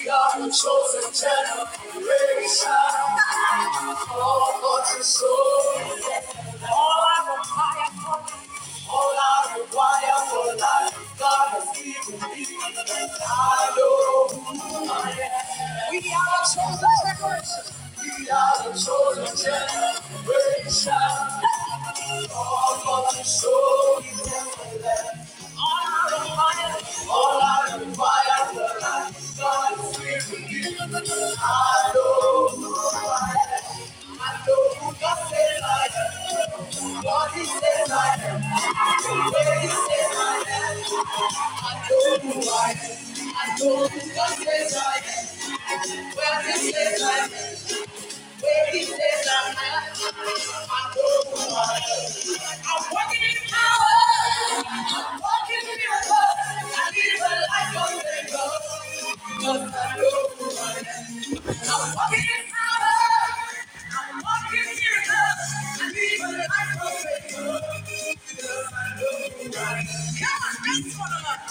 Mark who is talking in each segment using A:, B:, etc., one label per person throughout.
A: We are the chosen generation. All hearts and souls. All eyes on fire all I require for life, God has given me. And I know who I am. We are the chosen generation. We are the chosen generation. All God is so beautiful. All I require, all I require for life, God is given me. and I know who I am. I know who God says I am. What He says I am. Where He says I am. I know who I am. I know who God says I am. Where He says I am. Where he says I'm at, I know who I am. I'm walking in power. I'm walking in miracles. I live a life of cause I know who I am. I'm walking in power. I'm walking in miracles. I live a life of cause I know who I am. Come on, dance for the Lord.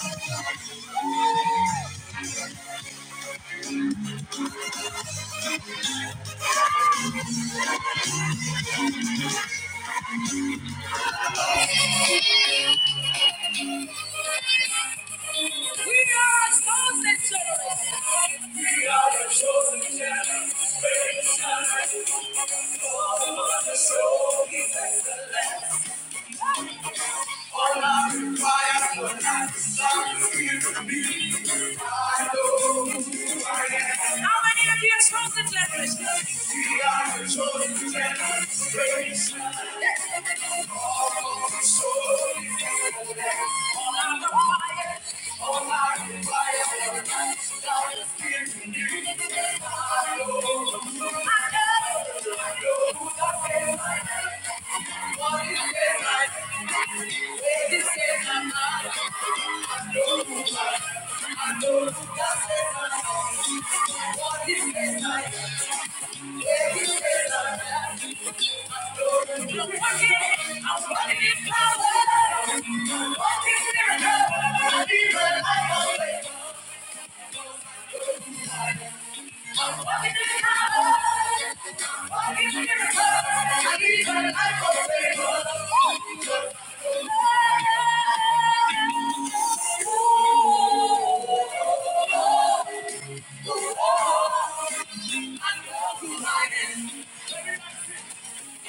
A: We are a chosen generation. We are a chosen generation. All of the soul is excellent. All I require for that love you me. I know who I am. How many of you chosen generation? We are a chosen generation. Thank you. The war, I love you, I am. I am holy. I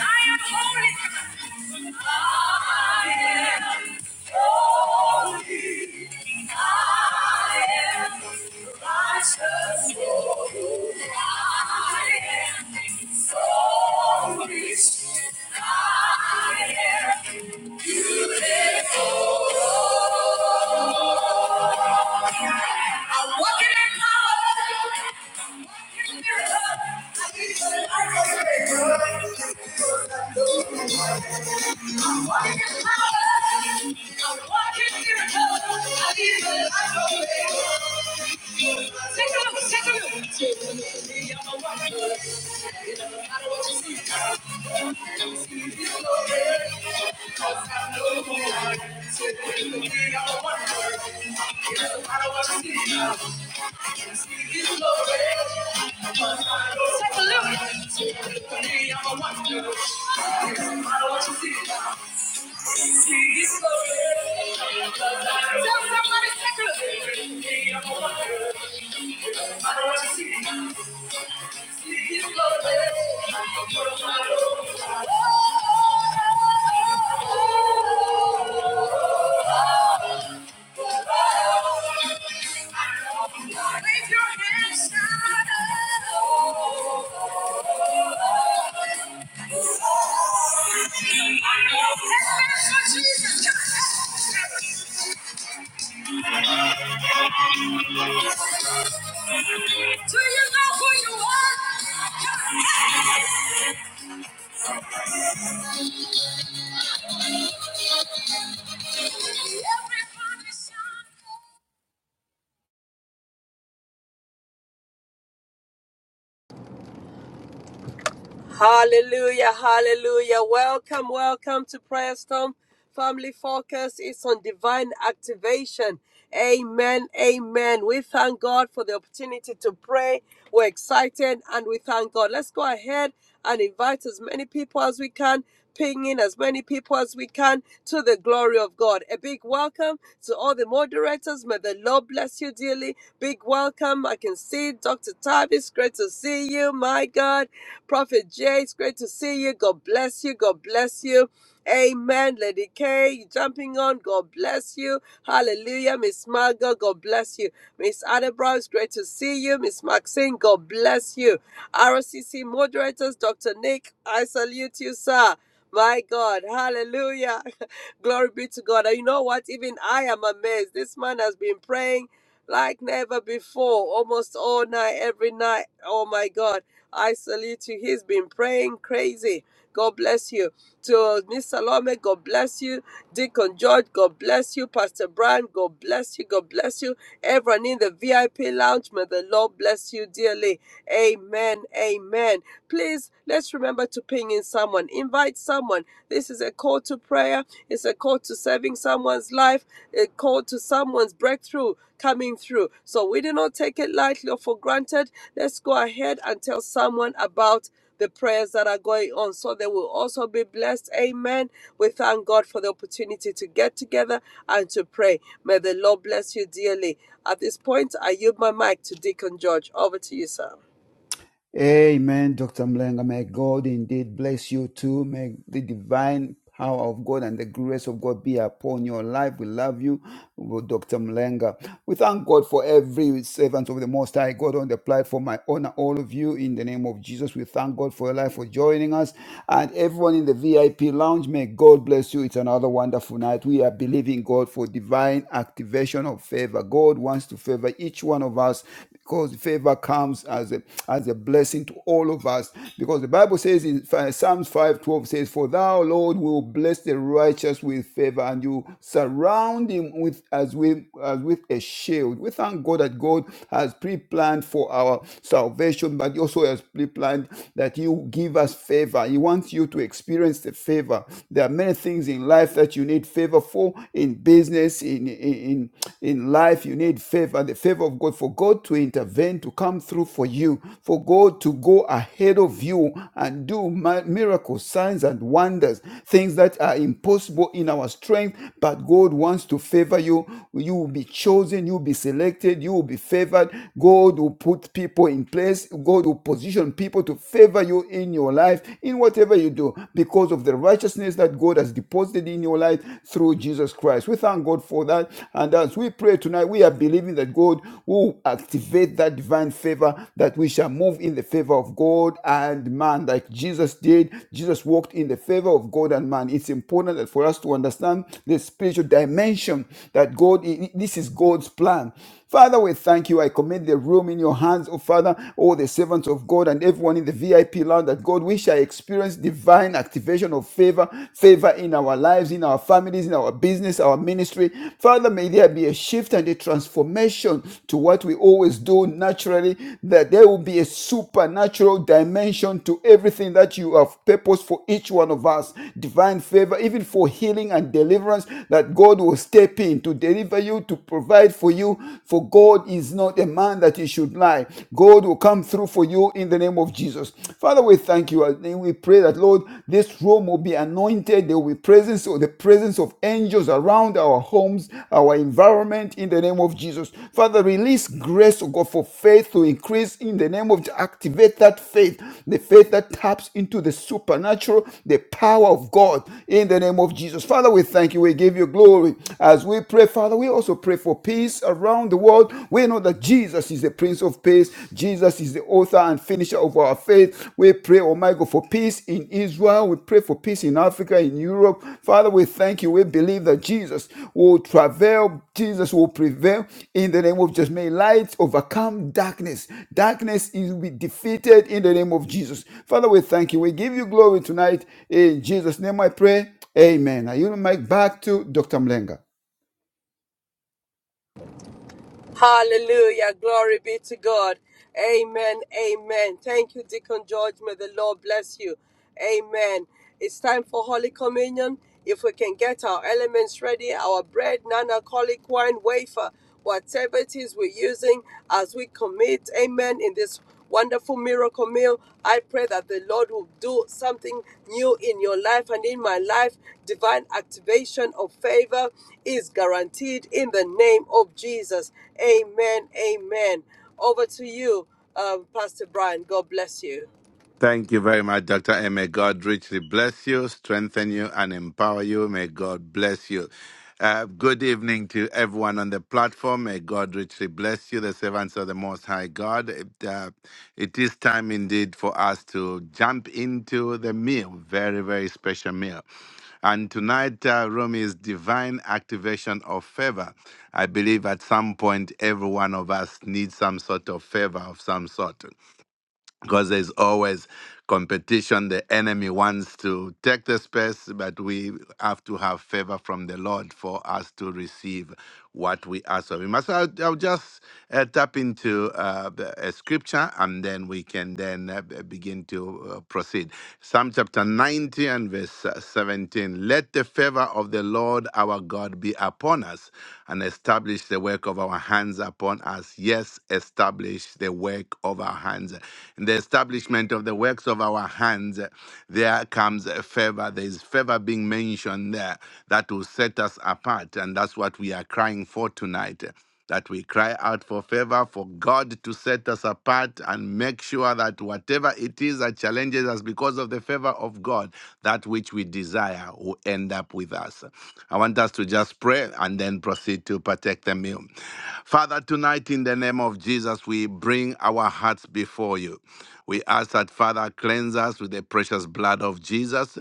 A: I am am righteous. I am so I'm walking in power. I'm walking in miracles. I'm walking in power. I'm walking in miracles. I need a miracle. Take a look. Take a look. Tell somebody, take a look. I don't want to see. Do you know who you are? Everybody's
B: Hallelujah, hallelujah. Welcome, welcome to Prayer Storm. Family Focus is on divine activation. Amen, amen. We thank God for the opportunity to pray. We're excited and we thank God. Let's go ahead and invite as many people as we can Pinging as many people as we can to the glory of God. A big welcome to all the moderators. May the Lord bless you dearly. Big welcome. I can see Dr. Tavis. Great to see you. My God. Prophet Jay, it's great to see you. God bless you. God bless you. Amen. Lady K, you jumping on. God bless you. Hallelujah. Miss Margot, God bless you. Miss Adebrow, it's great to see you. Miss Maxine, God bless you. RCC moderators, Dr. Nick, I salute you, sir. My God, hallelujah. Glory be to God. And you know what? Even I am amazed. This man has been praying like never before, almost all night, every night. Oh my God. I salute you. He's been praying crazy. God bless you. To Miss Salome, God bless you. Deacon George, God bless you. Pastor Brian, God bless you. God bless you. Everyone in the VIP lounge, may the Lord bless you dearly. Amen. Amen. Please let's remember to ping in someone, invite someone. This is a call to prayer, it's a call to saving someone's life, a call to someone's breakthrough coming through. So we do not take it lightly or for granted. Let's go ahead and tell someone about the prayers that are going on so they will also be blessed. Amen. We thank God for the opportunity to get together and to pray. May the Lord bless you dearly. At this point, I yield my mic to Deacon George. Over to you, sir.
C: Amen, Dr. Mlenga. May God indeed bless you too. May the divine power of God and the grace of God be upon your life. We love you, Dr. Mlenga. We thank God for every servant of the Most High God on the platform. I honor all of you in the name of Jesus. We thank God for your life, for joining us. And everyone in the VIP lounge, may God bless you. It's another wonderful night. We are believing God for divine activation of favor. God wants to favor each one of of us because favor comes as a as a blessing to all of us because the bible says in Ph- psalms 5:12 says for thou lord will bless the righteous with favor and you surround him with as with as with a shield we thank god that god has pre-planned for our salvation but he also has pre-planned that you give us favor he wants you to experience the favor there are many things in life that you need favor for in business in in, in, in life, you need favor, the favor of God, for God to intervene, to come through for you, for God to go ahead of you and do mi- miracles, signs, and wonders, things that are impossible in our strength, but God wants to favor you. You will be chosen, you will be selected, you will be favored. God will put people in place, God will position people to favor you in your life, in whatever you do, because of the righteousness that God has deposited deposited in your life through Jesus Christ. We thank God for that. And as we pray tonight, we are believing that God will activate that divine favor, that we shall move in the favor of God and man, like Jesus did. Jesus walked in the favor of God and man. It's important that for us to understand the spiritual dimension that God, this is God's plan Father, we thank you. I commit the room in your hands, oh Father, all the servants of God and everyone in the VIP lounge that God, we shall experience divine activation of favor, favor in our lives, in our families, in our business, our ministry. Father, may there be a shift and a transformation to what we always do naturally, that there will be a supernatural dimension to everything that you have purposed for each one of us. Divine favor, even for healing and deliverance, that God will step in to deliver you, to provide provide for you. For God is not a man that he should lie. God will come through for you in the name of Jesus. Father, we thank you and we pray that, Lord, this room will be anointed. There will be presence or the presence of angels around our homes, our environment in the name of Jesus. Father, release grace, O God, for faith to increase in the name of Jesus. activate that faith, the faith that taps into the supernatural, the power of God in the name of Jesus. Father, we thank you. We give you glory as we pray, Father. Father, we also pray for peace around the world. We know that Jesus is the Prince of Peace. Jesus is the author and finisher of our faith. We pray, oh my God, for peace in Israel. We pray for peace in Africa, in Europe. Father, we thank you. We believe that Jesus will travail. Jesus will prevail in the name of Jesus. May light overcome darkness. Darkness is be defeated in the name of Jesus. Father, we thank you. We give you glory tonight. In Jesus' name I pray. Amen. I yield the mic back to Dr. Mlenga.
B: Hallelujah. Glory be to God. Amen. Amen. Thank you, Deacon George. May the Lord bless you. Amen. It's time for Holy Communion. If we can get our elements ready, our bread, non alcoholic wine, wafer, whatever it is we're using as we commit, amen, in this wonderful miracle meal. I pray that the Lord will do something new in your life and in my life. Divine activation of favor is guaranteed in the name of Jesus. Amen. Amen. Over to you, um, Pastor Brian. God bless you.
D: Thank you very much, Dr. And may God richly bless you, strengthen you, and empower you. May God bless you. Uh, good evening to everyone on the platform. May God richly bless you, the servants of the Most High God. It, uh, it is time indeed for us to jump into the meal, very, very special meal. And tonight, uh, room is divine activation of favor. I believe at some point, every one of us needs some sort of favor of some sort because there's always competition. The enemy wants to take the space, but we have to have favor from the Lord for us to receive what we ask of Him. So I'll, I'll just uh, tap into uh, the- a scripture, and then we can then uh, b- begin to uh, proceed. Psalm chapter 90 and verse uh, 17. Let the favor of the Lord our God be upon us, and establish the work of our hands upon us. Yes, establish establish the work of our hands. In the establishment of the works of our hands, there comes a favor. There is favor being mentioned there that will set us apart. And that's what we are crying for tonight. That we cry out for favor for God to set us apart and make sure that whatever it is that challenges us because of the favor of God, that which we desire will end up with us. I want us to just pray and then proceed to partake the meal. Father, tonight in the name of Jesus, we bring our hearts before you. We ask that, Father, cleanse us with the precious blood of Jesus.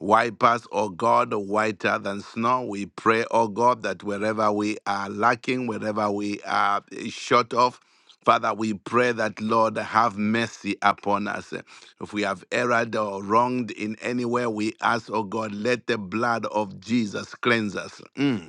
D: Wipe us, O God, whiter than snow. We pray, O God, that wherever we are lacking, wherever we are short of, Father, we pray that, Lord, have mercy upon us. If we have erred or wronged in any way, we ask, oh God, let the blood of Jesus cleanse us. Mm.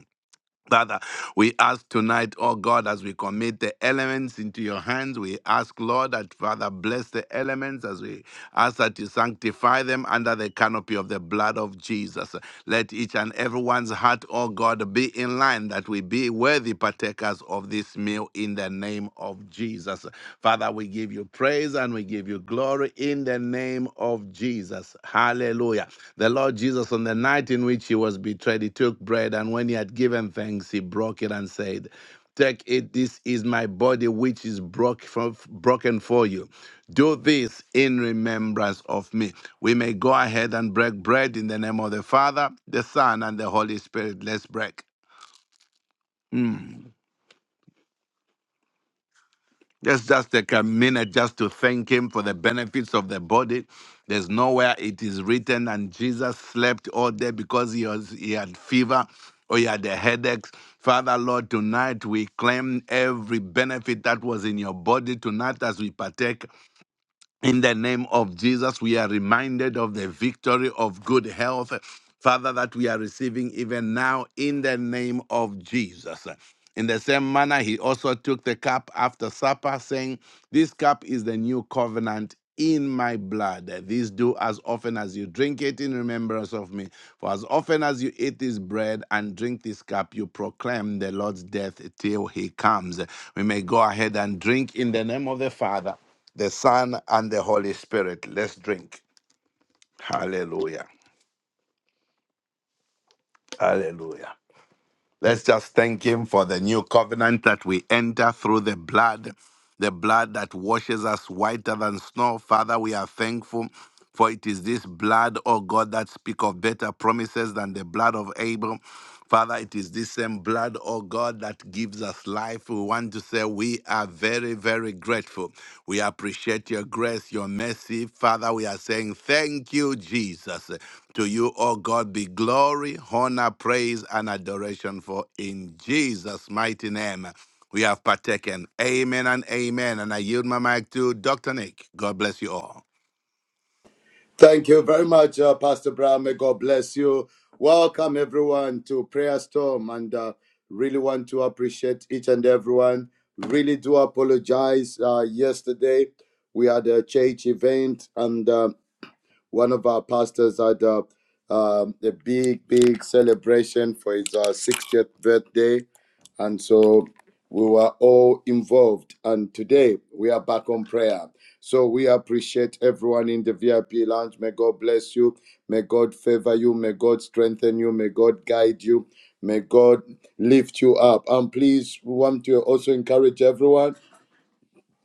D: Father, we ask tonight, oh God, as we commit the elements into your hands, we ask, Lord, that Father, bless the elements as we ask that you sanctify them under the canopy of the blood of Jesus. Let each and everyone's heart, oh God, be in line, that we be worthy partakers of this meal in the name of Jesus. Father, we give you praise and we give you glory tomorrow in the name of Jesus. Hallelujah. The Lord Jesus, on the night in which he was betrayed, he took bread, and when he had given thanks, he broke it and said, Take it, this is my body which is broke for, broken for you. Do this in remembrance of me. We may go ahead and break bread in the name of the Father, the Son, and the Holy Spirit. Let's break. Let's just take a minute just to thank him for the benefits of the body. There's nowhere it is written, and Jesus slept all day because he, was, he had fever or he had a headache. Father, Lord, tonight we claim every benefit that was in your body tonight as we partake. In the name of Jesus, we are reminded of the victory of good health, Father, that we are receiving even now in the name of Jesus. In the same manner, he also took the cup after supper, saying, This cup is the new covenant in my blood. This do as often as you drink it in remembrance of me. For as often as you eat this bread and drink this cup, you proclaim the Lord's death till he comes. We may go ahead and drink in the name of the Father the Son, and the Holy Spirit. Let's drink. Hallelujah. Hallelujah. Let's just thank Him for the new covenant that we enter through the blood, the blood that washes us whiter than snow. Father, we are thankful. For it is this blood, O God, that speak of better promises than the blood of Abel. Father, it is this same blood, O God, that gives us life. We want to say we are are very, very grateful. We appreciate your grace, your mercy. Father, we are saying thank you, Jesus. To you, O God, be glory, honor, praise, and adoration for in Jesus' mighty name. We have partaken. Amen and amen. And I yield my mic to Dr. Nick. God bless you all.
E: Thank you very much, uh, Pastor Brown. May God bless you. Welcome, everyone, to Prayer Storm. And uh, really want to appreciate each and everyone. Really do apologize. Uh, yesterday, we had a church event, and uh, one of our pastors had uh, um, a big, big celebration for his uh, 60th birthday. And so we were all involved. And today we are back on prayer. So we appreciate everyone in the VIP lounge. May God bless you. May God favor you. May God strengthen you. May God guide you. May God lift you up. And please, we want to also encourage everyone.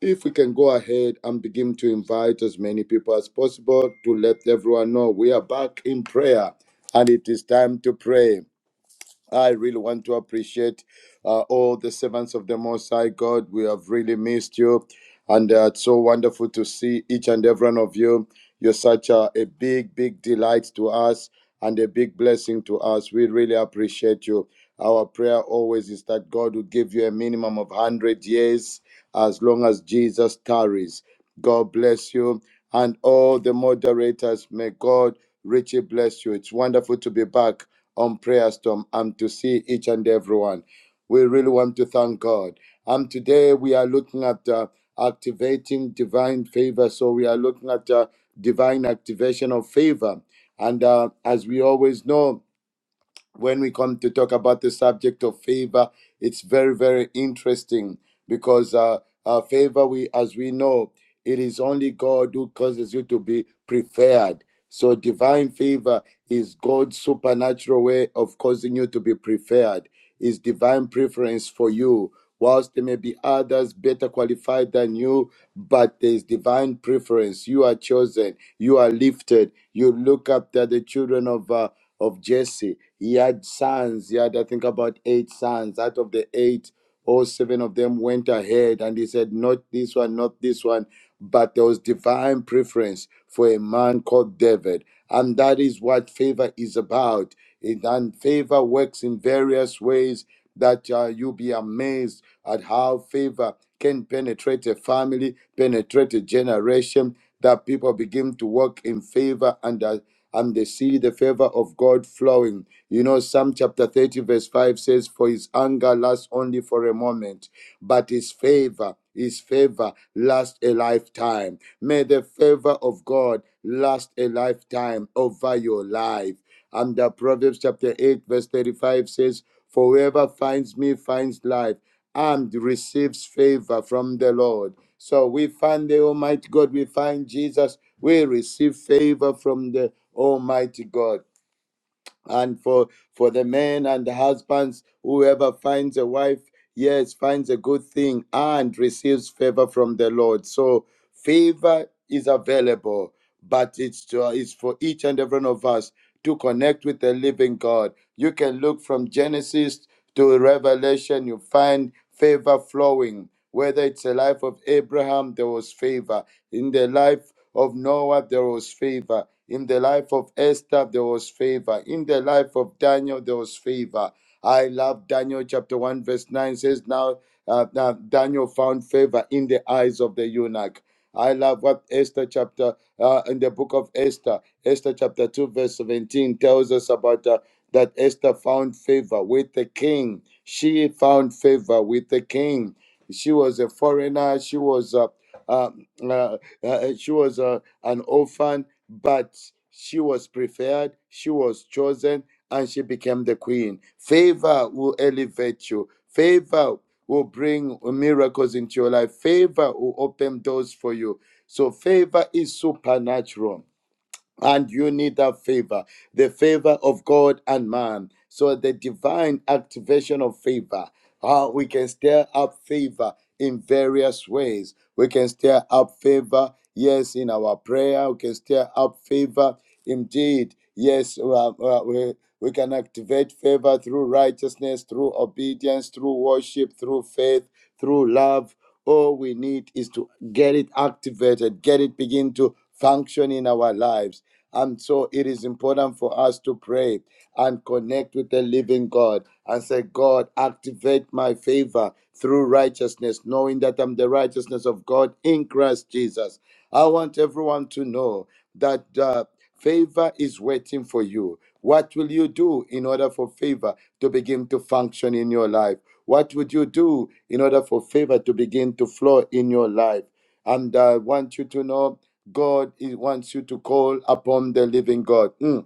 E: If we can go ahead and begin to invite as many people as possible to let everyone know we are back in prayer and it is time to pray. I really want to appreciate uh, all the servants of the Most High God. We have really missed you, and uh, it's so wonderful to see each and every one of you. You're such a, a big, big delight to us and a big blessing to us. We really appreciate you. Our prayer always is that God will give you a minimum of 100 years as long as Jesus tarries. God bless you and all the moderators. May God richly bless you. It's wonderful to be back on Prayer Storm and to see each and everyone. We really want to thank God. And today we are looking at uh, activating divine favor. So we are looking at uh, divine activation of favor. And uh, as we always know, when we come to talk about the subject of favor, it's very, very interesting because uh, uh, favor, we as we know, it is only God who causes you to be preferred. So divine favor is God's supernatural way of causing you to be preferred. Is divine preference for you, whilst there may be others better qualified than you, but there is divine preference. You are chosen. You are lifted. You look up to the children of. Uh, of Jesse. He had sons. He had, I think, about eight sons. Out of the eight, all seven of them went ahead, and he said, Not this one, not this one. But there was divine preference for a man called David. And that is what favor is about. It, and favor works in various ways that uh, you'll be amazed at how favor can penetrate a family, penetrate a generation, that people begin to walk in favor and uh, and they see the favor of God flowing. You know, Psalm chapter 30, verse 5 says, For his anger lasts only for a moment, but his favor, his favor lasts a lifetime. May the favor of God last a lifetime over your life. And uh, Proverbs chapter 8, verse 35 says, For whoever finds me finds life and receives favor from the Lord. So we find the Almighty God, we find Jesus, we receive favor from the Almighty God and for for the men and the husbands whoever finds a wife yes finds a good thing and receives favor from the lord so favor is available but it's to, it's for each and every one of us to connect with the living god you can look from genesis to revelation you find favor flowing whether it's the life of abraham there was favor in the life of Noah, there was favor. In the life of Esther, there was favor. In the life of Daniel, there was favor. I love Daniel chapter 1, verse 9 says, Now, uh, now Daniel found favor in the eyes of the eunuch. I love what Esther chapter, uh, in the book of Esther, Esther chapter 2, verse 17 tells us about uh, that Esther found favor with the king. She found favor with the king. She was a foreigner. She was a uh, uh, she was uh, an orphan, but she was preferred, she was chosen, and she became the queen. Favor will elevate you. Favor will bring miracles into your life. Favor will open doors for you. So favor is supernatural and you need that favor the favor of god and man so the divine activation of favor how we can stir up favor in various ways we can stir up favor yes in our prayer we can stir up favor indeed yes uh, uh, we, we can activate favor through righteousness, through obedience, through worship, through faith, through love. All we need is to get it activated, get it begin to function in our lives. And so it is important for us to pray and connect with the living God and say, God, activate my favor through righteousness, knowing that I'm the righteousness of God in Christ Jesus. I want everyone to know that. Uh, Favor is waiting for you. What will you do in order for favor to begin to function in your life? What would you do in order for favor to begin to flow in your life? And I want you to know God wants you to call upon the living God. Mm.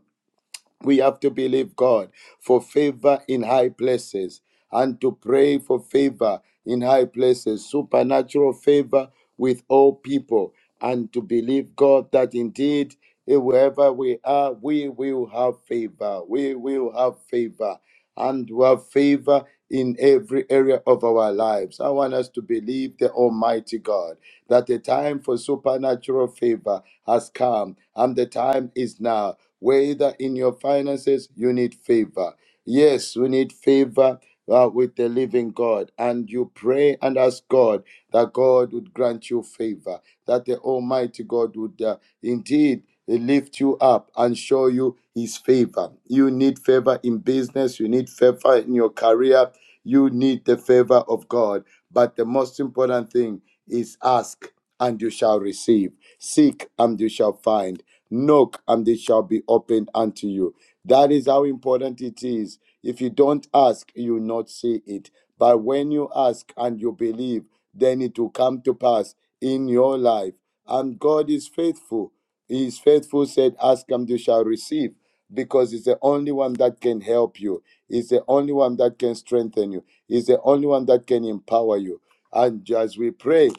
E: We have to believe God for favor in high places and to pray for favor in high places, supernatural favor with all people, and to believe God that indeed, eh, wherever we are, we will have favor. We will have favor and we have favor in every area of our lives. I want us to believe the Almighty God that the time for supernatural favor has come and the time is now. Whether in your finances, you need favor. Yes, we need favor uh, with the living God. And you pray and ask God that God would grant you favor, that the Almighty God would uh, indeed uh, lift you up and show you his favor. You need favor in business, you need favor in your career, you need the favor of God. But the most important thing, is ask and you shall receive. Seek and you shall find. Knock and it shall be opened unto you. That is how important it is. If you don't ask, you will not see it. But when you ask and you believe, then it will come to pass in your life. And God is faithful. He is faithful, said, Ask and you shall receive, because He's the only one that can help you. He's the only one that can strengthen you. He's the only one that can empower you. And as we pray,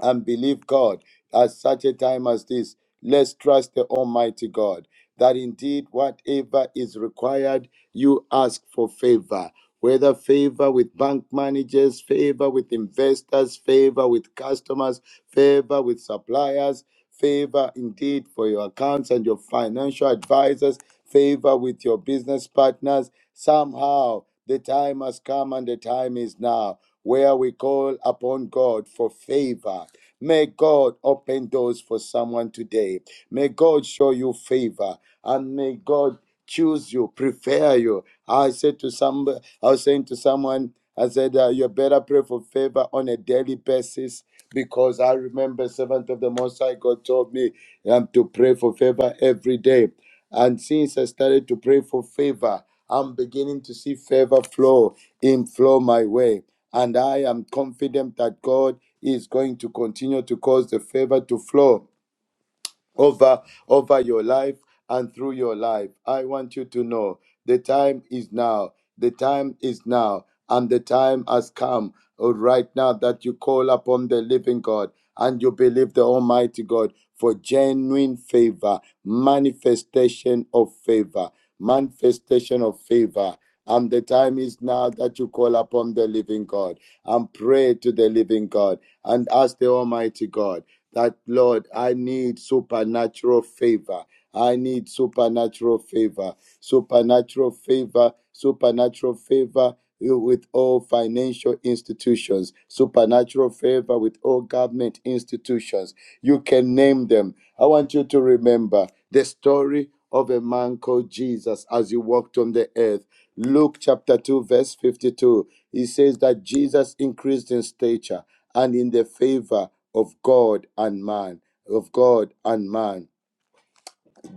E: and believe God at such a time as this. Let's trust the Almighty God that indeed whatever is required, you ask for favor. Whether favor with bank managers, favor with investors, favor with customers, favor with suppliers, favor indeed for your accounts and your financial advisors, favor with your business partners. Somehow the time has come and the time is now where we call upon God for favor. May God open doors for someone today. May God show you favor and may God choose you, prefer you. I said to some, I was saying to someone, I said, uh, you better pray for favor on a daily basis because I remember servant of the Most High God told me um, to pray for favor every day. And since I started to pray for favor, I'm beginning to see favor flow in flow my way. And I am confident that God is going to continue to cause the favor to flow over over your life and through your life i want you to know the time is now the time is now and the time has come oh, right now that you call upon the living god and you believe the almighty god for genuine favor manifestation of favor manifestation of favor. And the time is now that you call upon the living God and pray to the living God and ask the Almighty God that, Lord, I need supernatural favor. I need supernatural favor, supernatural favor, supernatural favor with all financial institutions, supernatural favor with all government institutions. You can name them. I want you to remember the story of a man called Jesus as he walked on the earth. Luke chapter 2, verse 52. He says that Jesus increased in stature and in the favor of God and man, of God and man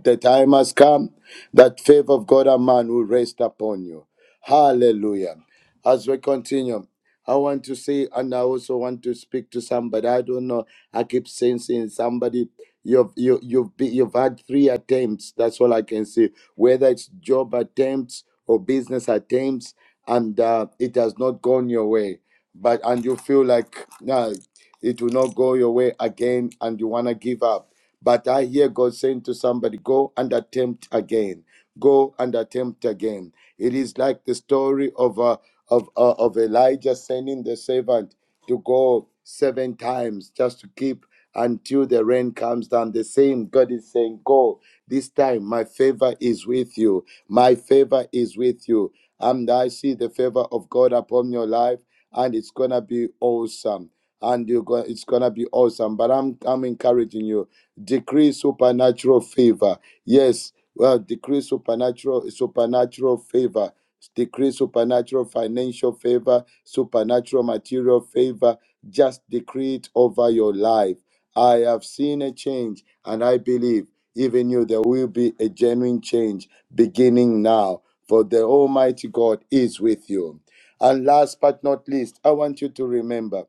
E: the time has come that favor of God and man will rest upon you. Hallelujah. As we continue, I want to say, and I also want to speak to somebody. I don't know. I keep sensing somebody. You've you, you've be, you've had three attempts. That's all I can say. Whether it's job attempts or business attempts, and uh, it has not gone your way. But and you feel like nah, it will not go your way again and you want to give up. But I hear God saying to somebody, go and attempt again. Go and attempt again. It is like the story of, uh, of, uh, of Elijah sending the servant to go seven times just to keep until the rain comes down. The same God is saying, go. This time, my favor is with you. My favor is with you. And I see the favor of God upon your life, and it's going to be awesome and you go, it's gonna be awesome. But I'm I'm encouraging you. Decree supernatural favor. Yes, well, decree supernatural supernatural favor. Decree supernatural financial favor, supernatural material favor. Just decree it over your life. I have seen a change, and I believe even you there will be a genuine change beginning now. For the Almighty God is with you. And last but not least, I want you to remember.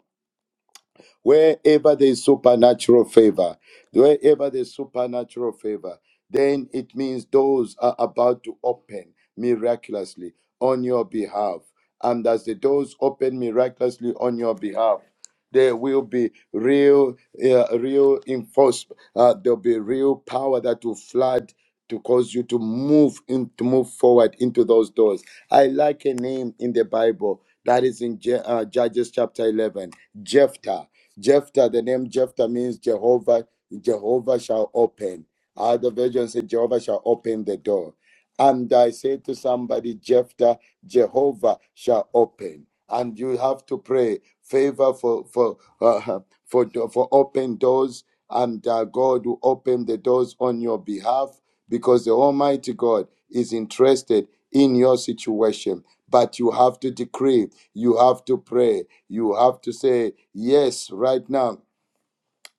E: Wherever there is supernatural favor, wherever there's supernatural favor, then it means doors are about to open miraculously on your behalf. And as the doors open miraculously on your behalf, there will be real, uh, real enforcement. Uh, there'll be real power that will flood to cause you to move in, to move forward into those doors. I like a name in the Bible that is in Je- uh, Judges chapter eleven, Jephthah. Jephthah, the name Jephthah means Jehovah, Jehovah shall open. Other version said Jehovah shall open the door. And I say to somebody, Jephthah, Jehovah shall open. And you have to pray favor for for uh, for for open doors and uh, God will open the doors on your behalf because the Almighty God is interested in your situation. But you have to decree, you have to pray, you have to say, Yes, right now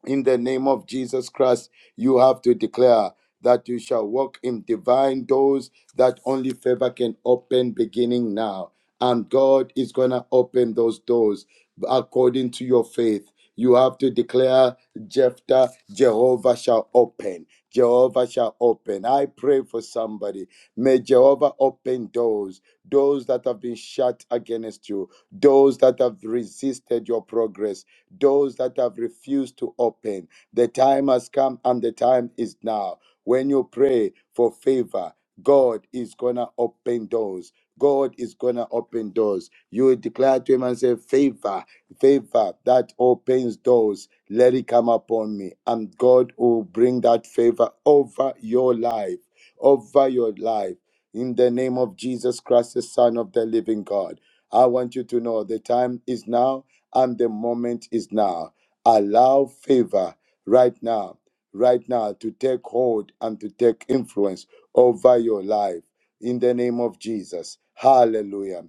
E: in the name of Jesus Christ, you have to declare that you shall walk in divine doors that only favor can open beginning now. And God is going to open those doors according to your faith. You have to declare, Jephthah, Jehovah shall open. Jehovah shall open. I pray for somebody. May Jehovah open doors, doors that have been shut against you, doors that have resisted your progress doors that have refused to open. The time has come and the time is now. When you pray for favor, God is going to open doors. God is going to open doors. You will declare to him and say, Favor, favor that opens doors, let it come upon me. And God will bring that favor over your life, over your life. In the name of Jesus Christ, the Son of the living God. I want you to know the time is now and the moment is now. Allow favor right now, right now to take hold and to take influence over your life in the name of Jesus. Hallelujah.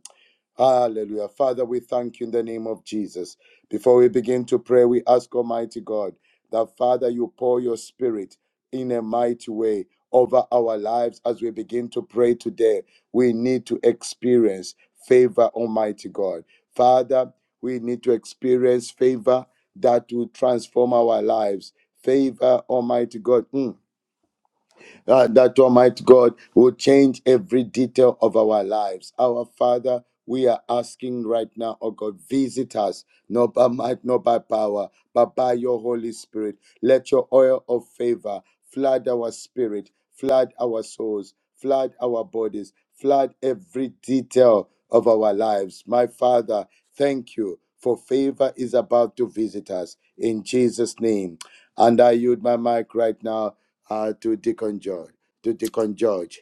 E: Hallelujah. Father, we thank you in the name of Jesus. Before we begin to pray, we ask Almighty God that, Father, you pour your spirit in a mighty way over our lives as we begin to pray today. We need to experience favor, Almighty God. Father, we need to experience favor that will transform our lives. Favor, Almighty God. Mm uh, that Almighty God will change every detail of our lives. Our Father, we are asking right now, oh God, visit us, not by might, not by power, but by your Holy Spirit. Let your oil of favor flood our spirit, flood our souls, flood our bodies, flood every detail of our lives. My Father, thank you, for favor is about to visit us. In Jesus' name. And I yield my mic right now uh, to Deacon George. To Deacon George.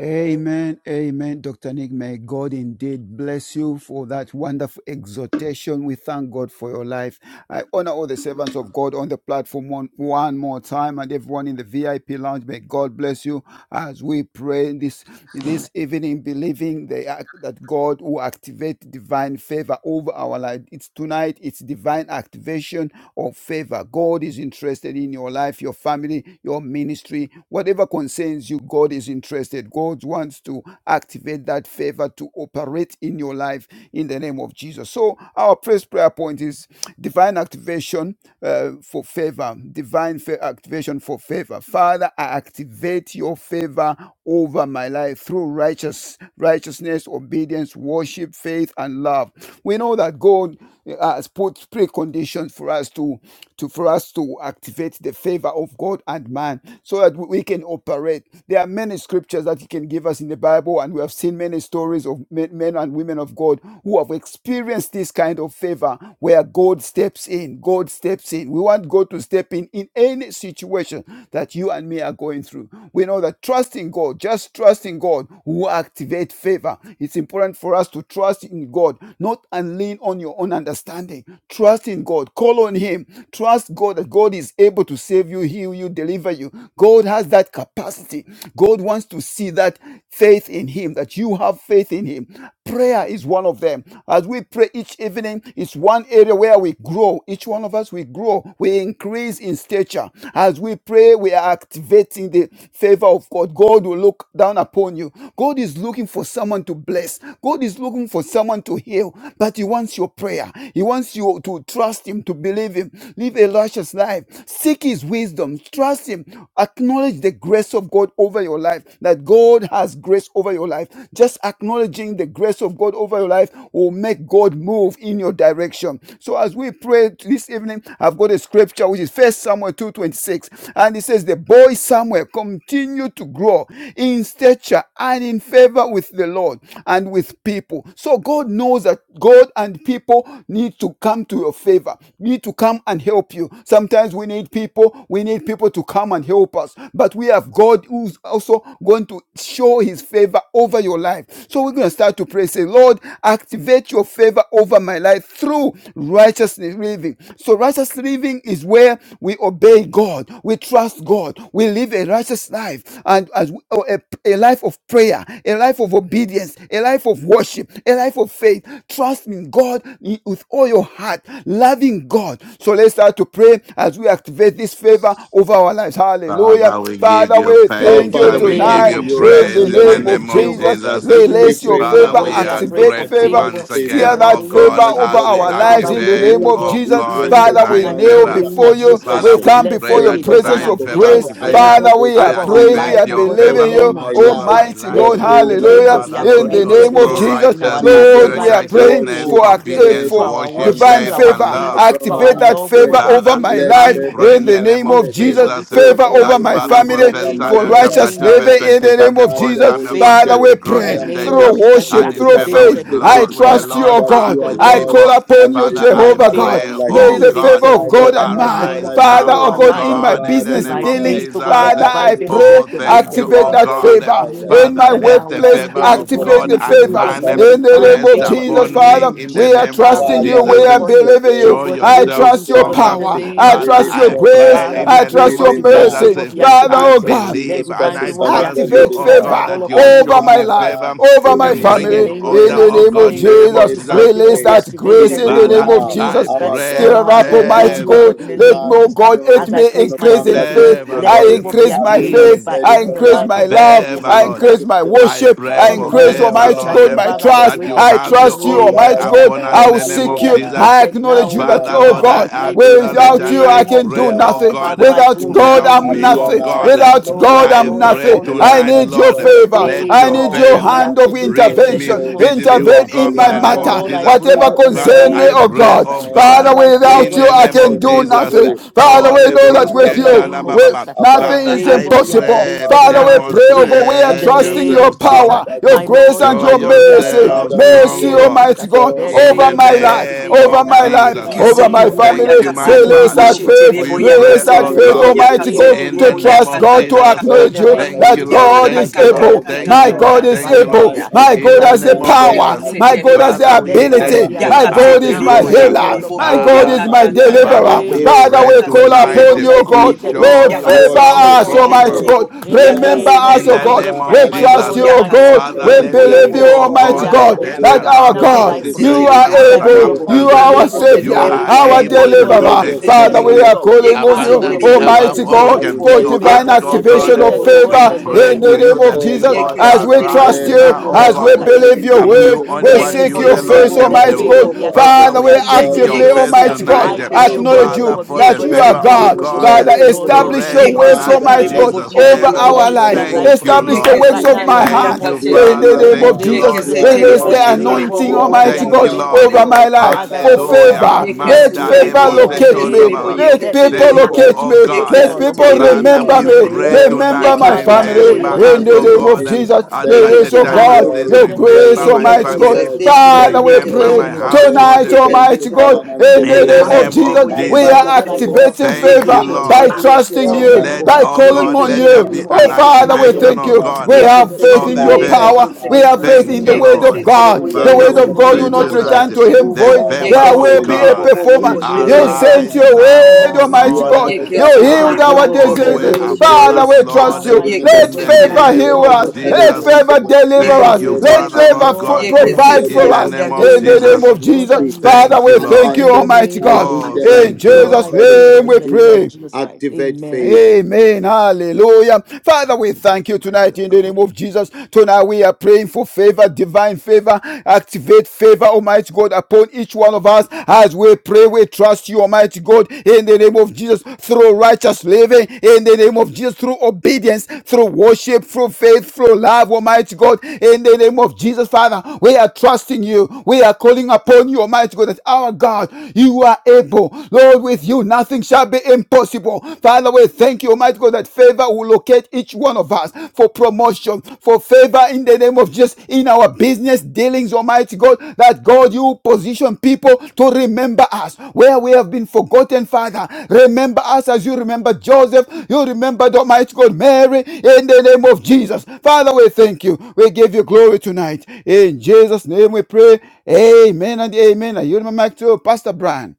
C: Amen, amen, Dr. Nick. May God indeed bless you for that wonderful exhortation. We thank God for your life. I honor all the servants of God on the platform one, one more time and everyone in the VIP lounge. May God bless you as we pray this, this evening, believing the, that God will activate divine favor over our life. It's tonight, it's divine activation of favor. God is interested in your life, your family, your ministry, whatever concerns you, God is interested activated. God wants to activate that favor to operate in your life in the name of Jesus. So, our first prayer point is divine activation uh, for favor, divine fa- activation for favor. Father, I activate your favor over my life through righteous righteousness, obedience, worship, faith, and love. We know that God uh, has put preconditions for us to to for us to activate the favor of God and man so that we can operate. There are many scriptures scriptures that He can give us in the Bible, and we have seen many stories of men and women of God who have experienced this kind of favor where God steps in. God steps in. We want God to step in in any situation that you and me are going through. We know that trusting God, just trusting God, will activate favor. It's important for us to trust in God, not and lean on your own understanding. Trust in God. Call on Him. Trust God that God is able to save you, heal you, deliver you. God has that capacity. God wants wants to see that faith in Him, that you have faith in Him. Prayer is one of them. As we pray each evening, it's one area where we grow. Each one of us, we grow, we increase in stature. As we pray, we are activating the favor of God. God will look down upon you. God is looking for someone to bless. God is looking for someone to heal, but He wants your prayer. He wants you to trust Him, to believe Him, live a righteous life, seek His wisdom, trust Him, acknowledge the grace of God over your life life, that God has grace over your life. Just acknowledging the grace of God over your life will make God move in your direction. So as we pray this evening, I've got a scripture which is First Samuel 2:26, and it says, "The boy Samuel continued to grow in stature and in favor with the Lord and with people." So God knows that God and people need to come to your favor, need to come and help you. Sometimes we need people, we need people to come and help us, but we have God who's also going to show his favor over your life. So we're going to start to pray, say, Lord, activate your favor over my life through righteous living. So righteous living is where we obey God, we trust God, we live a righteous life, and as we- oh, a, a life of prayer, a life of obedience, a life of worship, a life of faith, trust in God with all your heart, loving God. So let's start to pray as we activate this favor over our lives. Hallelujah.
D: Father, we give
C: Father,
D: you
C: we thank
E: Oh,
C: thank
D: thanks
F: In
C: you
F: the
E: Father,
D: and
E: we
D: we give
E: come
F: name
C: tonight
E: to
D: you
F: of
E: you right
C: in
F: Jesus,
E: now
C: the
D: praise
F: we
E: in
D: in
E: the
D: the
F: come
C: name
E: name
F: to
C: of
D: name
E: of
F: pray, oh
D: of
E: Jesus
F: God.
C: Jesus.
D: Jesus.
E: Christ.
F: Even
E: We
C: Release
F: this
C: your
E: pray,
F: evening, oh
D: Father,
C: favor,
E: Father,
F: God,
E: it's
D: we
F: we are
D: are
E: time
F: praying
E: to
C: activate
F: for
D: grateful
C: favor,
E: activate
F: favor
D: once
F: in
D: again,
C: steer
E: favor.
F: the
D: oh
C: that
F: name of
C: favor
D: God,
E: Almighty
C: over
D: as
F: Jesus
E: God,
D: we
E: to
C: our
F: Christ.
C: lives
F: Father,
E: activate
C: in
F: we
C: the
F: pray,
D: activate,
C: name
F: oh
E: favor,
C: of
F: God,
D: oh
E: we
C: Jesus.
E: pray
F: even
D: God,
E: for
F: even
C: Father, we
D: divine
F: tonight,
E: divine
F: in the
C: kneel
D: favor.
E: favor
F: name of
C: before you.
F: Jesus
C: We
D: Father,
F: Christ,
E: activation.
D: we
C: come
F: let
D: pray
F: there
C: before your
F: be a
D: that
E: Favor,
F: divine
C: presence
E: Almighty
D: divine
C: of
E: God,
D: favor
F: activation of
C: grace.
E: Father, I
F: favor
D: activation,
C: Father, we
E: activate
D: I
C: are
E: your
F: over our
C: praying. We
E: favor
F: life,
D: activate
C: are
F: oh
D: your
F: God, in the
D: favor,
C: believing
E: over
D: oh
C: you.
F: name of
D: God,
E: my
F: Jesus
D: over
E: life
F: Christ.
D: my
C: Almighty
E: uh,
F: Let
C: God,
D: life.
F: it be
D: And
E: through
F: the
C: hallelujah.
F: favor be
D: Father,
E: righteousness,
C: In
D: Lord
C: the
D: God,
F: activated,
C: name
F: oh
C: of
D: through
F: God,
E: righteousness,
C: Jesus,
F: in our
D: righteous,
F: life through
C: Lord, we
E: obedience,
C: are
F: righteousness,
C: praying
F: through
D: righteousness,
C: for,
E: worship,
F: obedience,
C: uh,
D: obedience,
E: faith,
F: through
C: for
F: our
D: worship,
E: and
F: worship,
C: divine
F: through
D: faith,
E: love.
F: our
D: and
C: favor.
F: faith
E: My
D: love.
F: to
E: God,
F: our
C: Activate
E: I
C: that
F: love, oh
E: pray.
C: favor
F: God, even
C: over
F: for
D: Father,
F: you
C: my
F: in the
E: Let
D: I
C: life
F: name of
E: favor
D: pray
C: in
D: in
E: be
C: the
F: Jesus.
D: the name
C: name
F: We
D: of
C: of
F: pray
E: activated
C: Jesus.
F: for
D: Jesus
F: this,
D: eh,
F: oh God,
E: through
C: Favor
E: all
F: even
C: over
D: that
E: these
C: my
F: tonight,
D: Father
F: and
E: means,
F: we
D: for
C: family
E: not by
D: First
F: pray
C: for
E: might,
D: Samuel
F: in
E: not
F: the
E: by
D: chapter
C: righteous
F: name
D: 10,
F: of
D: verse
C: living
E: power,
F: Jesus
C: in
F: Christ
C: the
D: 26,
C: name
D: and
E: but
D: the
C: of
E: by
D: boy
E: the
C: Jesus.
F: for
D: Samuel
E: Holy
F: favor.
C: Father,
D: continued
C: we
D: to
E: Spirit.
D: grow
F: In
E: I
F: the
C: pray
D: in
E: am
F: name of
C: through
D: stature
E: calling
G: porque
F: Jesus Christ,
E: upon
F: be
C: worship,
D: and
E: you, the
D: in
C: through
D: favor
C: faith.
E: covenant
D: with
F: activated, oh God.
C: I
D: Lord,
E: keeping
D: with the
F: Even
E: God,
C: trust
F: as
C: you,
F: I
D: Lord
C: O
F: pray,
E: that
F: in
C: God.
D: and
E: you
F: the
E: are
D: with
C: I
G: tú
F: name of
E: God
C: call
D: people.
F: Jesus,
C: upon
E: and
C: you,
E: there is
D: Father,
E: no
D: I
F: find
C: Jehovah
E: other
F: favor,
C: God.
D: pray,
E: one
F: be
E: like
C: May
D: oh
G: eres
C: the
E: you.
D: God,
C: favor
D: eh,
F: activated,
C: of
E: My
F: oh God.
C: God
E: Lord and
C: and
F: In the
E: my God,
F: name
C: man
F: of
D: arise
E: I
F: Jesus Christ
C: Father,
D: now,
F: in
E: pray
C: oh
F: our
D: oh
C: God,
G: el
F: lives,
C: in
F: oh
E: that
C: my
F: God.
D: God, in
E: Father,
D: the
F: Be
C: business
D: name
F: by
E: you
D: of
G: God
C: dealings,
E: help,
F: faith, oh God,
D: Jesus.
F: let
C: Father,
D: eh,
E: Father,
F: divine
C: I
E: you
F: favor be
C: pray,
D: Oh,
E: strengthen us,
D: thank
G: of
D: you,
F: activated, oh
C: activate
F: God
D: oh
G: faithful,
C: that
E: Father,
D: God.
E: you
D: eh,
C: favor.
E: guide
F: name
E: us.
F: of
C: In
F: this
D: Father,
C: my
F: guy by
E: Right
D: let the
E: now,
C: workplace,
E: in the
D: favor
F: obedience is
E: name
D: of
F: not
E: of
C: activate
D: God
F: even
C: the
F: to
D: and
E: Jesus
F: you,
C: favor.
F: but
E: Christ,
D: man eh,
E: Son
F: let
E: of
C: In
E: the
C: the
G: a
F: divine
E: living
C: name
D: rest
C: of
E: God,
F: favor in
E: mm,
C: Jesus,
F: the
D: upon me
F: name
C: Father,
F: of
D: in the
C: we
F: Jesus. The
C: are
D: name
F: Father,
D: of
C: trusting
F: we
C: you.
E: Father,
F: call
C: We
D: Jesus.
C: are
F: upon
E: release
F: you.
E: your
C: believing
F: Oh
C: you.
D: Show
E: grace,
F: God,
C: I
F: even for
D: yourself
E: release
C: trust
F: this, oh
C: your
E: your
F: God, in
D: stronger.
G: faithful
F: the
C: power.
E: anointing,
F: name
C: I
G: redeemer.
F: of
D: Father,
C: trust
F: Jesus
E: release
C: your
D: I
F: Christ.
E: your
C: grace.
D: pray
F: Father,
E: power,
D: in
F: we
C: I
D: the
F: pray, oh
C: trust
D: name
C: your
F: God,
D: of
E: even
F: divine
E: now,
C: mercy.
D: Jesus.
F: favor
D: eh,
F: be
E: in the
C: Father,
D: I
C: oh
E: name
F: activated.
E: of
C: God
F: Let
E: Jesus
D: believe and
E: Christ,
F: divine
E: the
D: I
F: favor
E: Son
F: be
E: of the
D: trust you,
C: activate
E: living
F: activated
D: oh
F: as
E: God.
F: I
D: God,
C: favor
F: call
D: that you
F: upon
E: Our
F: you,
C: over
D: show
F: God.
C: my
D: me
C: life,
D: favor
E: Father,
C: over
F: Even
C: my
D: and
F: tonight,
E: release
F: in
D: bring
F: the
C: family,
E: your
D: in
F: name of
C: in
F: Jesus.
D: order,
C: the
F: as we
D: oh
C: name
E: praises,
C: of
D: God, in
F: pray,
D: the name
F: let
D: of
C: Jesus.
E: release
D: Jesus.
F: divine
E: your
F: favor
C: Release
F: be
E: grace,
C: that grace
F: activated,
C: in
F: oh
C: the
E: even
F: God,
D: Father,
C: name
F: in the
C: of
E: now.
F: name of
D: I
C: Jesus.
F: this guy.
E: Our
F: In
D: pray
E: God,
C: Stir
E: you
F: my
E: are
F: as
C: up,
E: not
F: we
E: a
F: obey
C: Almighty
E: man
F: you, oh
E: that
D: favor,
C: God.
F: God,
E: you
F: in the
E: should
C: Let
F: name
C: me,
E: lie,
F: of
C: oh
F: this guy.
C: God,
E: no,
C: let
F: As
E: the
F: I
C: me
E: Son
F: place
E: of
F: my
C: increase
E: Man
C: in
F: faith
E: that
F: in
E: you
F: you,
C: faith.
E: should
D: favor,
F: let
C: I
E: repent.
D: Lord.
F: favor be
C: increase
E: Have
C: my
E: you not
F: activated
C: faith.
D: Mm,
F: by
E: said
C: I
E: it,
F: even
E: O
F: the
C: increase
E: God?
F: life
C: my
F: of
E: Shall
C: love.
E: you
F: righteousness, oh
D: favor,
E: not
C: I
F: God
D: Lord.
E: make
C: increase
E: it
C: my
E: good?
D: I
C: worship.
D: pray
C: I
F: in
E: Our
F: the
D: for
C: increase,
F: name of
E: Father,
D: favor,
E: we
F: Jesus
E: are
C: Almighty
D: Lord,
F: Christ,
C: God,
D: eh,
E: praying
C: my
F: Father,
E: and
F: I
C: trust.
D: that
E: calling
F: pray
D: you
F: for
C: I
E: upon
F: this. In
D: have
E: you
F: the
D: your
C: trust you,
D: own
F: name of
E: that
D: way
C: Almighty
F: Jesus
E: our
F: Christ,
C: God.
D: upon us
E: God
D: in
C: I
F: let
C: will
D: the name
F: favor
C: seek
D: of
F: be
E: appear
C: you.
D: Jesus.
E: now,
C: I
F: activated now,
C: acknowledge
F: oh
C: you that,
F: God,
E: appear
D: Father,
F: even
C: oh
F: as
D: Lord,
E: now,
F: I
C: God,
D: I
F: pray.
E: appear
F: In the
D: acknowledge
C: without
E: now,
D: and
C: you
D: I
C: I
F: name of
C: can
F: Jesus
C: do
D: pray,
E: appear
F: Christ,
D: oh
C: nothing.
E: now, the
D: God,
F: Father,
C: Without
D: eh,
E: King
F: I
E: of
F: pray,
C: Without
F: oh God,
E: Kings,
C: God,
F: in
D: help
F: the
C: I'm
D: me,
F: name of
D: oh
E: appear
C: nothing.
F: Jesus
E: now,
F: Christ,
D: God.
E: the
D: eh.
F: my
E: King
C: Without
E: of
F: Lord and
C: God,
F: my
D: I
E: Glory,
C: I'm
F: God, I
D: pray
C: nothing.
F: call
E: appear
F: upon
C: I
F: you.
D: tonight,
E: now,
F: God.
C: need
E: the
C: your
D: Lord, eh,
E: Lord
F: Let
E: of
C: favor.
E: Lords,
D: let
F: favor
C: I
D: your
C: need your
E: appear
F: be
D: favor
E: now,
C: hand of
E: the
F: activated
E: Ancient
F: in
D: reach
F: the
E: of
D: me
C: intervention.
F: name
E: Days.
F: of
D: speedily,
F: Jesus
E: We
D: oh
E: are
C: Intervene
F: Christ.
C: in
D: God,
E: calling
D: in
C: my
D: the name
F: Father,
E: upon
C: matter.
D: of
F: Lord,
E: you,
F: I
D: Jesus.
F: pray, oh
C: Whatever
F: God, in
E: our
F: the
D: Father,
C: concerns
E: God.
C: me,
D: I
F: name
C: oh
F: of
E: You
D: pray,
E: are
F: Jesus
C: God.
D: oh
F: Christ.
E: more
D: God,
E: than
D: eh,
C: Father,
F: Father, I
H: Thank
F: pray, oh
C: without
D: in
E: able,
F: God,
C: you,
D: the
F: in
C: I
F: the
D: name
C: can
D: of
F: name
E: able
C: do
F: of
E: to
F: Jesus
D: Jesus.
F: Christ.
D: eh,
C: nothing.
E: do
C: Father,
D: Oh,
F: Father,
C: we
F: we
C: know
E: exceeding
F: pray,
C: that
E: and
F: Lord,
C: with
F: in
D: lebroske
F: the name
C: you,
F: of
E: abundantly
C: we,
F: Jesus,
D: kalababa.
F: Christ,
E: above
F: let
C: nothing
D: Father,
E: all
C: is
E: that
D: I
F: favor
E: we
F: be
E: ask,
C: impossible.
D: pray,
E: above
F: activated
E: all
C: Father,
F: now
E: that
C: we
F: as
E: we
F: we
C: pray,
E: think,
C: oh
F: pray.
C: God, we are
F: In the
D: demonstrate
E: according
C: trusting
E: to
F: name
C: your
D: yourself
E: the
F: of Jesus
D: strong.
E: power
C: power,
F: Christ,
E: that
C: your
F: my
E: is at
C: grace,
F: Lord
E: work.
F: and
C: and
D: Show
F: my
C: your
F: God, we are
E: Our
C: mercy.
F: praying, God,
D: yourself
E: Father,
F: in
E: we
F: the
C: Mercy,
D: strong,
F: name
E: pray
F: of Jesus
D: Lord,
C: Almighty
F: Christ,
C: God,
E: Show
F: let
D: in
C: over
D: the
E: yourself
C: my
F: favor be
E: strong
C: life,
D: name
E: on
F: activated
C: over
D: of
C: my
E: our
F: now.
C: life,
D: Jesus.
F: In
E: behalf
F: the
C: over my
F: name
C: my
F: of
E: right
B: Keseterebo
F: Jesus
E: now
B: ya
C: family.
D: Thank
E: in
D: you,
F: Christ,
E: the
D: my
E: name
F: as
E: of
F: we
C: Release
B: kaseterebo
F: pray,
D: Father.
C: that
F: oh God,
E: Jesus
F: in the
C: faith.
E: Christ,
B: sheterebo
D: We
B: ya
F: name
E: the
F: of
D: pray,
C: Release
F: Jesus
C: that
E: Son
D: oh
F: Christ,
E: of
C: faith,
E: the
B: kaseterebo
F: let the
B: ya
D: God,
E: living
C: Almighty
E: God.
C: God,
F: favor of
D: in
E: Mm.
C: to
F: God
D: the
B: kaseterebo
F: be
B: ya
D: name
C: trust
B: ka
D: of
B: ka
C: God,
F: activated, oh
C: to
B: ka
F: God.
D: Jesus.
E: Oh,
F: In
C: acknowledge
F: the
C: you
F: name
E: Father,
F: of
D: Thank
E: we
C: that
D: you,
F: Jesus Christ,
D: Lord.
C: God
E: pray.
F: let
C: is
D: Thank you,
F: favor be
D: Lord.
E: Oh,
C: able.
E: my
D: Thank
C: My
D: you,
F: activated
E: God.
F: in
C: God
F: my
D: Lord.
C: is
F: by
D: Thank you, Lord.
C: able.
E: Divine,
F: prayer,
E: oh,
C: My
E: my
F: even
D: In
E: God,
C: God
F: by
D: the
C: has the
D: name
F: faith,
E: divine
F: oh
D: of
F: God, in
E: favor
F: the
C: power.
B: Yeke
D: Jesus.
B: se
F: name
C: My
F: of
C: God
F: Jesus
B: terebo
C: has
F: Christ,
B: she
E: activation.
C: the
D: Father, we
F: let
B: terebo
F: favor
E: Father,
F: be
D: thank
C: ability.
E: I
D: you.
C: My
B: yaka se
F: activated
C: God
E: activate
C: is
F: now
C: my
F: as
B: terebo
E: your
F: I
B: she
D: Hallelujah.
C: healer.
E: favor
F: call
B: terebo
C: My
F: upon you,
C: God
E: over
D: Ah,
C: is
B: yaka
F: Jehovah.
C: my
E: my
B: ka ka
F: In
E: life
F: the
B: ka ka
D: Father,
C: deliverer.
B: ka
F: name
D: we
F: of
E: through
F: Jesus
C: Father,
F: Christ,
D: pray
C: we
B: yaka se
F: let
C: call
E: righteousness,
D: tonight.
F: favor
C: upon
B: terebo
F: be
C: you,
B: she
C: God.
F: activated,
B: terebo
F: oh
E: obedience,
D: Show
C: Lord,
F: God.
B: yaka
F: I
C: favor
B: se
F: call
D: yourself
E: worship,
C: us,
B: terebo
F: upon you,
B: she
F: oh
C: Almighty
D: strong
E: faith,
F: God.
C: God.
B: terebo
F: In the
B: yaka
E: love.
C: Remember
B: se
F: name of
C: us,
D: in
C: O
D: the
B: terebo
C: God.
B: she
D: name
F: Jesus
E: Father,
D: of
F: Christ,
C: We
E: I
F: my
B: terebo
C: trust
F: Lord
D: Jesus,
E: pray
C: you,
F: and
C: O
F: my
B: yaka se
F: God,
C: God.
D: Father,
C: We
B: terebo
F: let
E: according
B: bo
D: let
B: bo
D: there
E: to
C: believe
B: bo
D: be,
C: you,
B: bo
F: favor
E: First
D: oh
B: bo bo
E: Samuel
F: be
C: Almighty
B: bo
D: God, a
B: bo
C: God,
E: chapter
B: bo bo
F: activated
B: bo
C: that
E: 2,
F: right
C: our
F: now
D: turnaround
E: verse
F: as
D: of
C: God,
F: I
B: yeke se
C: you
F: pray,
E: 26,
C: are
D: situations
B: terebo
F: as
D: and
B: she
F: I
E: and
F: call
C: able.
E: the,
B: terebo
F: upon you
E: and
C: You
F: in the
E: the
D: circumstances.
C: are our
E: Lord
F: name
B: yeke
E: and
F: of
E: the
B: se
C: Savior,
F: Jesus
D: You
E: boy
B: terebo
D: are
F: Christ.
B: yeke
C: our
F: Let
B: se
E: Samuel,
D: able to
B: terebo
F: favor be
D: do
E: where
C: Deliverer.
E: he
B: yeke se
E: has
F: activated,
C: Father,
B: terebo
C: we
F: oh
D: exceedingly
E: continued
C: are
E: to
F: God.
C: calling
E: grow
B: yeke
C: on
F: I
B: se
C: you,
F: call
E: in
D: abundantly
B: terebo
F: upon you for
E: stature
D: above
B: yeke
C: Almighty
F: this,
B: se
D: all
F: oh
D: we
C: God,
F: God.
E: and
D: can
E: in
B: terebo
C: for
D: think
F: Let
D: or
E: favor
C: divine
D: ask,
F: favor
B: yaka
F: be
D: oh
B: se
E: with the
D: God.
C: activation
B: terebo
C: of
F: activated,
B: bo
E: Lord
F: oh
B: bo bo
F: God,
D: We
F: in
C: favor
B: bo
F: the
E: and
B: bo
D: pray
E: with
C: in
B: bo
F: name
D: to
C: the
F: of
B: bo bo
D: you,
F: Jesus
E: people.
C: name
D: the
C: of
F: Christ.
E: Oh,
D: living
C: Jesus.
B: Ye
F: Lord
D: God,
F: God,
E: Father,
C: As
F: I
E: I
C: we
F: pray, oh
B: keseteri
F: God,
B: bo
D: arise
C: trust
F: in
E: pray
B: bo
F: the
B: bo
C: you,
D: now,
B: bo
F: name
D: oh
F: of
B: bo
E: right
C: as
B: bo
C: we
F: Jesus
E: in
B: bo
D: God,
F: Christ,
E: the
F: even for
C: believe
E: name
F: this,
C: your
F: oh
E: of
B: keseteri
D: and
F: God,
B: bo.
C: word,
D: do
E: Jesus
F: in
D: only
F: the
C: we
B: Ye
E: Christ,
D: what
F: name
C: seek
D: you,
F: of
E: the
C: your
D: the
F: Jesus
B: keseteri
F: Christ,
D: Lord,
C: face,
E: Son
B: bo
E: of
D: can
B: bo
F: let
E: the
B: bo
C: Almighty
D: do.
B: bo
F: favor
C: God.
B: bo
E: living
F: be
B: bo
E: God.
B: bo bo
D: Father,
B: bo
C: Father,
D: we
F: activated
B: bo.
C: we
E: My
F: in the
D: seek
E: God,
B: Ye
D: your
C: actively,
F: name of
E: show
D: face
F: Jesus Christ.
E: up
C: Almighty
B: keseteri
E: in
C: God,
E: a
B: bo
D: tonight.
F: I pray, oh
B: keseteri
F: God,
E: powerful
B: bo.
C: acknowledge
F: even
E: way,
D: Father,
C: you
F: for
D: for
F: this,
B: Ye
F: oh
D: the
C: that
F: God,
C: you
F: in the
E: show
C: are
D: favor
E: up
F: name
E: in
B: keseteri
D: of
F: of
C: God.
B: bo
E: a
B: bo
F: Jesus
D: God
F: Christ.
C: Father,
B: keseteri
E: glorious
B: bo.
F: Lord
E: way.
D: to
F: God, in
C: establish
F: the
C: your
B: Ye
D: rest
F: name of
D: on
H: you.
C: works,
F: Jesus
D: us
F: Christ,
D: in
B: keseteri
C: Almighty
E: Father,
B: bo
F: let
C: God,
B: bo
F: it be,
D: Jesus'
E: I
F: let
C: over
B: keseteri
F: it
D: name.
B: bo
F: be,
E: call
F: let
C: our
F: it be
E: upon
C: lives.
B: keseteri
F: as
B: bo.
H: Thank
F: I
E: you
D: Thank you,
E: to
C: Establish
B: Ye
F: pray.
C: the
D: Lord.
C: works
F: Right
E: appear
C: of
F: now, in
B: keseteri
F: the
B: bo
C: my
E: now,
B: ya
F: name
D: Thank
C: hands
F: of
D: you,
E: to
F: Jesus
C: in in
F: Christ,
B: keseteri
C: the
D: Father.
B: bo.
E: appear
F: in
C: name
F: the
C: of
D: Thank
E: now,
D: you,
B: Ye
F: name
C: Jesus.
F: of
D: Lord,
E: to
F: Jesus
D: in the
F: Christ,
B: keseteri
D: name
C: Release
B: bo
E: appear
C: the
D: of
F: let
E: now,
B: keseteri
D: Jesus.
F: favor,
B: bo
C: anointing,
E: to
B: bo
F: oh
B: bo
F: God,
B: bo
F: be
C: Almighty
B: bo
E: appear
D: Thank
B: bo
C: God,
D: you,
E: now.
F: activated,
D: Lord.
B: keseteri
C: over
F: oh
B: bo.
C: my
F: God,
E: Abba,
C: life
F: as I
C: for
F: call upon
E: Father,
D: Hallelujah.
F: you in
C: favor.
F: the
B: Ye
F: place of
C: Let
D: Manda
F: prayer.
E: appear
B: keseteri bo
C: favor
D: lebo
B: ye
F: Let
E: now
C: locate
D: setor
E: in the
C: me.
B: keseteri bo
F: favor,
D: bababa.
E: name
B: ye
E: of
C: Let
F: let
C: people
E: Jesus
B: keseteri
D: Thank
B: bo.
F: favor
D: you,
F: be
E: Christ,
C: locate
D: oh
F: be to
B: Ye
C: me.
E: the
F: God,
D: God.
C: Let
E: Son
F: God,
E: of
F: on
E: the
F: my
C: people
B: keseteri bo
F: behalf, oh
B: ye
E: living
D: Father,
F: God, in
E: God.
C: remember
D: we
F: the
C: me.
B: keseteri bo.
F: name
D: pray
F: of
E: Oh,
F: Jesus Christ.
B: Ye
C: Remember
D: tonight.
C: my
F: Father,
E: Father,
F: I
B: keseteri
C: family
B: bo
F: pray,
B: ye
D: Remember
F: God,
E: thank
C: in
F: even
D: us,
E: you,
C: the
F: for
D: oh
E: King
B: keseteri
C: name
F: this,
E: of
B: bo.
F: oh
C: of
D: God,
F: God,
E: Kings.
F: even
C: Jesus.
F: this
D: at
F: evening, oh
E: Thank
D: such
F: God,
E: you,
D: a
C: Release,
F: as
C: oh
F: I
E: King of
D: time
F: pray,
C: God,
D: as
B: Yekeshetelebo.
D: this.
E: Glory.
F: in
C: your
F: the
E: Thank
C: grace,
D: Remember
F: name
B: Thank
E: you,
F: of
D: my
B: you,
E: Lord
C: Almighty
E: of
F: Jesus
C: God.
F: Christ.
B: Jesus.
D: family.
E: Lords.
F: My
B: Tekerebo,
F: Lord
C: Father,
F: and
E: Thank
C: we
F: my
E: you,
F: God,
D: Remember
F: I
C: pray
D: my
E: Ancient
B: yekeshetelebo.
F: pray
E: of
F: for
E: Days.
F: this, oh
D: household
C: tonight,
F: God, even
E: Thank you,
C: Almighty
F: tonight
C: God,
B: Yekeshetelebo.
F: in
E: Covenant
F: the
C: in the
D: in
E: Keeping
D: the
C: name
F: name
C: of
F: of
E: God.
D: name
F: Jesus
D: of
C: Jesus,
B: Yekeshetelebo,
F: Christ.
E: My
C: we
D: Jesus.
E: Father,
F: Lord
E: I'm
C: are
F: God, I
B: yekeshetelebo.
E: calling
F: call
C: activating
F: upon
E: upon
F: you
E: you
F: in the
D: Thank
E: that
D: you,
E: Your
F: name
C: favor
F: of
C: by
D: Lord.
F: Jesus
B: Yekeshetelebo,
E: Lord.
F: Christ.
C: trusting
E: Help
F: Father,
E: us
C: you,
B: yekeshetelebo.
D: Let,
F: Lord,
C: by
F: I
D: oh
E: now.
F: pray,
C: calling
F: God,
D: God,
F: in
C: on
F: the
D: let
E: Help
D: there
H: you.
F: name
C: you.
D: be
E: us
B: Yekeshetelebo,
F: of
C: Oh,
D: an
E: now.
F: Jesus Christ.
C: Father,
H: Thank
C: we
B: yekeshetelebo.
D: activation,
F: Lord
C: thank
D: oh
F: God,
E: Strengthen
C: you.
F: that
E: us
F: you
C: We
F: do
D: God,
F: it, oh
E: now.
C: have
F: God, in
C: faith
F: the
D: of
C: in
B: Yekeshetelebo,
D: the
C: your
F: name
E: Guide
F: of
E: us
C: power.
F: Jesus
D: favor.
F: Christ.
C: We
E: now.
B: yekeshetelebo.
C: have
F: In the
C: faith
E: Mm.
C: in
D: Thank
F: name
C: the
D: you,
F: of
C: word
F: Jesus
C: of
D: Lord.
F: Christ. Father,
C: God.
B: Yekeshetelebo,
F: I
E: In the
C: The
F: pray,
D: Father,
C: word
E: name
F: God,
D: we
F: in
C: of
F: the
E: of
C: God
D: pray
C: will
F: name
B: yekeshetelebo,
C: not
F: of
E: Jesus
F: Jesus
D: tonight
E: Christ,
C: return
F: Christ.
C: to
B: boshetelebo.
C: him
E: the
F: Oh
D: the
C: void.
E: Son
F: God, I
E: of
D: favor
C: There
E: the
F: call
D: of
C: will
F: upon
E: living
C: be
F: you, oh
C: a
E: God,
B: Yekeshetelebo,
F: God.
D: God.
B: bo, bo,
F: In
E: we
F: the
C: performance.
E: pray,
C: You
F: name of
B: boshetelebo.
F: Jesus
C: sent
E: Abba
D: Arise
F: Christ.
C: your
E: Father.
D: now,
F: Father,
C: word,
D: oh
F: Lord, do it
E: You
C: Almighty
F: now,
E: are
D: Lord.
F: oh
C: God.
E: more
F: God.
E: than
C: You
F: As I
C: healed
D: Have
B: Yekeshetelebo,
E: able,
F: pray,
C: our
D: your
B: bo,
F: God,
B: bo,
F: in
D: own
F: the
B: bo, bo,
D: way
C: diseases.
E: able to
F: name of
D: upon
F: Jesus
C: Father,
E: do
D: us,
F: Christ.
B: boshetelebo.
C: we trust
D: Lord,
F: Father,
C: you.
F: I
E: exceeding
B: Ye
E: and
F: pray,
C: Let
D: in
B: kese
F: God,
D: the
F: in the
E: abundantly.
C: favor
B: terebo
D: name
B: bo
C: heal
F: name
B: bo
F: of
D: of
C: us.
B: bo
E: Father,
F: Jesus
B: she
F: Christ,
E: the
C: Let
F: even for
D: Jesus.
B: terebo.
E: time
F: this, oh
E: to
C: favor
F: God.
C: deliver
B: Ye
F: In the
E: activate
D: Thank
C: us.
B: kese
D: you,
F: name of
E: favor
C: Let
F: Jesus
D: Father,
E: is
B: terebo.
F: Christ,
C: favor
D: Lord
E: now.
F: Lord,
C: fo-
F: I
B: Ye
D: God,
E: I
F: call
E: am
B: kese
F: upon
C: provide
E: the
F: you.
D: in
C: for
D: the
B: terebo
C: us.
F: In the
D: name
B: ya
E: righteousness of
D: of
C: In
B: kase
F: name of
C: the
E: God
F: Jesus
C: name
E: in
D: Jesus.
C: of
B: terebo.
F: Christ,
E: Christ
F: Lord, that
C: Jesus,
F: you
E: Jesus.
F: do
C: Father,
D: Thank
F: this, oh
D: you,
C: we
F: God.
E: And
C: thank
E: by,
D: Lord.
C: you,
F: In the
E: the,
C: Almighty
E: by
F: name
C: God.
F: of
E: being
D: Oh,
E: the
F: Jesus Christ,
C: In
D: thank you,
E: righteousness of
F: Lord,
C: Jesus'
D: Lord.
F: I
E: God
F: pray,
E: in
F: oh God,
C: name
F: in
E: Christ
C: we
F: the name
E: Jesus,
F: of
C: pray.
F: Jesus Christ.
E: activate
F: Amen.
E: favor.
C: Amen. Hallelujah. Father, we thank
D: activate
C: you
D: my
C: tonight in the
D: fellow.
C: name of Jesus. Tonight we are praying for favor, divine favor. Activate favor, Almighty God, upon each one of us. As we pray, we trust you, Almighty God, in the name of Jesus, through righteous living, in the name of Jesus, through obedience, through worship, through faith, through love, Almighty God, in the name of Jesus, Father. We are trusting you. We are calling upon you, Almighty God, that our God, you are able. Lord, with you, nothing nothing shall be impossible. Father, we thank you, Almighty God, that favor will locate each one of us for promotion, for favor in the name of Jesus in our business dealings, Almighty God, that God, you position people to remember us where we have been forgotten, Father. Remember us as you remember Joseph, you remembered Almighty God, Mary, in the name of Jesus. Father, we thank you. We give you glory tonight. In Jesus' name we pray. Amen and amen. I yield my mic to Pastor Brian.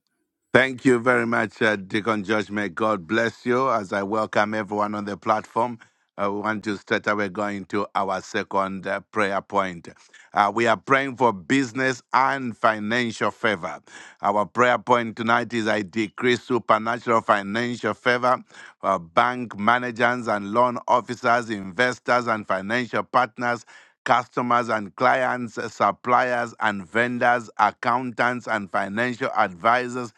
D: Thank you very much, uh, Deacon George. May God bless you as I welcome everyone on the platform. Uh, we want to straight away go into our second uh, prayer point. Uh, we are praying for business and financial favor. Our prayer point tonight is I decrease supernatural financial favor for bank managers and loan officers, investors, and financial partners customers and clients, uh, suppliers and vendors, accountants and financial advisors,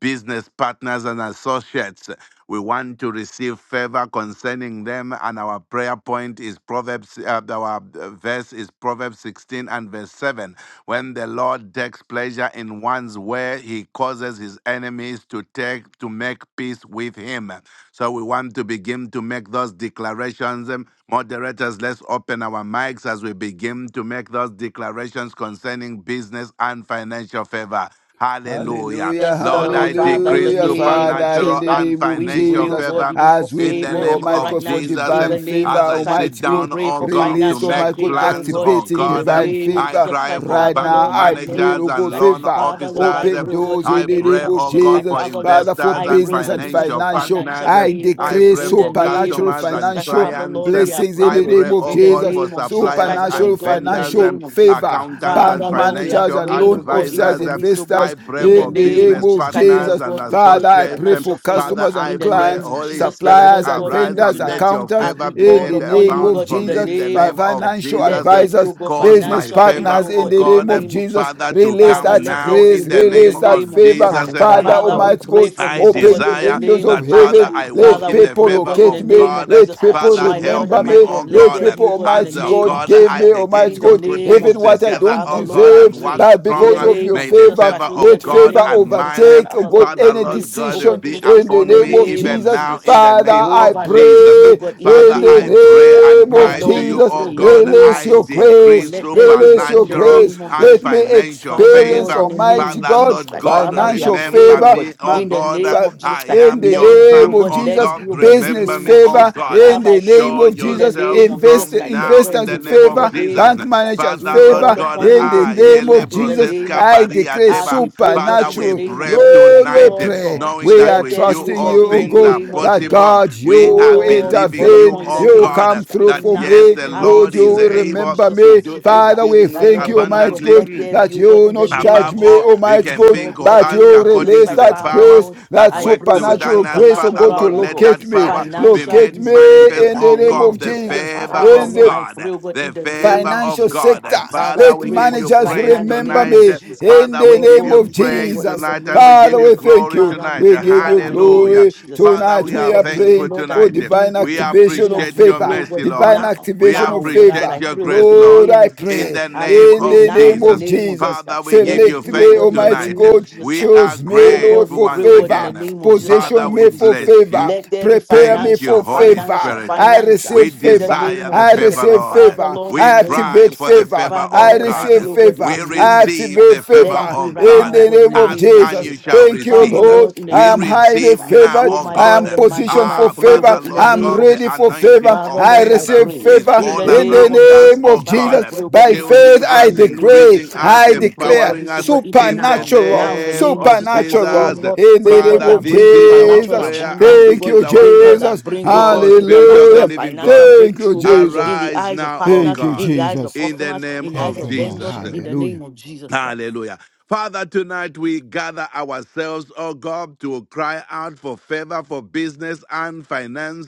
D: business partners and associates. We want to receive favor concerning them, and our prayer point is Proverbs, uh, our uh, verse is Proverbs 16 and verse 7. When the Lord takes pleasure in one's way, he causes his enemies to take to make peace with him. So we want to begin to make those declarations declarations. Um, Moderators, let's open our mics as we begin to make those declarations concerning business and financial favor. Hallelujah.
C: Hallelujah,
F: Yes,
D: Lord,
F: Lord,
D: I
F: Father, in
D: decree
F: the
C: hallelujah,
F: name of
C: Father, in
F: Jesus
D: supernatural
C: the
F: Christ,
D: and
C: name of
F: we pray,
D: financial
F: oh
C: Jesus,
F: God,
D: favor
F: even for
C: as we
D: in the
C: pray,
F: favor,
D: name
F: even
C: Almighty
D: of
F: right
C: God, for
F: now,
D: Jesus.
F: in
D: Um,
C: divine
F: the name
C: favor,
F: of
D: As
F: Jesus
D: I
F: Christ.
D: sit
C: Almighty
F: We
C: God,
D: down,
F: pray
D: oh
F: for
D: God, to
C: release,
F: financial
D: make
C: Almighty God,
F: favor, oh
D: plans,
F: God,
D: oh
C: activating
F: in the
D: God, um,
C: divine
F: name of
D: I
C: favor
F: Jesus
D: cry
F: Christ,
D: for
C: right
F: Father,
D: bank
C: now.
F: Lord, in
C: I
F: the name
C: pray,
F: of
D: managers
C: Lord
F: Jesus
D: and
C: God,
F: Christ,
D: loan
C: favor,
F: Father, Lord, I
D: officers.
C: open
D: Um,
F: pray, oh God,
C: doors
F: in the
D: I
C: in the
F: name
D: pray,
C: name
F: of
C: of
D: oh
F: Jesus
D: God,
F: Christ,
C: Jesus,
D: for
F: Father, Lord,
C: Father, for
D: investors
F: I
D: and
F: pray, oh
C: business
F: God,
C: and
F: even for
D: financial
C: financial.
F: financial
D: partners.
C: I
D: Um,
F: favor,
D: I
C: decree
D: pray
F: in the
D: for
F: name
C: supernatural
F: of
D: customers
F: Jesus
D: and
F: Christ,
C: financial
F: Father,
D: clients.
F: Lord, we
D: um,
F: are
C: blessings
F: praying,
C: in
F: oh
D: I
C: the
F: God,
C: name
D: pray,
C: of
D: oh
F: in the
D: God,
C: Jesus,
D: for
F: name of Jesus Christ,
D: suppliers and
F: Lord
C: supernatural
F: God, in the
D: vendors,
C: financial
D: um,
F: name of Jesus
C: favor,
F: Christ,
D: accountants
F: Father,
C: bank
D: and
F: Lord, we are
C: managers
D: financial
C: and
F: praying,
C: loan
F: oh
C: loan
F: God, even
C: officers,
D: advisors.
F: for
D: um,
F: this, oh God,
C: investors,
D: I pray
F: in the
D: for
C: in the
F: name
C: name
F: of
D: business
C: of
F: Jesus Christ,
D: partners
F: Lord
C: Jesus.
D: and
F: God, we pray
C: Father,
F: for
C: I
D: associates.
C: pray
D: um,
F: financial
C: for
F: favor.
D: Father,
C: customers and
D: I
F: In the
D: pray,
F: name
C: clients,
F: of
D: Holy
F: Jesus Christ,
D: Spirit,
C: suppliers
F: Lord
C: and
F: God,
D: arise
F: even
C: vendors,
D: and let
F: tonight,
D: your
C: accountants,
F: as
D: favor
F: we
D: be
C: in
F: call
C: the
D: made
F: upon you,
C: name
F: O
C: of
D: abound
F: God,
D: for
F: in the
D: me
C: Jesus.
D: in the
F: name of
D: name
F: Jesus
D: of
F: Christ,
C: Financial
F: let
D: Jesus.
F: there
D: um,
F: be, O
C: advisors,
F: God,
D: Cause
C: business
D: my
F: financial favor,
D: favor,
C: partners,
F: O
D: oh
C: in
F: God,
C: the
F: in the
C: name
D: God,
C: of
D: um,
F: name of
C: Jesus.
F: Jesus
D: Father,
F: Christ.
D: to
C: Release
D: come
F: Father,
C: that
F: let there
D: now
F: be, O
C: grace,
D: in the
F: God, in
D: name
F: the
C: release that
F: name
D: of
F: of
C: favor.
F: Jesus
D: Jesus.
F: Christ.
C: Father,
D: Mm.
F: Father, we
C: Almighty
F: pray
C: God,
F: for
D: I
F: this, O
C: Open
F: God,
C: the
F: in the
D: desire
C: windows
F: name
C: of
F: of
D: that,
F: Jesus
D: Father,
C: heaven.
F: Christ.
D: I walk
C: Let
F: Father,
D: in
F: we
D: the
C: people
F: pray, O
D: favor
F: God, in
C: locate
F: the
D: of
C: me.
F: name of
D: God.
C: Let
F: Jesus Christ.
C: people
D: Father,
F: My Lord
D: help
C: remember
F: and my
D: me,
C: me.
D: oh
F: God, let
C: Let
F: there
D: God,
F: be,
C: people,
F: O God, in the
D: as
C: Almighty
D: oh
F: name
C: God,
F: of
D: God,
F: Jesus
C: give
D: I
F: Christ.
C: me,
D: begin
C: Almighty
F: In the
D: to
C: God,
D: put
F: name of
D: things
C: even what
F: Jesus
C: I
F: Christ,
D: together,
C: don't
F: Father,
D: oh
F: Lord,
D: God,
F: I
C: deserve.
D: and
F: pray
D: work
C: But
F: in the
C: because
D: stronger.
C: of
F: name
C: your
F: of
D: May the
F: Jesus
C: favor,
F: Christ,
D: favor
F: oh
D: of
C: let
F: God, in the
D: God
C: favor
F: name
D: and
F: of Jesus
D: mine, eh,
F: Christ,
C: overtake, oh
F: Father
C: God,
F: Lord, we are
D: Father,
C: any
D: Lord
F: praying, oh God,
D: God,
C: decision
D: be
F: even for this,
C: in the
F: in
D: upon
F: the
C: name
D: me
C: of
F: name of
D: even
C: Jesus.
D: now
F: Jesus
H: you.
D: in
F: Christ.
D: the
C: Father,
D: name
C: I
D: of
F: Jehovah, let it
D: Jesus.
F: be, oh
C: pray.
F: God, in the
C: In
D: Father,
F: name
D: I
F: of Jesus
D: pray
F: Christ.
C: the
D: and
C: name
F: My
C: of
D: cry to
H: Abbott.
F: Lord,
D: you,
F: we
C: Jesus,
D: oh
F: pray in the
D: God,
F: name
C: release
F: of
D: I
C: your
F: Jesus Christ. For
D: decree
C: grace.
F: let there be, oh God,
C: Release
F: in
C: your
F: the
D: supernatural
C: grace.
F: name of
D: and
C: Let
F: Jesus
C: me
F: Christ.
D: financial
F: Father,
C: experience,
F: Lord,
D: favor.
F: in the name
C: Almighty
F: of
D: Father,
C: God,
F: Jesus
D: Lord
F: Christ.
D: God,
F: Father, we are
C: financial
F: praying,
D: remember
F: oh
C: favor.
F: God,
D: me, oh
F: in the
D: God.
F: name of Jesus
D: I
F: Christ.
C: in
D: am
C: the
F: Let
D: your
F: it be, oh
C: name
D: son,
C: of
F: God,
D: oh
F: let
C: Jesus,
F: it be,
D: God.
F: oh God, in the
C: business
D: Remember
F: name
D: me,
F: of
D: oh
C: favor.
F: Jesus Christ.
D: God.
C: In
F: Father, I
C: the name
F: pray
D: Show
C: of
F: in the
C: Jesus,
D: yourself
F: name of
C: invest,
F: Jesus
D: strong
F: Christ. Let
D: now
F: there
D: in
C: investors
F: be,
D: the
F: oh God,
D: name
F: in
D: of
F: the
C: favor,
F: name of
C: bank
D: Jesus.
F: Jesus Christ.
C: managers
F: We
D: Father, Lord
C: favor.
F: call
D: God,
F: upon
C: In
F: you,
C: the
F: God,
D: ah,
F: even
C: name
D: Yele
F: tonight
C: of
F: in the
C: Jesus,
F: name
D: Brozeska
F: of
C: I
F: Jesus.
D: Paria
C: declare
F: As
D: Deba.
F: we pray, oh
C: supernatural
F: God,
D: Father,
F: in the
D: we
C: supernatural.
F: name of
D: pray
F: Jesus Christ,
C: Lord, we
D: tonight, eh,
F: Lord
C: pray.
F: God,
D: knowing
C: We
D: that
C: are
F: let
D: with
F: there be,
D: you
F: oh
C: trusting
F: God,
D: all
C: you,
F: in
C: oh
F: the
D: things
C: God,
D: are
F: name of
C: that
F: Jesus
D: possible.
C: God,
F: Christ.
C: you
D: We
F: Oh
D: are
C: will
F: God, we
D: believing
F: call
C: intervene.
D: you,
F: upon you in the
D: oh
C: You will
F: name of
D: God, eh,
C: come
F: Jesus Christ,
C: through
D: that
F: even
C: for
D: yes,
F: now,
C: me.
D: the
F: as we
C: Lord,
D: Lord
F: pray
C: you
F: in
D: is
F: the
C: will
F: name of
D: able
C: remember
F: Jesus
D: to
C: me.
F: Christ,
D: do
F: take
C: Father,
F: over.
C: we
F: That
D: exceedingly
C: thank
F: Lord
C: you,
F: and my
C: Almighty
F: God,
D: abundantly.
C: God,
F: let
D: Mm
F: there be,
C: that
F: oh
C: you
F: God,
C: will
F: in the
C: not
F: name
C: judge
F: of
D: Above
F: Jesus
C: me,
D: all,
F: Christ.
D: we
C: Almighty
F: It's
D: can
F: the
C: God,
F: Lord
D: think
F: in
D: or
F: the
C: but
D: ask
F: name
C: you
F: of Jesus
D: according
C: release
D: to
F: Christ,
D: the
C: that
F: Father,
D: power
C: grace,
F: Lord.
C: that
D: that
F: I
D: works
F: pray, oh God, in
C: supernatural
D: within us.
C: grace, oh
D: Father,
F: supernatural,
C: God, to
D: Lord,
F: oh
D: let
F: God,
C: locate
D: that
C: me.
D: power be
F: financial
C: Locate
D: made
C: me
F: business, oh
D: manifest,
F: God,
C: in
F: in
C: the
D: oh
F: the
C: name
F: name
C: of
F: of
D: God, the
F: Jesus Christ.
C: Jesus.
D: favor
F: Father,
C: In
D: of
F: Lord,
C: the
F: I
D: God,
F: pray, oh God,
D: the
F: in the name
D: favor
F: of
D: of
C: financial
F: Jesus Christ.
D: God.
C: sector.
F: Father, I
D: Father,
C: Let
D: we
F: pray
D: give
F: for
D: you
F: this
C: managers
F: right now
D: praise
F: in the
C: remember
F: name
D: tonight.
F: of
C: me
F: Jesus Christ.
C: in
D: Father,
C: the
D: we
F: Lord
D: give
C: name
F: God,
C: of
D: you
F: we pray
D: praise
F: God, in
C: Jesus.
F: the
D: tonight and
F: name
D: we
F: of
D: give
C: Father,
F: Jesus.
D: you
C: we
F: Christ.
C: thank
D: glory
C: you.
F: Father, we
D: tonight.
C: We
F: pray
C: give
F: God,
C: you
F: in the name of
D: Hallelujah.
C: glory.
F: Jesus Christ.
D: Father,
C: Tonight
D: we
F: Even
C: we
D: are
F: for
C: are
F: this, good
D: thankful
C: praying
F: Lord, that
C: for
D: tonight.
F: you do
C: divine
F: it, oh
D: We
F: God.
C: activation
F: Even
C: of
F: as
D: appreciate
F: we
D: your
F: pray,
C: favor.
F: oh
D: mercy,
F: God, even
C: Divine
D: Lord.
F: now,
D: We
C: activation
F: now,
C: of
F: oh God, as
D: appreciate
C: favor.
F: I
D: your
F: pray, oh God,
D: grace,
F: in the
C: Lord,
D: Lord,
F: name
C: I
F: of Jesus
D: in
F: Christ.
C: pray
D: the
F: As we
D: name
C: in
F: pray
D: of
C: the
F: now in
C: name
F: the
C: of
D: Jesus.
F: name of Jesus
C: Jesus.
D: Father,
F: Christ.
D: we give
F: Let
D: you
F: it
C: Select
F: be, oh
C: me,
D: thanks
F: God, in the
C: Almighty
D: tonight.
F: name of
C: God.
F: Jesus
D: We
F: Christ.
D: are
C: Choose me,
F: Oh
C: Lord,
F: God, we
D: grateful
C: for
F: pray, oh
D: once
F: God, in the
C: favor.
D: again.
F: name of Jesus Christ,
D: Father,
F: even
C: Position
D: we
F: for
C: me
F: this,
C: for
F: oh God.
D: bless
C: favor.
D: you.
F: Let there be
C: Prepare me
D: Thank
F: financial,
D: you,
C: for
D: Holy
C: favor.
F: financial,
D: Spirit.
C: I
F: financial.
D: We
C: receive
F: In the
C: favor.
F: name
D: desire
F: of
D: the
C: I
F: Jesus
D: favor,
C: receive
F: Christ.
D: Lord.
F: Father,
C: favor.
F: Lord, in the
D: We
C: I
F: name of
D: cry
C: activate
F: Jesus
D: for the
F: Christ.
C: favor.
D: favor,
F: Father,
D: O
C: I
F: Lord, I
D: God.
C: receive
F: pray, oh God, in the
C: favor.
D: We
F: name
C: I
F: of Jesus
D: receive
F: Christ.
D: the
C: activate
F: Let
D: favor,
F: it
C: favor
F: be
D: O
F: right
C: in
F: now, oh
D: God.
C: the
F: God, in
C: name
F: the
C: of
F: name
D: Ask
F: of
D: and
C: Jesus.
D: you
F: Jesus Christ.
D: shall
C: Thank you,
F: Father,
D: receive.
C: Lord.
F: Lord, in the
C: I
D: We
C: am
F: name of Jesus
C: highly
D: receive
F: Christ.
C: favored
D: now,
C: favored.
F: Oh,
D: O
F: my
C: I
D: God.
C: am
F: Lord and my God,
C: positioned
F: I
C: for
D: Ah,
F: pray, oh
C: favor.
D: Father,
F: God, in the
D: Lord
C: I'm
F: name
D: God,
F: of
D: the
C: ready
F: Jesus
C: for
F: Christ.
D: anointing
C: favor.
F: Father,
D: of
C: I
F: Lord, I
D: favor
C: receive
F: pray
D: is
C: favor
F: in
D: all
F: the
C: in the
F: name of
D: around us,
F: Jesus
C: name
D: O
F: Christ.
C: of
F: Father, I
D: God.
F: pray,
C: Jesus.
F: oh God,
C: By
F: even for this,
D: Shielding
F: oh
C: faith,
F: God,
C: I
D: us,
F: in the name of
C: decree,
D: increasing
F: Jesus Christ.
D: us,
C: I
F: We pray for
C: declare
D: empowering
F: this, oh
D: us
F: God, even
D: in the
F: now.
C: supernatural,
F: Now, in the
D: name
F: name of Jesus
D: of
F: Christ, for
C: supernatural
D: Jesus.
F: favor,
C: in the
F: favor
C: name
D: Father,
C: of
F: that
D: this
F: brings
D: is our
F: supernatural
C: Jesus.
D: prayer and
F: abundance, oh
D: this
C: Thank
F: God,
D: is
C: you,
D: our
F: favor
D: cry.
F: that
C: Jesus.
F: brings, oh God,
D: Oh, Spirit of the
F: supernatural
C: Hallelujah.
D: living
F: financial
D: God,
C: Thank you,
F: breakthrough, oh God,
C: Jesus.
F: in the
D: arise
F: eyes of
D: now, O
C: Thank
F: partners,
C: you,
F: in
D: God,
F: the eyes of
C: Jesus.
D: in the
F: customers,
D: name
F: in the eyes
D: of
C: Thank you,
F: of
C: Lord.
F: vendors,
D: Jesus.
F: in the name
C: Hallelujah.
F: of Jesus Christ.
D: Hallelujah. Father, tonight we gather ourselves, oh God, to cry out for favor for business and finance.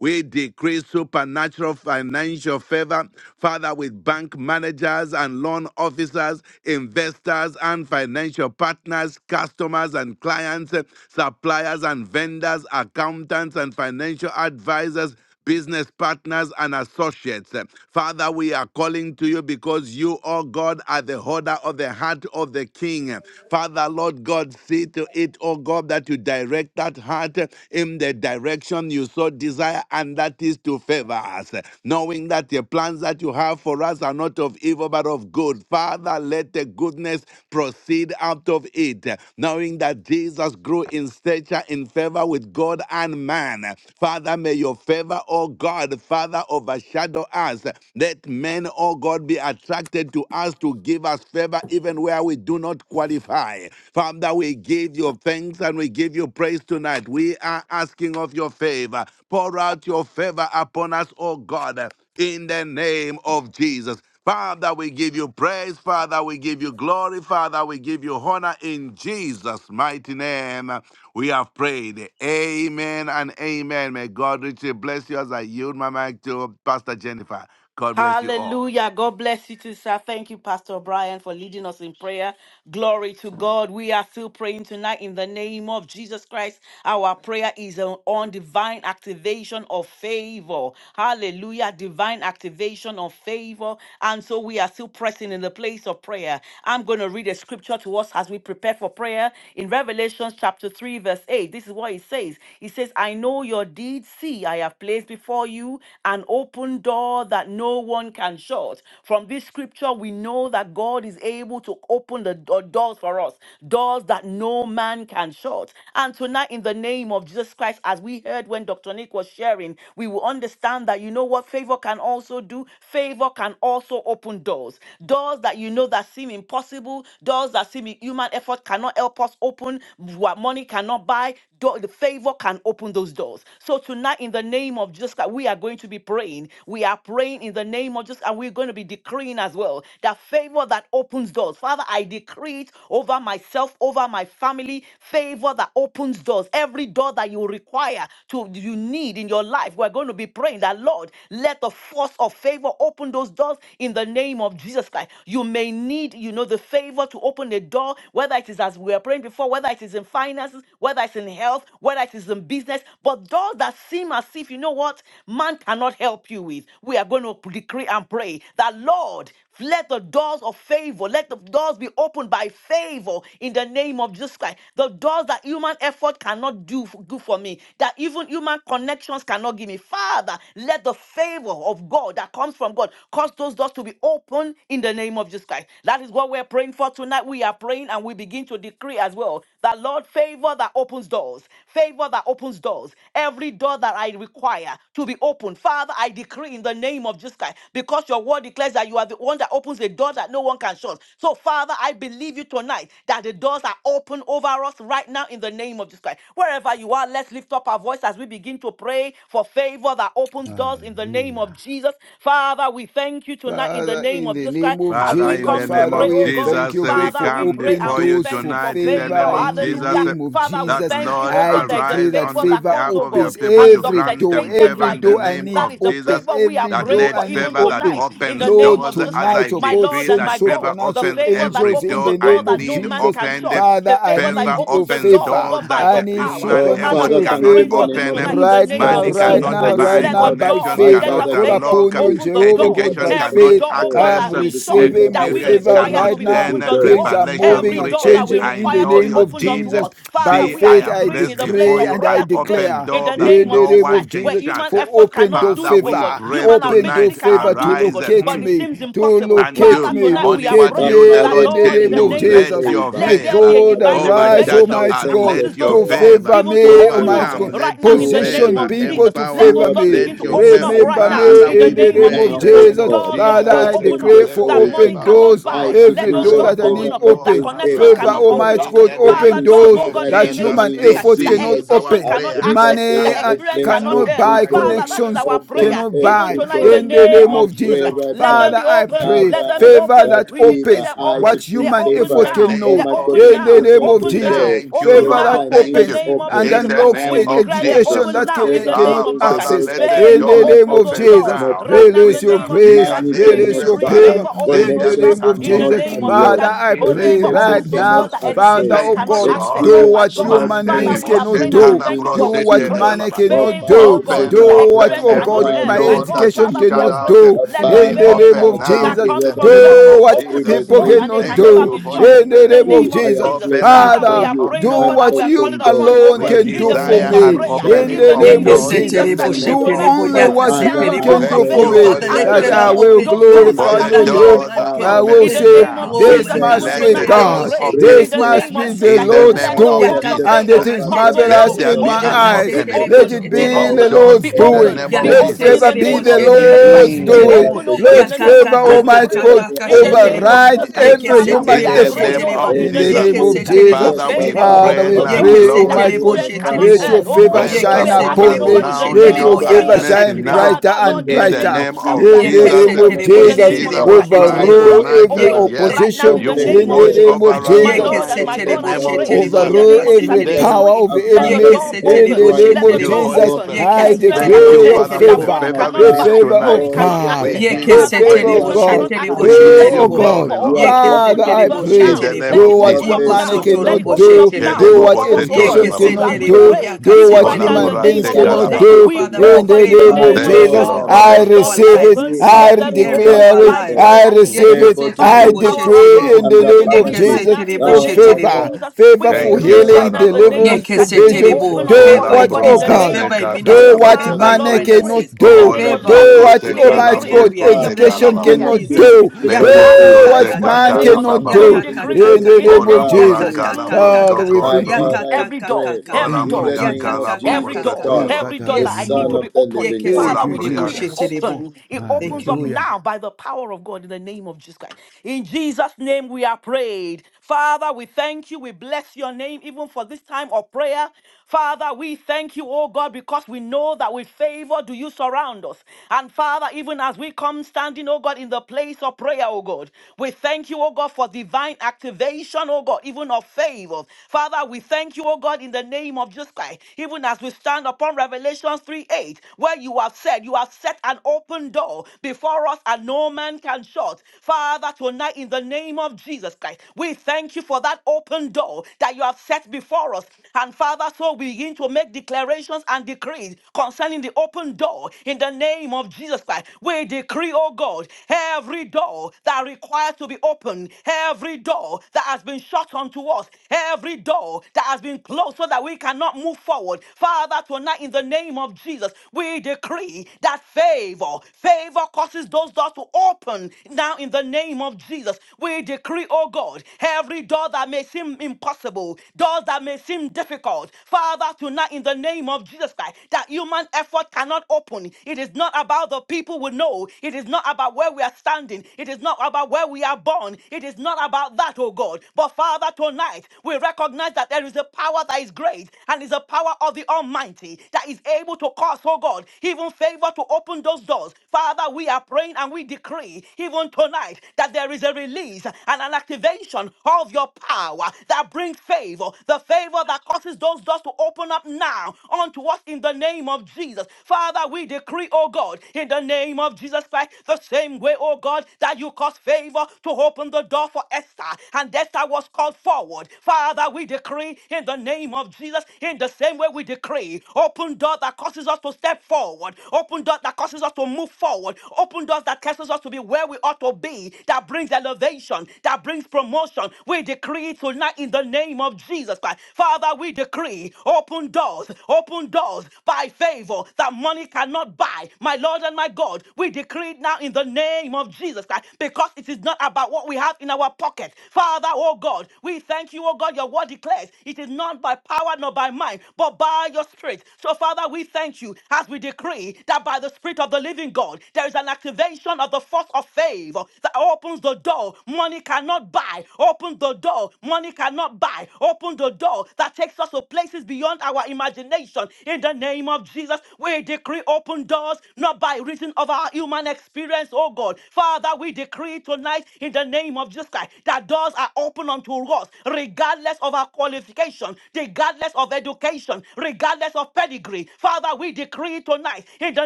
D: We decree supernatural financial favor, Father, with bank managers and loan officers, investors and financial partners, customers and clients, suppliers and vendors, accountants and financial advisors business partners and associates. Father, we are calling to you because you, oh God, are the holder of the heart of the king. Father, Lord God, see to it, oh God, that you direct that heart in the direction you so desire, and that is to favor us, knowing that the plans that you have for us are not of evil but of good. Father, let the goodness proceed out of it, knowing praying that Jesus grow in stature, in favor with God and man. Father, may your favor, oh God, Father, overshadow us. Let men, oh God, be attracted to us to give us favor even where we do not qualify. Father, we give you thanks and we give you praise tonight. We are asking of your favor. Pour out your favor upon us, oh God in the name of Jesus. Father, we give you praise. Father, we give you glory. Father, we give you honor in Jesus' mighty name. We have prayed. Amen and amen. May God richly bless you as I yield my mic to Pastor Jennifer. God bless you all.
F: Hallelujah. God bless you too, sir. Thank you, Pastor Brian, for leading us in prayer. Glory to God. We are still praying tonight in the name of Jesus Christ. Our prayer is on, on divine activation of favor. Hallelujah. Divine activation of favor. And so we are still pressing in the place of prayer. I'm going to read a scripture to us as we prepare for prayer in Revelation chapter 3, verse 8. This is what it says. It says, I know your deeds. See, I have placed before you an open door that no no one can shut. From this scripture, we know that God is able to open the do- doors for us, doors that no man can shut. And tonight, in the name of Jesus Christ, as we heard when Dr. Nick was sharing, we will understand that you know what favor can also do? Favor can also open doors. Doors that you know that seem impossible, doors that seem human effort cannot help us open, what money cannot buy, door- the favor can open those doors. So tonight, in the name of Jesus Christ, we are going to be praying. We are praying in the name of Jesus, and we're going to be decreeing as well that favor that opens doors. Father, I decree it over myself, over my family, favor that opens doors. Every door that you require to you need in your life, we're going to be praying that Lord, let the force of favor open those doors in the name of Jesus Christ. You may need, you know, the favor to open a door whether it is as we were praying before, whether it is in finances, whether it's in health, whether it is in business, but those that seem as if, you know what, man cannot help you with, we are going to decree and pray that, Lord, let the doors of favor, let the doors be opened by favor in the name of Jesus Christ. The doors that human effort cannot do for, do for me, that even human connections cannot give me. Father, let the favor of God that comes from God cause cause those doors to be open in the name of Jesus Christ. That is what we're praying for tonight. We are praying and we begin to decree as well that Lord, favor that opens doors, favor that opens doors, every door that I require to be opened, Father, I decree in the name of Jesus Christ because your word declares that you are the one that opens a door that no one can shut. So, Father, I believe you tonight that the doors are open over us right now in the name of Jesus Christ. Wherever you are, let's lift up our voice as we begin begin to pray for favor that opens doors in the name
C: Hallelujah.
F: of Jesus. Father, we thank you tonight in the
C: Father,
F: name
C: in
F: of
C: the
F: Jesus Christ
C: name of
F: as
D: Father,
F: we
D: in
C: Jesus,
D: the
F: come to
D: name
C: Father,
F: pray,
D: of
F: oh
C: we
F: God.
C: thank
D: Jesus,
C: you,
D: eh, we
C: God,
F: Father,
C: for
F: we
D: come
F: pray
C: open
F: and
D: before
F: we
D: you
C: doors
F: thank you
C: for
F: for
D: tonight in the
F: favor.
C: favor.
D: name of
C: In the
D: Jesus.
F: Hallelujah.
D: eh,
C: name of
F: Father, we
D: That
C: Jesus,
F: thank you,
D: Lord
F: oh
C: I
F: God. There is a
C: decree
D: arise
C: that
F: favor
D: on the
F: that
C: favor
F: comes,
D: behalf
F: oh
D: of your
F: God,
C: opens
D: people
F: and
D: to
F: is
C: every
D: grant
C: door,
D: them
F: orchestrated
D: favor
C: every
F: by
D: in the
C: door
F: you.
C: I
D: name
C: need
F: That is
D: of
F: the
C: open,
D: Jesus.
F: favor we are
C: every
D: That
F: praying
C: door
D: let
F: for
C: I need
F: even
D: favor that
C: open.
F: tonight in the
D: opens
C: Lord,
F: name of
D: doors
F: Jesus
D: as
F: Christ.
D: I
C: tonight, oh
F: My
C: God,
F: Lord
D: decree
F: and
C: send
D: that
F: my
D: favor
F: God, the
C: supernatural
D: opens
F: favor that
D: every
C: angels
F: opens
C: in
F: the
D: door
C: the
D: I
F: door
C: name
F: that
C: of
F: no
D: need
F: man
C: Jesus.
F: can
D: opened. eh,
F: shut, the
C: Father, I
F: favor that
D: Favor
C: need your
F: opens the
D: opens
F: door, oh
C: favor.
D: doors
F: God, by
D: that
C: I
D: eh,
F: your
C: need
F: power.
D: human
E: Oh,
F: Father,
D: effort
E: Father,
F: we
C: supernatural
F: are
E: thank
D: cannot
E: you in
F: praying
E: the
F: for
C: favor
F: this
E: name
D: open.
E: of
D: eh,
F: tonight in the
C: right
E: Jesus
F: name
E: Christ,
C: now,
F: of
D: Money
E: the Son
C: right
E: of
F: Jesus
E: the
D: cannot
C: now,
F: Christ.
C: right
E: living
D: buy,
F: Let
C: now,
F: the
E: God.
C: by
F: door of
D: connections
E: My
C: faith.
F: let
C: I
F: the
D: cannot
E: Father, I
C: call
E: come
F: favor
E: to
D: unlock,
C: upon
D: eh,
C: you,
E: pray.
F: open the
C: Jehovah
F: door.
E: Favor
C: God,
D: education
E: that
C: by
F: Every
D: cannot
C: faith.
E: opens
F: door, oh
C: I
E: doors.
F: God, that
C: am
D: access.
F: has
E: I
D: eh,
F: been
E: decree
F: shut
C: receiving
E: that
F: that
C: my
F: we
E: favor
D: Experience
C: favor
F: require
E: opens
D: cannot
F: to
C: right
F: be
C: now.
E: every
D: end.
F: opened unto
E: door
F: us.
C: Things are
E: I
D: Revelation
C: moving
F: Every
E: need
C: and
D: 3
F: door that
D: 8.
F: we
E: opened.
C: changing
D: I
C: in the
F: require to
D: know
F: be
C: name
D: your
C: of
F: opened unto
D: deeds.
C: Jesus.
F: us,
C: By
F: Father,
D: See,
F: we are
D: I
C: faith,
D: have
C: I
F: decreeing in
D: placed
F: the place
D: before
C: decree
F: of
D: you
C: and I
F: prayer
D: an
F: today
D: open
C: declare
F: in
D: door
F: the
D: that
C: in
F: name of
C: the
D: no
F: Jesus
C: name
F: Christ,
C: of
D: one can
F: where
C: Jesus
F: human
D: shut.
C: for
F: effort
C: open
F: cannot
C: door
F: do
D: Father,
F: it, oh
D: we
F: God.
C: favor,
D: pray
F: Human
C: open door
F: ability
D: tonight.
C: favor
F: cannot do
C: to
F: it, oh
D: Arise.
F: God,
C: locate
D: Mm
F: but it seems
C: me, to
F: impossible.
D: and
E: of
C: locate
F: Father,
D: do
C: me,
F: tonight we
E: Jesus.
D: only
F: are
C: locate
D: what
E: The
F: praying
D: you, the
F: that,
C: me
E: Father,
C: in
D: Lord,
C: the
F: Lord, in
D: can
C: name
F: the
C: of
D: do.
E: increase
F: name of
E: the
F: Jesus
D: Let
C: Jesus.
F: Christ,
D: your
E: favor.
C: May
F: let there be
D: favor
F: a
C: God
E: Father,
F: divine
E: favor
C: arise,
E: that
F: activation
D: overshadow
C: Almighty Almighty
D: us.
F: that
E: opens the
F: causes
D: Let
C: God,
F: those
D: your
C: to
E: door.
F: doors
D: favor
C: favor
F: even to
E: Real
C: me,
F: open
C: Almighty
F: up
C: God.
E: favor,
D: overcome.
F: right
D: Let
F: now in
D: your
F: the
E: pure
F: name
C: Position
D: favor
F: of
E: favor,
C: people
F: Jesus.
C: to
F: Let
D: empower.
F: those
C: favor
E: pure
F: doors
C: me.
F: begin
D: Let
F: to
D: your
E: preference.
F: open
D: favor.
F: up right
C: Remember
E: Father,
C: me
F: now
E: we
D: Father,
F: in the
D: we
E: need
C: in the
E: it
F: name of
C: name
D: pray
C: of
D: in
E: now,
F: Jesus
D: the
F: Christ.
E: oh
D: name
C: Jesus.
D: of
E: God.
F: Doors, oh
C: Father,
F: God,
C: I
D: Jesus,
F: open
E: Open
F: up
C: declare
E: the
D: the
C: for
F: that
E: doors, oh
F: money
D: favor
C: open
F: cannot
E: God.
D: of
F: cannot
C: doors,
E: I
D: God
F: buy.
D: and
F: Let
C: every
E: decree
F: those
C: door
E: that
D: man,
F: doors
C: that I
F: open
D: oh
C: need
E: favor
F: up
D: Lord,
F: that
C: open.
E: opens
F: connection
C: Favor,
E: every
D: arise
F: cannot
E: door.
C: Almighty
D: in
F: unblock.
C: God,
D: the name
C: open
F: Father,
E: Every
F: doors,
E: door
C: doors
F: oh
D: of
F: God,
E: right
F: in the
E: now
C: that
E: in the
F: name of
C: human
D: Jesus.
E: name
F: Jesus Christ,
E: of
D: This
C: effort
F: that
C: cannot
D: is
E: Jesus.
D: our
F: education
C: open.
E: I
F: cannot
E: pray
D: prayer,
F: access,
E: that
F: that
C: Money
E: favor
D: and
C: uh,
D: this
F: experience
D: is
E: opens
F: cannot
D: our
C: cannot
F: earn.
E: every
C: buy
D: cry to
F: Father,
E: door.
D: you,
F: that
D: the
F: is
C: connections
F: our
D: living God.
F: prayer.
E: Opens
C: cannot
F: Even
C: buy
E: every
F: tonight, in the
E: door.
C: in
D: Rise
C: the
F: name
C: name
E: I
F: of
C: of
F: Jesus
E: pray
C: Jesus.
F: Christ,
D: now.
E: right
F: let them
C: Father,
E: now
F: be
D: Let
C: I
F: open.
E: Father,
C: pray
D: us
F: Let them be
E: that
D: now.
C: favor
F: open.
E: that
C: that
F: We
D: Let
F: decree
E: favor,
D: us
C: opens
F: them
E: I
D: now
F: open.
C: what
E: decree
F: They're
C: human
D: in
F: open
E: favor.
C: effort
D: the
F: now.
E: Oh
D: name
C: cannot
F: They're
E: my
D: of
E: God,
F: open
C: in the
F: now.
E: opens
D: Jesus.
C: name of
F: Open
E: every
C: Jesus
F: now.
E: door.
D: Thank you,
F: Open
C: favor
E: Yes,
D: Lord.
C: that
F: now.
E: I
F: In the
D: Thank
E: need
C: opens
D: you.
F: name of
C: and
E: open.
D: In
F: Jesus
D: the
F: Christ,
C: unlocks
E: I
D: name
F: we
C: ed-
E: need
D: of
F: declare they're
E: open.
C: education
D: Jesus.
F: open
C: that
F: now.
C: ca-
F: In
C: eh,
E: Favor
F: the name
D: Ah,
C: cannot
F: of
E: opens
F: Jesus
E: the
F: Christ,
D: Father,
E: doors
C: access.
D: let
E: that
D: the
C: In
F: favor
C: the
E: human
D: doors
C: name
F: opens
C: of
F: those
E: effort
D: open
G: Yes,
F: doors
C: Jesus,
E: cannot
D: now.
F: right now. In
C: release
F: the
D: With
E: open.
C: your
F: name
D: that
F: of
D: be
F: Jesus Christ.
C: grace,
F: Jesus
D: fear,
F: Christ.
E: Money
D: let
F: We
C: release
E: cannot
G: we
C: your
F: decree
E: buy.
D: Father,
G: decree
C: power.
F: favor opens
D: let
C: In
G: open
F: those
D: there
C: the
D: be
E: Connections
F: doors
C: name
D: an
C: of
G: doors
F: in
G: of
F: the
E: cannot
C: Jesus,
F: name
D: opening
F: of Jesus
D: now.
E: unlock.
C: Father,
F: Christ.
G: favor
C: I
G: of
D: In
F: Oh,
D: the
C: pray
F: favor
D: name
E: Education
C: right
D: of
F: opens those
E: cannot
F: doors
C: now,
G: finances
F: that
D: Jesus.
G: over
C: Father,
F: education
E: access.
C: oh
D: Thank
F: cannot
D: you,
C: God,
F: access.
G: investments.
D: Lord.
F: Oh
C: do
E: Experience
F: my
C: what
F: God.
E: cannot
C: human
D: Mandele
F: Father,
C: beings
E: end.
G: Thank
F: we
G: you,
F: are
D: moshe
C: cannot
F: praying
E: In
G: Lord.
F: and we
E: the
C: do,
D: kana
F: thank
E: name
F: you,
C: do
D: brose
F: God.
E: of
F: We
C: what
D: tere
E: Jesus.
F: decree
C: money
D: bababa.
G: Thank
E: Oh,
C: cannot
F: favor,
E: Father,
G: you,
C: do,
F: oh
E: this is
F: God,
G: Lord,
D: Open,
E: my
G: for
F: that
C: do
E: prayer,
C: what,
D: open
F: experience
C: oh
E: my
G: your
F: cannot
C: God,
D: every
E: cry in
C: my
F: end.
E: the
F: My
D: door
E: name
F: God,
D: that
E: of
D: is
C: education
F: Father, we
D: shut
F: are
E: Jesus.
C: cannot
D: out.
F: praying.
C: do.
E: The
F: Let the
G: favor
D: Be
C: In
E: Father,
C: the
G: of
C: name
D: open
C: of
F: favor
E: according
D: now
F: that
C: Jesus,
E: to
D: in
G: God
C: Jesus.
F: comes
D: the
G: with
F: from
D: name
E: Revelation
F: God
G: men,
C: Do
D: of
C: what
E: chapter 3,
F: open those
D: Jesus.
E: verse
C: people
F: doors
G: favor
E: 8,
G: of
F: and they
C: cannot
E: and
F: can
E: know
D: Thank
F: never
C: do
D: you,
E: your
F: be shut
D: Holy
E: deeds.
G: family,
C: in the
F: in
D: Spirit.
F: the
C: name of
E: See,
F: name
E: I
F: of
C: Jesus.
E: have
F: Jesus.
D: Open
E: placed
F: Father,
G: favor
E: before
F: we
D: up,
C: Father,
G: big
F: are
E: you
C: do
F: praying, oh
D: open
G: glory.
E: an
F: God,
D: up.
F: and
C: what
F: we are
C: you
E: open
F: calling
E: door
F: upon you, oh
C: alone
D: We
F: God,
E: that
C: can
F: in
C: do
F: the
E: no
C: for
F: place
D: desire
E: one
F: of
G: Only
C: me
D: an
E: can
F: prayer,
G: you,
E: shut
C: in
F: in
D: opening
C: the
F: the
G: God,
B: Ye
D: of
E: in
C: name
F: name
G: only
F: of
C: of
E: the
G: you.
B: kese
D: doors
E: name
F: Jesus
D: in
E: of
G: can
C: Jesus.
F: Christ,
D: the
B: terebo
G: bless
B: she
F: even
D: name
C: Do
E: Jesus.
F: tonight,
D: of
G: me.
B: terebo
F: oh God.
C: only
E: My
B: ya
D: Jesus.
C: what
B: kase
F: Let let
E: Father,
F: the
C: you
E: I
F: force
B: terebo.
C: can do
G: Divine
F: of
D: Thank
E: pray
C: for
G: favor,
B: Oh
D: you,
F: favor
C: me
B: Father,
D: Holy
E: right
B: let
C: that
D: Spirit,
B: favor
C: I
F: activate
C: will
E: now,
B: open
F: those doors
B: doors
F: and
D: for
C: glorify
E: visit
F: cause
D: the
G: Lord
C: your
F: those
B: that
E: me
F: doors
G: God.
B: no
F: to
E: right
F: be
C: name
D: doors
B: man
D: are
E: now,
B: can
C: I
F: open
C: will
F: in
B: open.
F: the
E: Almighty
D: opening
G: Mm.
C: say,
E: God,
F: name of
D: now.
B: No,
E: with
C: This
F: Jesus,
G: Redeemed
F: even
C: must
E: genuine
C: be
B: kase
D: Let
F: tonight
D: the
G: and
F: as
E: favor,
F: we
B: terebo
D: doors
C: God.
B: she
F: pray.
E: real
F: In
C: This
F: the
D: open
B: terebo ya
C: must
F: name of
C: be
E: favor.
F: Jesus
B: kase
C: the
D: in
F: Christ,
D: the
E: Oh
B: terebo.
C: Lord's
D: name
F: let
E: God,
F: the
B: Ya
D: of
C: doing.
F: force
E: let
F: of
E: the
B: kaka
C: And
D: Jesus.
F: favor
C: it
B: kaka
C: is
E: favor
B: she
F: cause
E: go
F: those doors
D: Let
C: marvelous
F: to
B: terebo.
E: ahead
F: be
D: there
C: in
E: of
D: be
C: my
B: Ya
D: an
E: me.
F: open,
G: condemned.
B: kase
C: eyes.
F: be
E: Let the
D: opening
B: terebo
C: Let
F: open,
G: No
E: favor
C: it
B: she
F: be
G: one
E: go
C: be
G: can
B: terebo.
D: of
C: the
E: ahead of
F: open,
G: stop.
D: doors
F: be
C: Lord's
D: in the
G: Thank
E: Malenga.
F: open,
C: doing.
D: name
G: you,
D: of
F: be
E: Let
B: Yaka
C: Let
E: the
G: Lord.
B: se
F: open in
D: Jesus.
E: favor
C: favor
F: the
C: be
B: terebo
E: go
F: name
C: the
B: she
F: of
E: ahead of
F: Jesus
B: terebo
F: Christ.
C: Lord's
B: she
E: Natasha
F: Be
G: Hallelujah.
D: Mm.
C: doing.
B: terebo.
F: open, oh
E: Nerase
F: God, in
C: Let
F: the
B: Yaka
E: Joshua.
F: name of
C: favor,
B: ka
F: this as
B: ka
E: Let
F: we
E: the
B: ka
F: pray,
C: Almighty
F: oh
B: ka
E: favor
C: God,
F: God,
B: ka
E: go
B: ka
F: in
B: se se
F: the
G: So
E: ahead of
F: name
E: my
B: terebo,
F: of
G: you
C: override
F: Jesus Christ.
E: family.
G: can see
B: terebo, terebo.
C: every
E: Let
G: you
F: Father,
E: the
C: human
G: could
F: we
D: In
G: be
F: are
D: the
E: favor
F: praying,
E: go
C: effort.
G: undone.
D: name
F: oh God,
D: of
F: in
E: ahead
C: In
F: the
C: the
D: Jesus,
F: name
C: name
B: terebo.
F: of
C: of
F: Jesus
E: indeed
F: Christ,
B: terebo,
F: for
G: Supernatural
C: Jesus.
D: Father,
E: Yes, oh
D: we
G: faith
F: favor to
B: terebo.
E: God,
G: being
C: Father,
D: pray
F: open
C: we
F: the
E: of
D: now,
B: Yeke Yeke
G: released.
E: each
F: doors
C: pray,
E: and
B: se
F: that
D: Lord,
C: Almighty
E: every
B: terebo,
E: one
C: God,
E: of
F: experience
G: Open
F: cannot
E: us
C: let
B: sheterebo.
C: your
F: earn.
E: right
F: Oh
E: now,
C: favor
B: terebo.
E: oh
F: God,
G: supernatural
D: Rest
E: God,
C: shine
F: we're
E: I
D: upon
F: asking,
G: doors.
C: upon
F: oh
D: us
F: God oh
E: pray.
C: me.
F: God, in the
D: now.
C: Let
F: name
C: your
D: Show
F: of
D: us
C: favor
E: Father,
F: Jesus
D: mercy
F: Christ.
C: shine
D: now.
C: brighter
F: Father,
E: in
F: Lord,
C: and
F: in
E: the
F: the
D: In the
E: name
F: name
C: brighter.
F: of
E: of
D: name
F: Jesus Christ,
D: of
F: we
B: Yeke
F: are
E: Jesus
C: In the
E: Christ,
F: praying,
E: the
D: Jesus,
F: oh
B: se
C: name
F: God,
E: Son
C: of
E: of
B: terebo,
F: in
E: the
F: the
D: it
C: Jesus,
F: name
E: living
D: is
F: of Jesus
E: God,
D: our
F: Christ, even
E: I
D: cry
F: the
E: pray
C: overrule
F: doors be
E: that,
D: tonight
C: every
D: that
F: opened
E: Father,
D: yes,
F: right now
C: opposition.
B: Yekeseterebo,
F: in
D: you
F: the
D: will
E: open
F: name
C: In
F: of
C: the
D: watch
E: doors.
B: terebo.
C: name
F: Jesus
C: of
F: Christ.
D: over us
E: Oh
F: My
C: Jesus,
E: God,
B: Yeke
F: Lord
D: tonight.
F: and
B: se
F: my
D: In the
F: God,
B: terebo,
E: open
B: bo,
F: I
B: se
D: name of
E: doors
F: pray
E: in the
B: se
F: in the
D: Jesus.
E: name
C: Overrule
F: name
E: of
F: of Jesus as
C: every
F: we
E: Jesus.
D: Thank
C: power
F: decreed,
C: of
E: And
C: the
F: let the
C: enemy
E: Father,
B: se
E: for
F: door
B: se terebo. Yeke se terebo. she terebo, she terebo, Yeke se
C: in the
B: terebo.
F: open,
E: everyone
B: she terebo, Yeke se terebo. she
C: name
E: in
F: let the
C: of
D: you,
E: prayer
B: terebo, Yeke Yeke Yeke sheterebo, yakaseterebo.
F: door
B: se terebo. Yeke se terebo, Yekeseterebo, terebo.
D: Holy
C: Jesus.
E: storm,
F: open
D: Spirit.
B: Yeke
F: that
C: I
E: my
B: se
F: experience
E: Father,
D: Thank
B: terebo,
F: cannot
E: it
D: you,
C: decree
E: is
C: your
F: end.
D: Father,
E: my
D: for
F: that
B: Yekeseterebo, terebo.
D: the
E: prayer and
F: money
C: favor,
E: my
D: favor
C: the
F: cannot
E: cry.
D: released
F: buy,
C: favor
D: tonight.
F: money
C: of
E: Oh
F: cannot
C: God,
D: We
F: access,
B: Ye
D: give
B: que
E: Jehovah,
C: the
D: you
F: Father,
B: se
C: favor
E: you
C: of
D: praise.
B: terebo,
E: are
F: education
B: she
C: God.
F: cannot
E: faithful,
B: terebo,
C: Do,
F: access.
E: the
D: We
B: she
E: King of
D: give
F: Let the
D: you
C: oh
B: terebo.
E: Kings.
F: favor,
C: God,
D: glory,
F: oh
E: You
D: Lord.
E: are
B: Ye
F: God,
B: que
H: Yes.
B: se
C: Father,
F: open
E: faithful, the
F: those
C: I
E: King
B: terebo,
F: doors
E: of
B: she
D: In
C: pray,
F: now.
D: the
E: Glory.
D: name
B: terebo.
C: do
F: Let it
D: of
E: You
C: what
E: are
F: open
C: one
F: up
B: Iko
D: Jesus.
C: man
E: faithful,
B: so
F: now.
E: the
F: Let
E: Lord
F: it
C: cannot
B: torobo,
E: of
F: open
B: she
F: up
E: Lords.
C: do,
F: now,
B: terebo.
C: do
E: You
F: even
E: are
C: what
D: Jelebobo
F: for us, oh
B: Ye
E: faithful,
F: God,
D: setore
B: que
E: the
C: education
B: se
F: even
D: bababa.
F: as
C: cannot
F: we
E: ancient of
B: derebo,
C: do,
E: days.
F: pray,
B: yaka
C: do
E: You
B: se
F: even
C: what
E: are
F: right now in the
B: terebo.
C: human
D: Olambra
E: faithful,
F: name
E: the
C: beings
F: of
B: Oh,
F: Jesus
D: sekala
C: cannot
E: covenant
F: Christ.
B: thank you,
C: do
D: bababa.
F: We
E: keeping
B: Father,
F: pray, oh
C: in
B: for
E: God.
F: God,
C: the
F: in the
C: name
B: favor.
E: My
C: of
F: name
C: Jesus.
F: of Jesus
D: Thank
B: Favor,
D: you,
C: Jesus,
F: Christ,
E: Lord
B: oh
E: and
D: Lord.
F: for
E: my
B: God,
C: I
F: those
B: in
D: Thank you,
F: doors
E: God,
B: our
F: to
D: Lord.
C: receive it,
B: lives,
F: open.
E: you
B: in
E: are
C: I
F: Let
B: every
F: them be
E: more
B: area of
E: than
F: opened
C: declare
B: our
C: it,
F: by
B: lives.
F: divine
C: I
E: able,
B: Ye
C: receive
B: que
D: Mm.
F: activation,
C: it,
B: se
E: able to
F: by the
C: I
E: do
B: terebo, she
F: power of
C: decree
E: exceeding
F: God.
B: terebo.
C: in
E: and
C: the
F: We
C: name
B: Ye
C: of
F: decree
B: que
E: abundantly.
F: right
B: se
C: Jesus
F: now in the
B: terebo,
C: for
B: she
E: Oh
F: name
E: my
F: of
B: terebo.
C: favor,
E: God.
F: Jesus. We
C: favor for
E: Oh
D: Thank
F: decree
D: you,
F: it
E: Lord, I
F: right
C: healing,
F: now
D: Father
F: in the
E: pray.
D: Lord.
F: name
B: Yeah,
F: of
C: deliverance,
F: Jesus Christ. They
E: Thank
C: provision.
E: you
F: open
E: for
C: Do
E: the
D: O
F: unto us,
B: Favor
F: oh
B: in
C: what,
F: God,
D: Olambro
F: in
C: oh
F: the
B: business,
E: favor.
C: God,
F: name
D: kase
B: favor
F: of
B: in
F: Jesus Christ.
C: do
E: Thank
B: ministry,
E: you
C: what
D: kakalababa.
E: for
B: favor
F: Father,
E: the
B: in
F: Lord,
C: money
F: we
E: favor.
C: cannot
F: pray
B: finances,
F: in the
C: do,
F: name
D: Ole
F: of
E: Abba,
F: Jesus as
B: favor
E: Father,
C: do
F: we
D: broko
E: thank
C: what,
D: se
E: you
B: in
C: oh
F: decree,
E: for the
B: every
C: Almighty
F: decree
D: kalambro
C: God,
B: area.
F: in the
B: In
D: kose
E: favor.
B: the
F: place
C: education
F: of
B: name
D: kalababa.
E: King
B: of
F: prayer,
E: of
C: cannot
E: Kings,
B: Jesus.
F: even this
C: do,
E: thank you
F: evening,
E: for the
B: Yaka
F: as
D: Lembro
F: we
C: do
B: kaka
F: pray,
E: favor.
D: kose
C: what
F: oh God, in the
C: man
B: kaka
F: name
D: kakala
F: of the,
C: cannot
E: Awesome
D: baba
E: God,
F: we
D: baba.
C: do
B: yaka
E: thank you
B: kaka
E: for
C: in
F: decree
E: the
C: the
F: in the
D: O
C: name of
F: name
E: favor.
F: of
D: Olambra
F: Jesus
C: Jesus.
F: Christ.
E: Mm.
D: kalabros
F: Hmm.
C: Father, we
E: I
C: thank
D: kokorbaba.
E: God,
C: you.
E: I
F: Every door,
E: pray
F: every
C: Thank
E: in
C: you,
F: door
E: the
D: Olambria
E: name of
C: Jesus.
D: kalabobo
F: Every
E: Jesus
F: door,
E: Christ,
F: every
D: setorbaba.
F: door
E: the
F: that
B: Yes,
F: I need
E: Son
F: to
B: Lord.
C: Rikataramandere.
F: be
E: of the
B: Yeah,
F: open,
E: Living God.
C: Thank
F: Father,
C: you,
F: we
B: keseterebo
F: decree it's
C: Jesus.
B: sheterebo.
F: open. It
B: Thank
F: opens
B: you,
F: up
B: Lord.
C: Hallelujah.
F: now by the power of God in the name of Jesus Christ. In Jesus' name we are prayed. Father, we thank you. We bless your name even for this time of prayer. Father, we thank you, oh God, because we know that with favor do you surround us. And Father, even as we come standing, oh God, in the place of prayer, oh God, we thank you, oh God, for divine activation, oh God, even of favor. Father, we thank you, oh God, in the name of Jesus Christ even as we stand upon Revelation 3 8, where you have said, You have set an open door before us and no man can shut. Father, tonight in the name of Jesus Christ, we thank you for that open door that you have set before us. And Father, so we begin to make declarations and decrees concerning the open door in the name of Jesus Christ. We decree, oh God, every door that requires to be opened, every door that has been shut unto us, every door that has been closed so that we cannot move forward forward. Father, tonight in the name of Jesus, we decree that favor, favor causes those doors to open now in the name of Jesus. We decree, oh God, every door that may seem impossible, doors that may seem difficult, Father, tonight in the name of Jesus Christ, that human effort cannot open. It is not about the people we know, it is not about where we are standing, it is not about where we are born, it is not about that, oh God. But Father, tonight we recognize that there is a power that is great and is is a power of the Almighty that is able to cause, oh God, even favor to open those doors. Father, we are praying and we decree, even tonight, that there is a release and an activation of your power that brings favor, the favor that causes those doors to open up now unto us in the name of Jesus. Father, we decree, oh God, in the name of Jesus Christ, the same way, oh God, that you cause favor to open the door for Esther, and Esther was called forward. Father, we decree in the name of Jesus in the same way we decree, open door that causes us to step forward, open door that causes us to move forward, open doors that causes us to be where we ought to be, that brings elevation, that brings promotion. We decree tonight in the name of Jesus Christ. Father, we decree, open doors, open doors by favor that money cannot buy. My Lord and my God, we decree it now in the name of Jesus Christ because it is not about what we have in our pocket. Father, oh God, we thank you, oh God, your word declares it is not by power power nor by might, but by your spirit. So, Father, we thank you as we decree that by the spirit of the living God, there is an activation of the force of favor that opens the door money cannot buy. Open the door money cannot buy. Open the door that takes us to places beyond our imagination. In the name of Jesus, we decree open doors not by reason of our human experience, oh God. Father, we decree tonight in the name of Jesus Christ that doors are open unto us regardless of our qualification, Regardless regardless of education, regardless of pedigree. Father, we decree tonight in the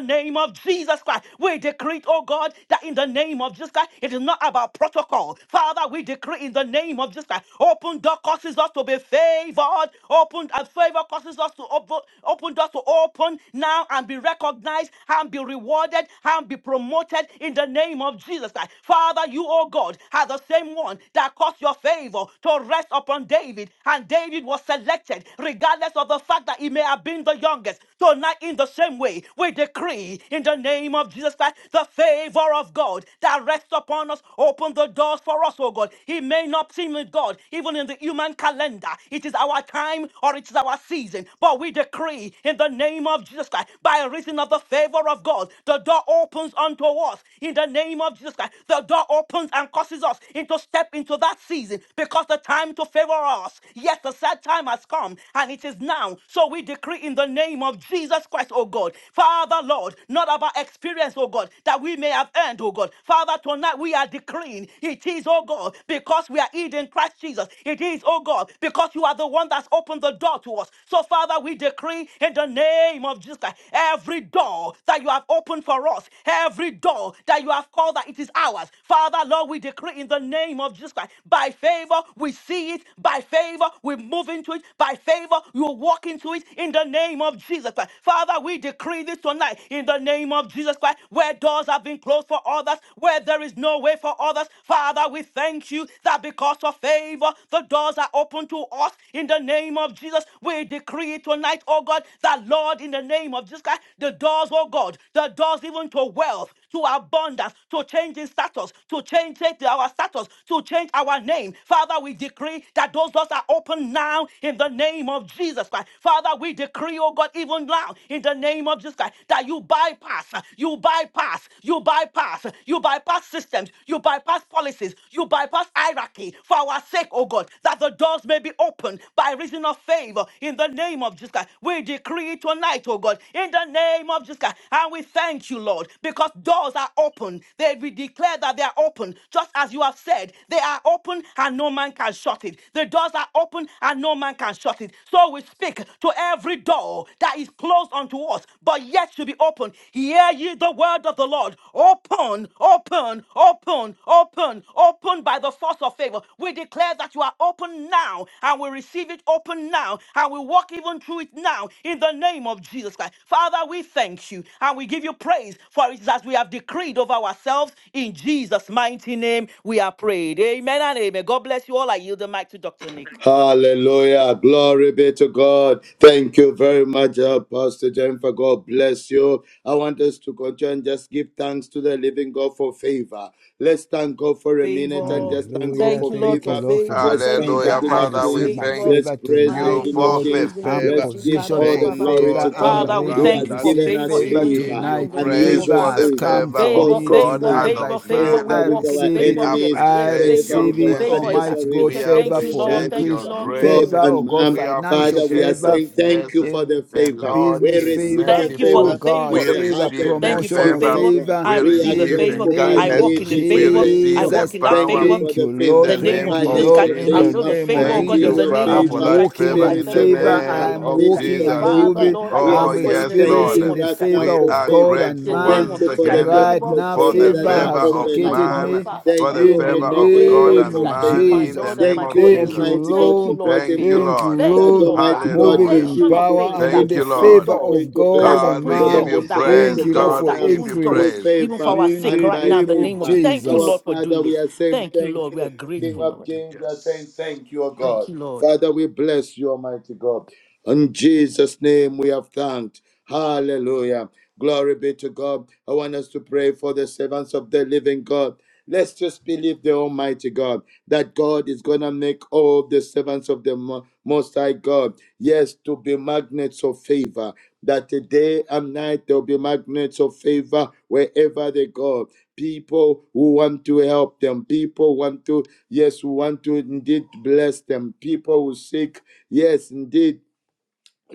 F: name of Jesus Christ. We decree, oh God, that in the name of Jesus Christ, it is not about protocol. Father, we decree in the name of Jesus Christ, open door causes us to be favored. Open and favor causes us to open, open doors to open now and be recognized and be rewarded and be promoted in the name of Jesus Christ. Father, you, oh God, are the same one that caused your favor to rest upon David, and David was selected rejected, regardless of the fact that he may have been the youngest. Tonight, in the same way, we decree in the name of Jesus Christ the favor of God that rests upon us. Open the doors for us, oh God. He may not seem with God, even in the human calendar. It is our time or it is our season. But we decree in the name of Jesus Christ, by reason of the favor of God, the door opens unto us. In the name of Jesus Christ, the door opens and causes us into step into that season because the time to favor us. Yes, the set time time has come and it is now. So we decree in the name of Jesus Christ, oh God. Father, Lord, not about experience, oh God, that we may have earned, oh God. Father, tonight we are decreeing it is, oh God, because we are in Christ Jesus. It is, oh God, because you are the one that's opened the door to us. So, Father, we decree in the name of Jesus Christ, every door that you have opened for us, every door that you have called that it is ours. Father, Lord, we decree in the name of Jesus Christ, by favor, we see it, by favor, we move into it. By favor, you will walk into it in the name of Jesus Christ. Father, we decree this tonight in the name of Jesus Christ. Where doors have been closed for others, where there is no way for others, Father, we thank you that because of favor, the doors are open to us in the name of Jesus. We decree it tonight, oh God, that Lord, in the name of Jesus Christ, the doors, oh God, the doors even to wealth, to abundance, to change in status, to change it- our status, to change our name. Father, we decree that those doors are open now in the name of Jesus Christ. Father, we decree, oh God, even now in the name of Jesus Christ, that you bypass, you bypass, you bypass, you bypass systems, you bypass policies, you bypass hierarchy for our sake, oh God, that the doors may be open open by reason of favor in the name of Jesus Christ. We decree tonight, oh God, in the name of Jesus Christ. And we thank you, Lord, because doors are open. They we declare that they are open, just as you have said. They are open and no man can shut it. The doors are open and no man can shut it. So we speak to every door that is closed unto us, but yet to be open. Hear ye the word word of the Lord. Open, open, open, open, open by the force of favor. We declare that you are open now and we receive it open now and we walk even through it now in the name of Jesus Christ. Father, we thank you and we give you praise for it is as we have decreed over ourselves in Jesus' mighty name. We are prayed. Amen and amen. God bless you all. I yield the mic to Dr. Nick.
E: Hallelujah. Glory be to God. Thank you very much, uh, Pastor Jennifer. God bless you. I want us to continue and just give thanks to the living God for favor. Let's thank God for a minute and
F: favor.
E: just thank God
C: Hallelujah.
F: Thank you,
E: for
F: Lord,
C: Thank
F: for
C: you,
E: favor.
C: Lord, for
F: favor.
C: my
E: Let's
F: Thank you,
E: thank
C: favor.
E: the
D: Hallelujah,
E: King
C: I
F: Jesus,
E: of
F: for
D: Father, we
C: receive
E: Kings.
C: my
F: favor.
D: thank
E: Let's
C: favor
E: praise the
D: you
C: tonight,
E: King
F: Malebo
E: of
D: for
C: Lord.
D: the
E: Kings.
C: I'm
F: shenderebo
D: favor.
E: Let's give
C: positioned
E: all
C: for
E: the
D: Thank
F: shikarabababa.
E: glory
C: favor.
E: to
D: God
C: I'm
D: all
E: God
F: Father, we
C: ready
E: who
C: to
F: thank
D: around
F: you
E: has
F: for
C: receive
E: given
D: us.
F: favor
E: us
D: We
C: favor
F: even
D: give
E: favor,
F: tonight
D: you
C: tonight.
F: in the name
D: praise
F: of
C: Favor
E: unusual
D: for the
C: has
F: Jesus.
E: favor,
C: come
D: favor
C: for
D: of
F: Favor,
E: false
C: me
D: God
F: favor,
D: and
C: tonight
E: favor
C: by
F: favor,
D: of
C: faith.
F: favor.
D: man.
F: We
E: favor
C: I
E: with
F: walk in
E: our
C: receive
D: We
C: it.
F: favor. We
E: enemies,
C: I
F: experience
D: appreciate
E: favor
F: favor.
D: your
C: receive
E: with our
C: it,
F: Favor
D: mercy.
F: is
C: Almighty
E: adversaries,
C: God.
D: We
F: activated.
C: Favor
F: Thank you,
C: for
E: favor
F: Lord.
D: appreciate
E: with
F: Thank you,
D: your
C: increase.
F: Lord.
E: um, God
D: grace.
F: Mm.
C: Favor, oh
E: and
C: God,
E: man.
D: We
C: financial
E: Father, we are
D: appreciate that,
C: favor.
E: saying thank
D: yes,
E: you for the
C: In
D: the
E: favor.
D: Lord
E: We
C: business
D: is
E: receive
C: favor,
E: the
F: Thank you for
C: oh
F: the
D: merciful.
E: favor
C: God,
E: with
D: We
F: favor.
E: a
C: favor,
E: heart of
D: receive the
F: Thank you
C: promotion
F: for
C: of
E: thanksgiving,
D: favor.
E: oh
F: favor.
E: God.
C: favor
D: We
F: I
E: We are
F: receive the
C: in
D: receive
C: the
D: the
F: favor.
E: grateful by
F: I
C: name
D: kindness.
C: of
F: walk
E: faith.
F: in the
E: We
D: We
E: say
F: favor.
E: thank
F: I
D: receive
E: you.
D: the
F: walk
C: Jesus.
F: in that
E: Thank
D: power.
E: you
F: favor.
E: for
C: Thank
E: the
C: you,
D: In
F: The
C: Lord.
D: the
E: favor,
F: name
D: name
C: Thank
F: of
C: you,
F: Jesus
D: of
F: Christ.
C: Lord.
E: financial
C: In
F: I
C: the
D: Jesus.
F: know the
E: favor,
C: name of
F: favor, oh
D: Thank
F: God, in
D: you,
C: Jesus,
F: the
E: material
F: name
D: Father,
F: of
D: for
C: I'm
F: Jesus
E: favor,
D: that
F: Christ.
C: walking
F: Jehovah,
D: favor.
F: I
C: in
D: In
F: thank
D: the
E: spiritual
F: you, oh God,
C: favor.
F: in the
E: favor,
D: name
F: name
C: I'm
F: of Jesus
D: of
F: Christ.
C: walking
E: physical
C: and
D: Jesus.
F: Father,
E: favor.
C: moving.
F: Lord, I
E: We are
F: thank
D: Oh,
F: you,
C: I'm
F: oh God, in
E: saying
F: the
D: yes,
E: thank
D: Lord.
F: name
C: experiencing
E: you
F: of
C: the
F: Jesus
E: right
F: Christ
E: now
C: favor
D: We
E: for
C: of
D: are
C: God
E: favor.
C: and
F: the
D: grateful
F: name
C: man
E: Thank
F: of
D: once
E: you
F: Jesus
E: for
F: Christ,
E: the
D: again
C: right
E: doors
F: favor
E: of
C: now.
D: for
F: in
E: favor
F: the
D: the
E: that
C: Favor
F: name
E: are
D: favor
F: of
C: has
F: Jesus
D: of
E: open, oh
F: Christ, oh
C: located
E: God.
F: God.
C: me
D: man,
F: Father, I
D: for
E: Thank
F: thank
D: the
F: you, oh
C: in
E: you,
F: God,
E: oh
C: the
D: favor
F: in the
E: God,
D: of
E: for the
F: name of
D: God
C: name
E: doors
F: Jesus
D: and
C: of
E: of
F: Christ,
D: man.
F: my
E: favor.
D: In the
C: Jesus.
F: Lord and
D: name
F: my
E: Thank
D: of
E: you,
F: God, in the
C: Thank you,
F: name
D: Jesus.
F: of
E: Almighty God,
F: thank you,
C: Lord.
E: for
F: Lord, for
D: Thank
E: causing
D: you,
F: favor.
C: Thank
E: things
C: you,
D: Lord.
F: Thank
E: that
F: you,
C: Lord,
F: Lord, for
E: Almighty God
C: moving
D: Hallelujah.
C: in
F: activation
E: refused
F: of
E: to
C: power
E: Almighty
F: favor
C: and
F: that
C: in
E: God
D: Thank
C: the
E: to
D: you,
F: opens
E: come
D: Lord.
C: favor
E: to fall
F: doors,
C: of
E: into
F: that
C: God
E: place
C: and
D: God, we
F: opens
E: to
D: give
C: man.
D: you
F: doors,
E: begin
F: that
E: to fall
D: praise.
C: Thank
F: opens
E: into
C: you, Lord,
E: place
F: doors,
D: God,
C: for
F: that
D: we
E: now
D: give
F: opens
D: you
C: increase
F: doors,
E: through
D: praise.
F: even for
E: favor
F: our
C: in
F: sake
E: and
C: the
F: right
E: by
F: now, in
C: name
F: the
C: of
F: name of Jesus.
E: favor.
F: Thank you,
E: Our
F: Lord,
C: Jesus.
F: for doing
E: Father, we
F: this.
E: are saying
F: Thank you,
E: thank
F: Lord. We are
E: you. King
F: grateful,
E: of
F: Lord.
E: Kings, we are saying
D: Yes.
E: thank you, O
F: Thank
E: God.
F: you, Lord.
E: Father, we bless you, Almighty God. In Jesus' name we have thanked. Hallelujah. Glory be to God. I want us to pray for the servants of the living God. Let's just believe the Almighty God that God is going to make all the servants of the Mo- Most High God, yes, to be magnets of favor that day and night there'll be magnets of favor wherever they go. People who want to help them, people want to, yes, who want to indeed bless them, people who seek, yes, indeed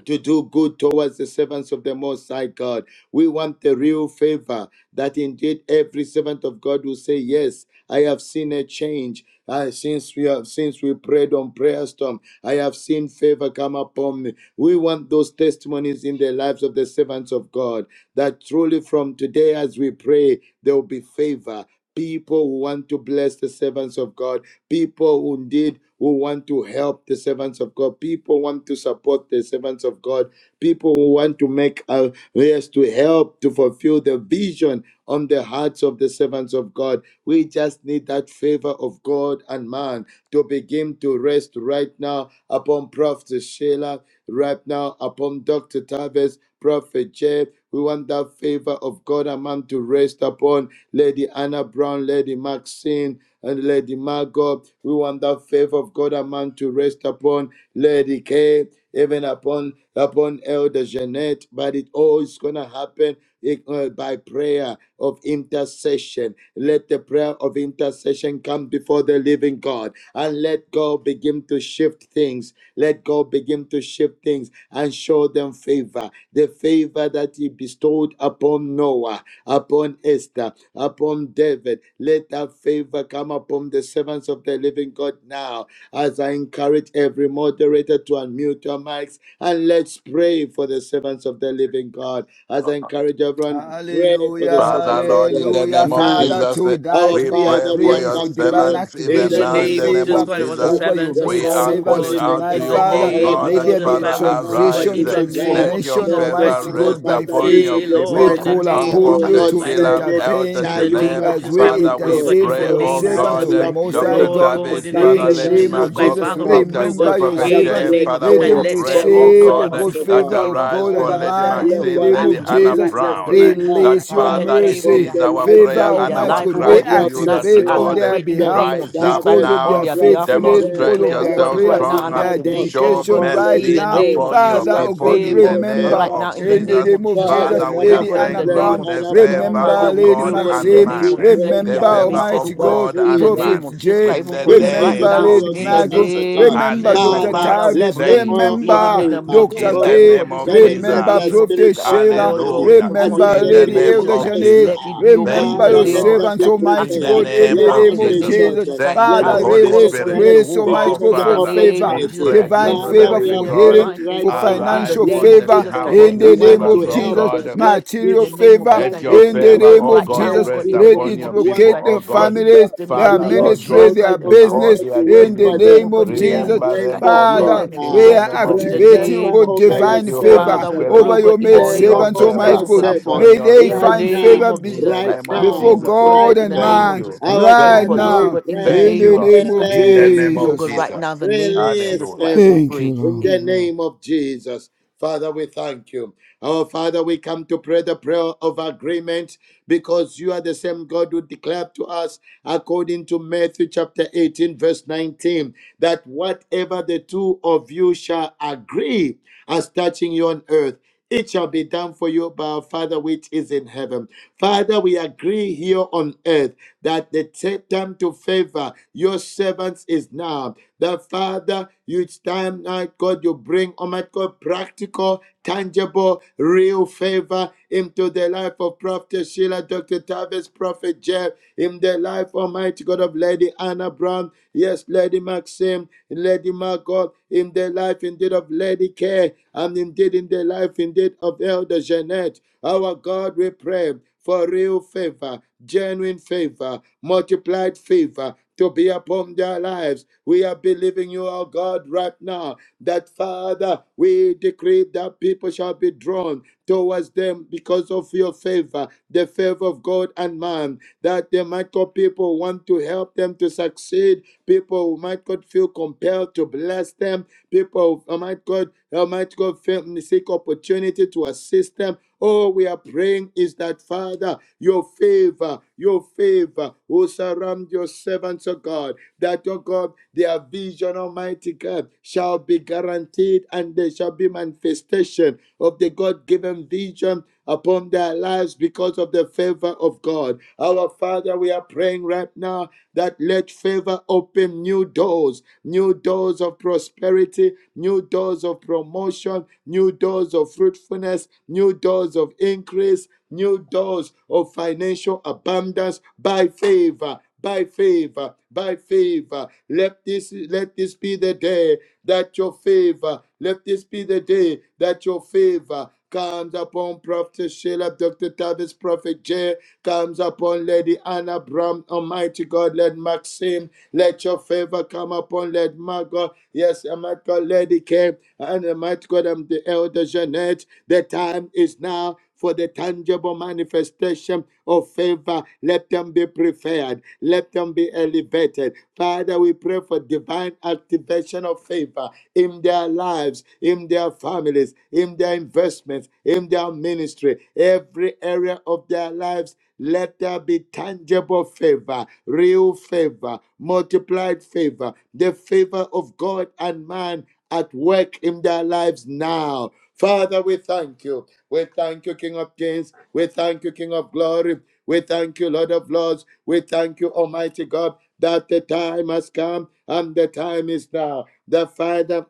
E: to do good towards the servants of the Most High God. We want the real favor that indeed every servant of God will say, Yes, I have seen a change. Uh, since we have since we prayed on prayer storm, I have seen favor come upon me. We want those testimonies in the lives of the servants of God that truly from today as we pray, there will be favor. People who want to bless the servants of God people who indeed who want to help the servants of God, people want to support the servants of God, people who want to make a race to help to fulfill the vision on the hearts of the servants of God. We just need that favor of God and man to begin to rest right now upon Prophet Sheila, right now upon Dr. Tavis, Prophet Jeff. We want that favor of God and man to rest upon Lady Anna Brown, Lady Maxine, and Lady Margot. We want that favor of God and man to rest upon Lady Kay, even upon upon Elder Jeanette. But it all is gonna happen eh, uh, by prayer of intercession. Let the prayer of intercession come before the living God and let God begin to shift things. Let God begin to shift things and show them favor. The favor that He bestowed upon Noah, upon upon Esther, upon David. Let that favor come upon the servants of the living God now. As I encourage every moderator to unmute your mics and let's pray for the servants of the living God. As I encourage everyone, pray for the
C: Hallelujah,
D: Father,
E: servants of
D: Lord, in
E: God
D: the
C: hallelujah.
D: name of
E: now
C: Father,
D: Jesus, eh,
E: our
C: tonight
D: we
C: we are
D: pray
E: Father, we
D: for
E: have
C: praying
D: your
C: for
E: come to
C: divine
E: you
D: servants
E: in
F: In
D: even
F: the
E: the
C: activation
D: now
C: of
D: in
E: name
F: name
D: the
F: of
E: of
D: name
F: Jesus
C: favor
D: of
F: Christ,
E: Jesus
F: was the
D: Jesus.
E: Christ,
C: over your
F: servants
E: the
F: of
C: maid
D: We
E: Son
F: God,
D: are
E: of
F: oh
E: the
C: servants
D: calling
F: God.
E: living
D: out to
C: tonight,
F: In the
E: God.
D: you, O
C: Father.
E: Our
F: name
D: God,
F: of
C: Let
D: and
E: God,
C: there
E: you
C: be
F: Jesus
E: are
C: a
D: Father,
F: Christ,
E: not
F: we
E: a
F: pray, oh
E: man
F: God.
E: that
C: transition,
D: arise.
E: you
F: In the
E: should lie,
F: name
D: Let
F: of
D: your
C: transformation,
F: Jesus
E: nor the
F: Christ,
D: favor
C: Almighty
F: oh
E: Son
F: God.
C: God,
E: of
D: rest
C: by
E: man that
D: upon
E: you
C: faith.
D: your
F: Yea,
E: should
C: We
F: Lord,
D: people,
F: in
E: repent.
F: the
C: call
D: on
F: name
E: Have
F: of
C: upon
E: you
C: you
D: Prophet
F: Jesus
E: not
C: to
F: Christ, oh
E: said
D: Sheila,
E: it?
F: Lord.
D: Elder
C: intervene
F: In
E: Shall
F: the
E: you
C: to
D: Jeanette.
F: name
E: not
F: of
C: as
F: Jesus Christ,
E: make
C: we
F: we
E: it
D: Father,
F: pray, oh
D: we
E: good?
F: God.
C: intercede
F: In the
C: for
D: pray,
C: your
E: Our
D: O
F: name of
E: Father,
C: servants
F: Jesus
D: God,
C: of
E: we
C: the
D: eh,
F: Christ,
E: are
C: Most High
D: Dr.
E: praying
F: Lord
C: God.
E: at
F: God,
D: Tavis,
F: in the
E: such
C: In
D: Father,
E: a
F: name
C: the
F: of
D: Lady
E: time
C: name
F: Jesus
C: of
E: as
F: Christ,
E: this,
D: Margot,
F: Christ.
E: O
C: Jesus,
F: Father, we
E: God.
F: pray, oh
D: Prophet, uh,
E: The
F: God,
C: remember your
D: Prophet
E: Father,
F: in the
C: servants.
D: Jeff,
E: break
F: name of
D: Father,
F: Jesus
C: Let
D: we
F: Christ,
C: them
E: through
F: let
D: pray,
F: there
E: for
F: be,
D: oh
F: oh
E: your
C: receive,
F: God, a
C: oh
D: God, eh,
E: servants,
C: God,
E: O
F: vision of
D: that
C: favor
E: God.
C: of
F: favor
D: arise
C: God
D: for
F: over
C: and
F: the
E: Father,
D: Lady
C: man.
F: servants
C: In
E: let
F: of
C: the
D: Maxine,
F: God
E: there
C: name
F: as
E: be
D: Lady
C: of
F: we pray
D: Anna
C: Jesus,
F: right
E: unusual
F: now in the
D: Brown.
F: name of Jesus
E: favor
D: That
C: release
F: Christ.
C: your
F: Let
E: coming
D: Father, it
F: favor be
E: upon
D: is
E: their
C: mercy,
D: our
E: life
F: activated
C: favor,
D: prayer
F: even
E: right
F: in
D: and
F: their
E: now
C: Almighty
D: our
F: life,
C: God.
F: oh
E: of
C: We
D: cry
F: God,
D: to
F: even
D: you
E: Prophet
F: tonight
D: that
C: activate
F: as
C: on
F: we
D: Lord,
E: Sheila,
D: eh,
C: their
F: pray in the
C: behalf behalf
F: name
E: Dr.
F: of
D: rise
F: Jesus
D: up
F: Christ
C: because
E: Tavis,
C: of
F: on
C: their
D: now,
F: their behalf,
E: Prophet
F: Lord.
C: faithfulness,
F: We
E: Jeff,
C: because
D: demonstrate
F: declare,
C: of
F: oh
C: their
E: yes,
F: God,
D: yourself
F: even
C: prayer,
F: right
H: Thank
E: Lady
F: now,
D: strong,
F: an
D: and
C: their
E: Margot,
F: activation, oh
D: show
F: God,
C: dedication
E: upon
C: right
F: in
E: Lady
D: mercy
F: the
C: now.
E: Kay,
F: name of
D: upon your
F: Jesus
C: Father,
E: let
C: oh
F: Christ,
D: people
C: God,
D: in
F: favor
D: the
E: unusual
D: name
C: remember
F: right
E: favor,
F: now
D: of
F: in the
C: in the
F: name
D: Jesus.
F: of
C: name of
F: Jesus Christ.
C: Jesus,
E: Father,
D: Father,
F: We
D: we
E: come
F: pray, oh
D: are
C: Lady
F: God, in
E: upon
C: Anna
D: saying,
F: the
E: Lady
F: name
D: Lord,
C: Brown,
F: of
D: the
F: Jesus
E: Anna
F: Christ.
E: Brown,
D: favor
F: Father,
C: remember
E: Lady
D: of
F: we
C: Lady
F: pray, oh
D: God
F: God,
E: Maxim.
F: in
D: and
F: the
C: Maxine,
F: name
D: man,
E: We
F: of
D: eh,
F: Jesus, let
E: pray,
F: it be
D: the
C: remember
E: Father,
D: favor
F: activated, oh
C: Almighty
D: of
F: God
E: that
C: God,
D: God
F: in
D: and
F: the
E: favor
F: name
C: Prophet
D: man,
F: of Jesus
C: J,
F: Christ,
D: in
F: even
D: the
F: for
E: is
F: them right
D: name
C: remember
F: now.
E: visiting
C: Lady
D: of
E: your
F: In the
C: Margot,
E: servants,
D: Jesus.
E: oh
F: name
E: God.
F: of
C: remember
F: Jesus Christ,
C: Dr.
E: Father,
D: Hallelujah.
F: Father, we
C: Tavis,
E: let the
F: pray.
D: Thank you,
E: oil of
F: Even
C: remember
D: Father.
F: in the name of
E: favor,
C: Dr.
F: Jesus
D: In
E: oh
F: Christ,
D: the
F: even
C: K,
F: for
D: name
E: God,
F: this,
D: of
F: oh God, in the
E: penetrate
C: remember
E: their
D: Jesus.
F: name of Jesus
C: Prophet
E: spirit,
F: Christ.
E: soul, and
C: Sheila,
F: Lord God,
E: body,
F: we
D: Hallelujah
F: call
E: as
F: upon you
C: remember
F: in
E: in
F: the
D: in
E: the
D: the
F: name
C: Lady
F: of
D: name
E: days of
F: Jesus
C: Elder
D: of
F: Christ.
C: Janet,
D: Jesus.
F: Let it be,
E: Esther.
F: oh God, in
D: Thank
C: remember
F: the
D: you,
E: Father,
C: your
E: let
F: name of
E: them
D: Lord.
F: Jesus
C: servants,
E: be
F: Christ.
C: Almighty.
D: In
C: Almighty
D: the
E: preferred.
C: God, in
F: Activated
D: name
C: the
E: Let
F: round
D: of
C: name
F: in
E: them
F: the
C: of
E: be
F: name
D: Jesus.
F: of
C: Jesus.
F: Jesus
E: chosen.
F: Christ
D: Thank
E: Let
D: you,
C: Father,
F: as
E: them
F: we
D: Holy
F: call
E: given.
C: release
F: upon you,
D: Spirit.
E: Let
C: grace,
E: them be
F: Jehovah,
D: Oh,
C: Almighty
E: given
C: God,
F: in
E: the
F: the
C: for
D: Father,
F: name
C: favor,
F: of
D: we
F: Jesus
E: opportunity.
D: pray
F: Christ.
D: to
C: divine
F: Yes,
D: you, the
E: Father,
C: favor
F: Lord,
E: we
F: let
D: living
E: are
C: for
F: there be
D: God.
C: healing,
E: praying
F: fine
E: right
C: for
F: favor
E: now.
F: in the
D: Arise
C: financial
E: Let
F: name
D: on
F: of
D: the
C: favor,
F: Jesus
D: behalf
F: Christ.
E: people
F: Let
D: of
C: in
D: your
E: who
C: the
F: it be, oh
C: name
E: want
F: God,
E: to
F: in
D: servants,
C: of
F: the
D: oh
F: name
E: help
C: Jesus,
F: of
D: God.
E: them.
F: Jesus Christ.
E: Let
F: In
C: material
F: the
E: people
F: name of
C: favor,
F: Jesus
E: want
D: Let
F: Christ,
D: your
F: let
E: to
C: in
F: it be,
C: the
F: oh
E: bless
D: favor,
F: God,
E: them.
C: name
D: oh
C: of
F: right
D: God,
F: now,
E: Let
F: oh
C: Jesus.
F: God,
D: rest
F: in the
C: Let
E: people
D: upon
F: name
C: it
D: your
F: of Jesus
E: want
D: people,
C: locate
F: Christ.
D: oh
C: their
E: Almighty
F: Let
D: God.
C: families,
E: God
F: it- them in the
C: their
E: to
D: Father,
F: name
E: work
F: of
D: Lord
C: ministry,
D: God,
F: Jesus
E: only
C: their
F: Christ, their
D: in
E: on that
D: all
F: family,
C: business,
E: but to
D: their
E: work
F: every
C: in the
F: one
E: for
F: of
D: dealings,
F: them,
E: them.
F: oh
C: name
F: God,
C: of
F: in the
E: We are
F: name
C: Jesus.
F: of
D: remember
F: Jesus
E: praying
D: them,
F: Christ,
E: for
D: oh
F: let
C: Father,
D: God,
F: them
D: in
C: we
E: favor.
D: the
F: experience
C: are
F: to
D: name
F: God
D: of
F: in the
E: Pray
D: Jesus.
C: activating, oh
F: name
E: favor
F: of
C: God,
F: Jesus
E: over your
D: Thank
C: divine
F: Christ.
D: you, Holy
E: servants,
F: Father,
C: favor
F: we
E: oh
F: pray,
D: Spirit,
F: oh
C: over
E: God.
F: God,
C: your
F: in the
C: maid
D: for
F: name
E: Favor
D: your
F: of
C: servants,
F: Jesus
E: over
F: Christ,
C: Almighty
E: your
D: favor
F: even for
C: God.
F: this, oh
D: upon
F: God,
E: servants
C: May
D: your
C: they
F: in the
E: right
C: find
D: servants.
E: now,
F: name
C: favor
F: of
C: be
D: In
F: Jesus
D: the
E: right
F: Christ.
D: name of
F: Father,
C: before
E: now,
F: Lord, we
D: Jesus.
F: pray, oh
C: God
E: right
F: God, in
C: and
F: the name
E: now.
D: Thank
F: of
C: man
F: Jesus
D: you.
F: Christ,
E: Our
F: even
C: right
D: Thank
F: for
D: you,
E: Father,
F: this, oh
E: we
D: Lord.
C: now
F: God, in the
E: pray.
C: in
D: Thank
F: name
D: you,
C: the
F: of
D: Lord.
C: name
F: Jesus
C: of
F: Christ.
D: In the
F: Let
E: Release
F: it
D: name
F: be, oh
D: of
F: God,
C: Jesus.
E: favor.
F: right now,
D: Jesus.
F: the
H: you.
F: name of
E: Release
F: Jesus
D: Hallelujah.
F: Christ, we
E: favor
C: Thank you,
F: pray.
E: in
C: Lord.
E: the
F: Amen.
E: name of Jesus. Father, we thank you. Our Father, we come to pray the prayer of agreement because you are the same God who declared to us according to Matthew chapter 18, verse 19, that whatever the two of you shall agree as touching you on earth. It shall be done for you by our Father which is in heaven. Father, we agree here on earth that the t- time to favor your servants is now. That Father, you time now, God, you bring, oh my God, practical, tangible, real favor into the life of Prophet Sheila, Dr. Tavis, Prophet Jeff, in the life, Almighty God of Lady Anna Brown, yes, Lady Maxim, Lady my God, in the life indeed of Lady Kay, and indeed in the life indeed of Elder Jeanette. Our God, we pray for real favor, genuine favor, multiplied favor to be upon their lives. We are believing you, our God, right now, that Father, we decree that people shall be drawn towards them because of your favor, the favor of God and man, that the might God people who want to help them to succeed. People who might God feel compelled to bless them. People who might God might God seek opportunity to assist them. All we are praying is that Father, your favor, your favor will surround your servants, of God, that O God, their vision, Almighty God, shall be guaranteed and there shall be manifestation of the God given vision upon their lives because of the favor of God. Our Father, we are praying right now that let favor open new doors, new doors of prosperity, new doors of promotion, new doors of fruitfulness, new doors of increase, new doors of financial abundance by favor by favor, by favor. Let this let this be the day that your favor, let this be the day that your favor comes upon Prophet Sheila, Dr. Tavis, Prophet Jay, comes upon Lady Anna Bram, Almighty God, let Maxim, let your favor come upon, let Margot, yes, Almighty God, Lady K, and Almighty God, I'm the elder Jeanette, the time is now, for the tangible manifestation of favor. Let them be preferred. Let them be elevated. Father, we pray for divine activation of favor in their lives, in their families, in their investments, in their ministry, every area of their lives. Let there be tangible favor, real favor, multiplied favor, the favor of God and man at work in their lives now. Father, we thank you. We thank you, King of Kings. We thank you, King of Glory. We thank you, Lord of Lords. We thank you, Almighty God, that the time has come and the time is now. The Father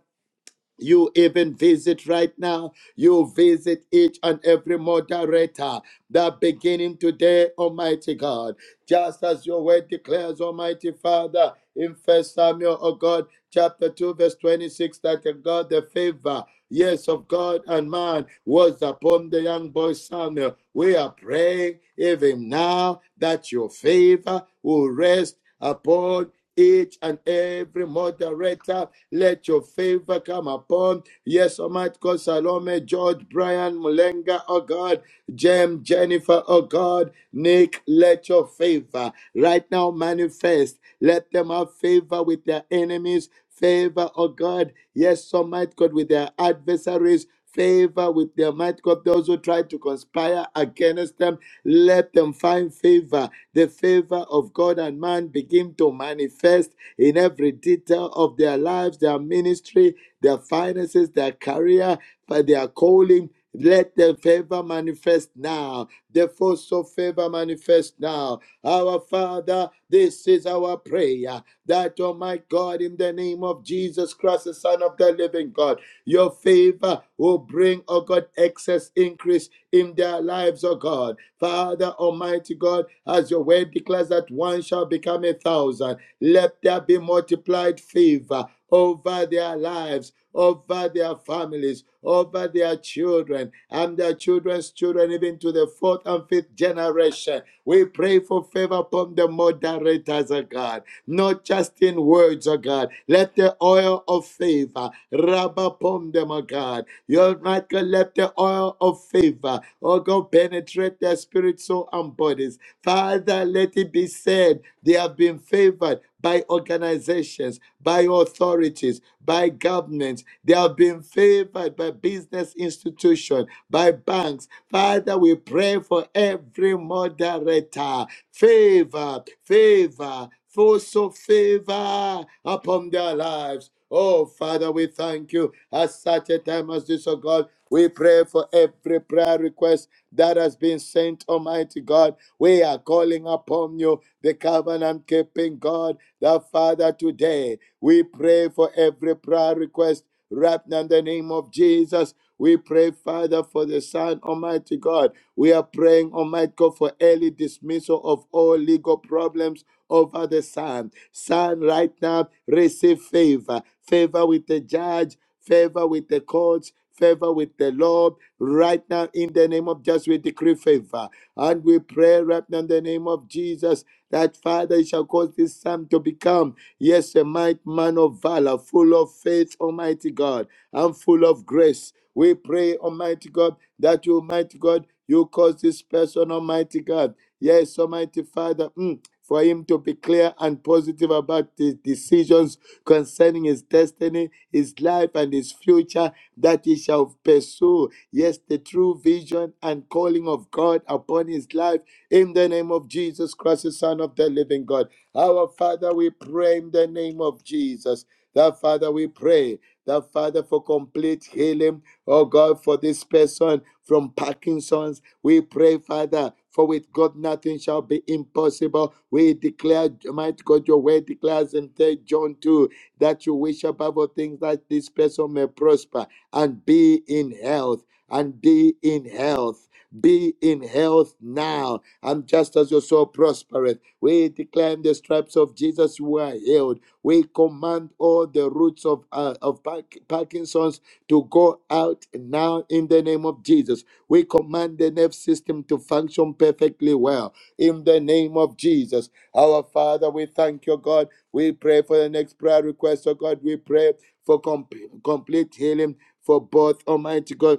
E: you even visit right now. You visit each and every moderator that beginning today, Almighty God. Just as your word declares, Almighty Father, in First Samuel, oh God, chapter 2, verse 26, that the God, the favor, yes, of God and man was upon the young boy Samuel. We are praying even now that your favor will rest. Upon each and every moderator. Let your favor come upon. Yes, Almighty God, Salome, George, Brian, Mulenga, oh God, Jem, Jennifer, oh God, Nick, let your favor right now manifest. Let them have favor with their enemies. Favor, oh God, yes, Almighty God, with their adversaries favor with their might God. Those who try to conspire against them, let them find favor. The favor of God and man begin to manifest in every detail of their lives, their ministry, their finances, their career, their calling. Let the favor manifest now. The force of favor manifest now. Our Father, this is our prayer. That, oh my God, in the name of Jesus Christ, the Son of the living God, your favor will bring, oh God, excess increase in their lives, oh God. Father, Almighty God, as your word declares that one shall become a thousand, let there be multiplied favor over their lives, over their families, over their children, and their children's children, even to the fourth and fifth generation. We pray for favor upon the moderators, of God, not just in words, O God. Let the oil of favor rub upon them, O God. Your might let the oil of favor, O God, penetrate their spirit, soul, and bodies. Father, let it be said they have been favored by organizations, by authorities, by governments. They have been favored by business institutions, by banks. Father, we pray for every moderator. Favor, favor, for so favor upon their lives. Oh, Father, we thank you at such a time as this, oh God. We pray for every prayer request that has been sent, Almighty God. We are calling upon you, the covenant keeping God, the Father, today. We pray for every prayer request wrapped in the name of Jesus. We pray, Father, for the Son, Almighty God. We are praying, Almighty God, for early dismissal of all legal problems over the Son. Son, right now, receive favor, favor with the judge favor with the courts, favor with the Lord. Right now, in the name of Jesus, we decree favor. And we pray right now in the name of Jesus that Father You shall cause this son to become, yes, a might man of valor, full of faith, Almighty God, and full of grace. We pray, Almighty God, that you, Almighty God, you cause this person, Almighty God, yes, Almighty Father. mm, for him to be clear and positive about his decisions concerning his destiny, his life, and his future that he shall pursue. Yes, the true vision and calling of God upon his life in the name of Jesus Christ, the Son of the living God. Our Father, we pray in the name of Jesus. That Father, we pray that Father, for complete healing, oh God, for this person from Parkinson's, we pray, Father. For with God nothing shall be impossible. We declare, might God, your word declares in Third John 2 that you wish above all things that this person may prosper and be in health, and be in health, be in health now. And just as your soul prospereth, we declare in the stripes of Jesus, we are healed. We command all the roots of, uh, of Park- Parkinson's to go out now in the name of Jesus. We command the nerve system to function perfectly well in the name of Jesus. Our Father, we thank you, God. We pray for the next prayer request, oh God. We pray for com- complete healing for both, Almighty God.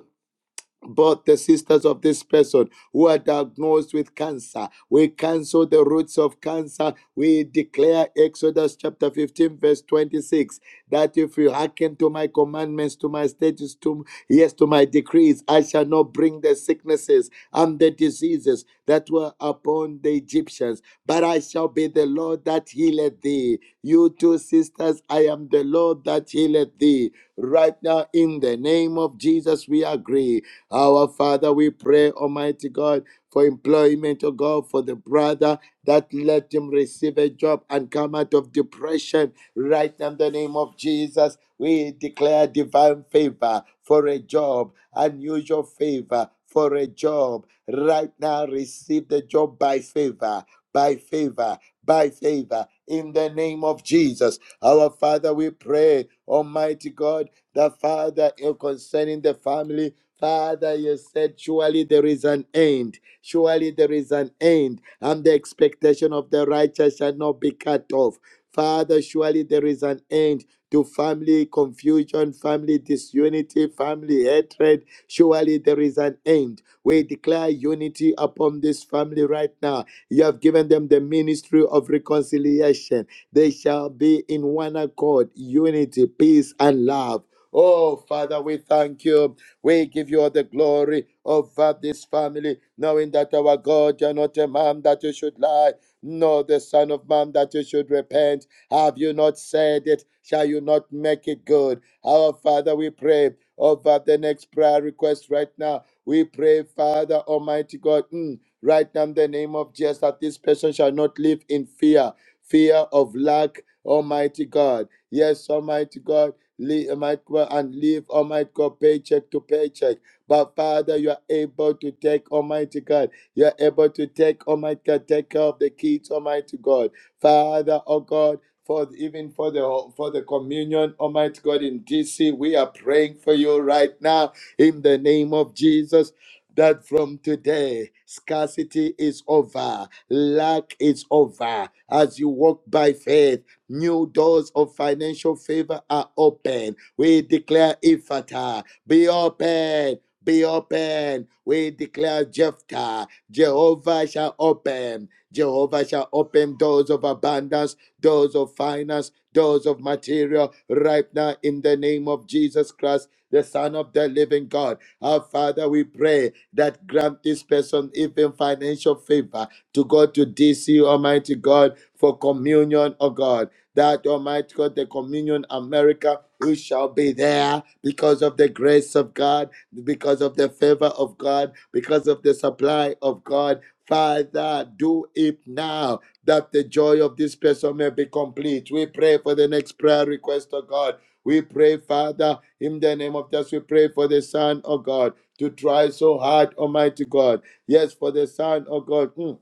E: But the sisters of this person who are diagnosed with cancer. We cancel the roots of cancer. We declare Exodus chapter 15, verse 26, that if you hearken to my commandments, to my statutes, to yes, to my decrees, I shall not bring the sicknesses and the diseases that were upon the Egyptians, but I shall be the Lord that healeth thee. You two sisters, I am the Lord that healeth thee. Right now, in the name of Jesus, we agree our Father, we pray, Almighty God, for employment, oh God, for the brother that let him receive a job and come out of depression. Right now, in the name of Jesus, we declare divine favor for a job, unusual favor for a job. Right now, receive the job by favor, by favor, by favor. In the name of Jesus, our Father, we pray, Almighty God, the Father, eh, concerning the family. Father, you said, surely there is an end. Surely there is an end, and the expectation of the righteous shall not be cut off. Father, surely there is an end to family confusion, family disunity, family hatred. Surely there is an end. We declare unity upon this family right now. You have given them the ministry of reconciliation. They shall be in one accord, unity, peace, and love. Oh, Father, we thank you. We give you all the glory over this family, knowing that our God, you're not a man that you should lie, nor the Son of Man that you should repent. Have you not said it? Shall you not make it good? Our Father, we pray over the next prayer request right now. We pray, Father Almighty God, mm, right now in the name of Jesus, that this person shall not live in fear, fear of lack, Almighty God. Yes, Almighty God live, Almighty God, and live, Almighty God, paycheck to paycheck. But Father, you are able to take, Almighty God, you are able to take, Almighty God, take care of the kids, Almighty God. Father, oh God, for even for the for the communion, Almighty God in DC, we are praying for you right now in the name of Jesus. That from today, scarcity is over, lack is over. As you walk by faith, New doors of financial favor are open. We declare Ifata, be open. Be open. We declare Jephthah. Jehovah shall open. Jehovah shall open doors of abundance, doors of finance, doors of material right now in the name of Jesus Christ, the Son of the living God. Our Father, we pray that grant this person even financial favor to go to DC, Almighty God, for communion, oh God that Almighty God, the communion America, we shall be there because of the grace of God, because of the favor of God, because of the supply of God. Father, do it now that the joy of this person may be complete. We pray for the next prayer request of God. We pray, Father, in the name of Jesus, we pray for the Son of God to try so hard, Almighty God. Yes, for the Son of God. mm,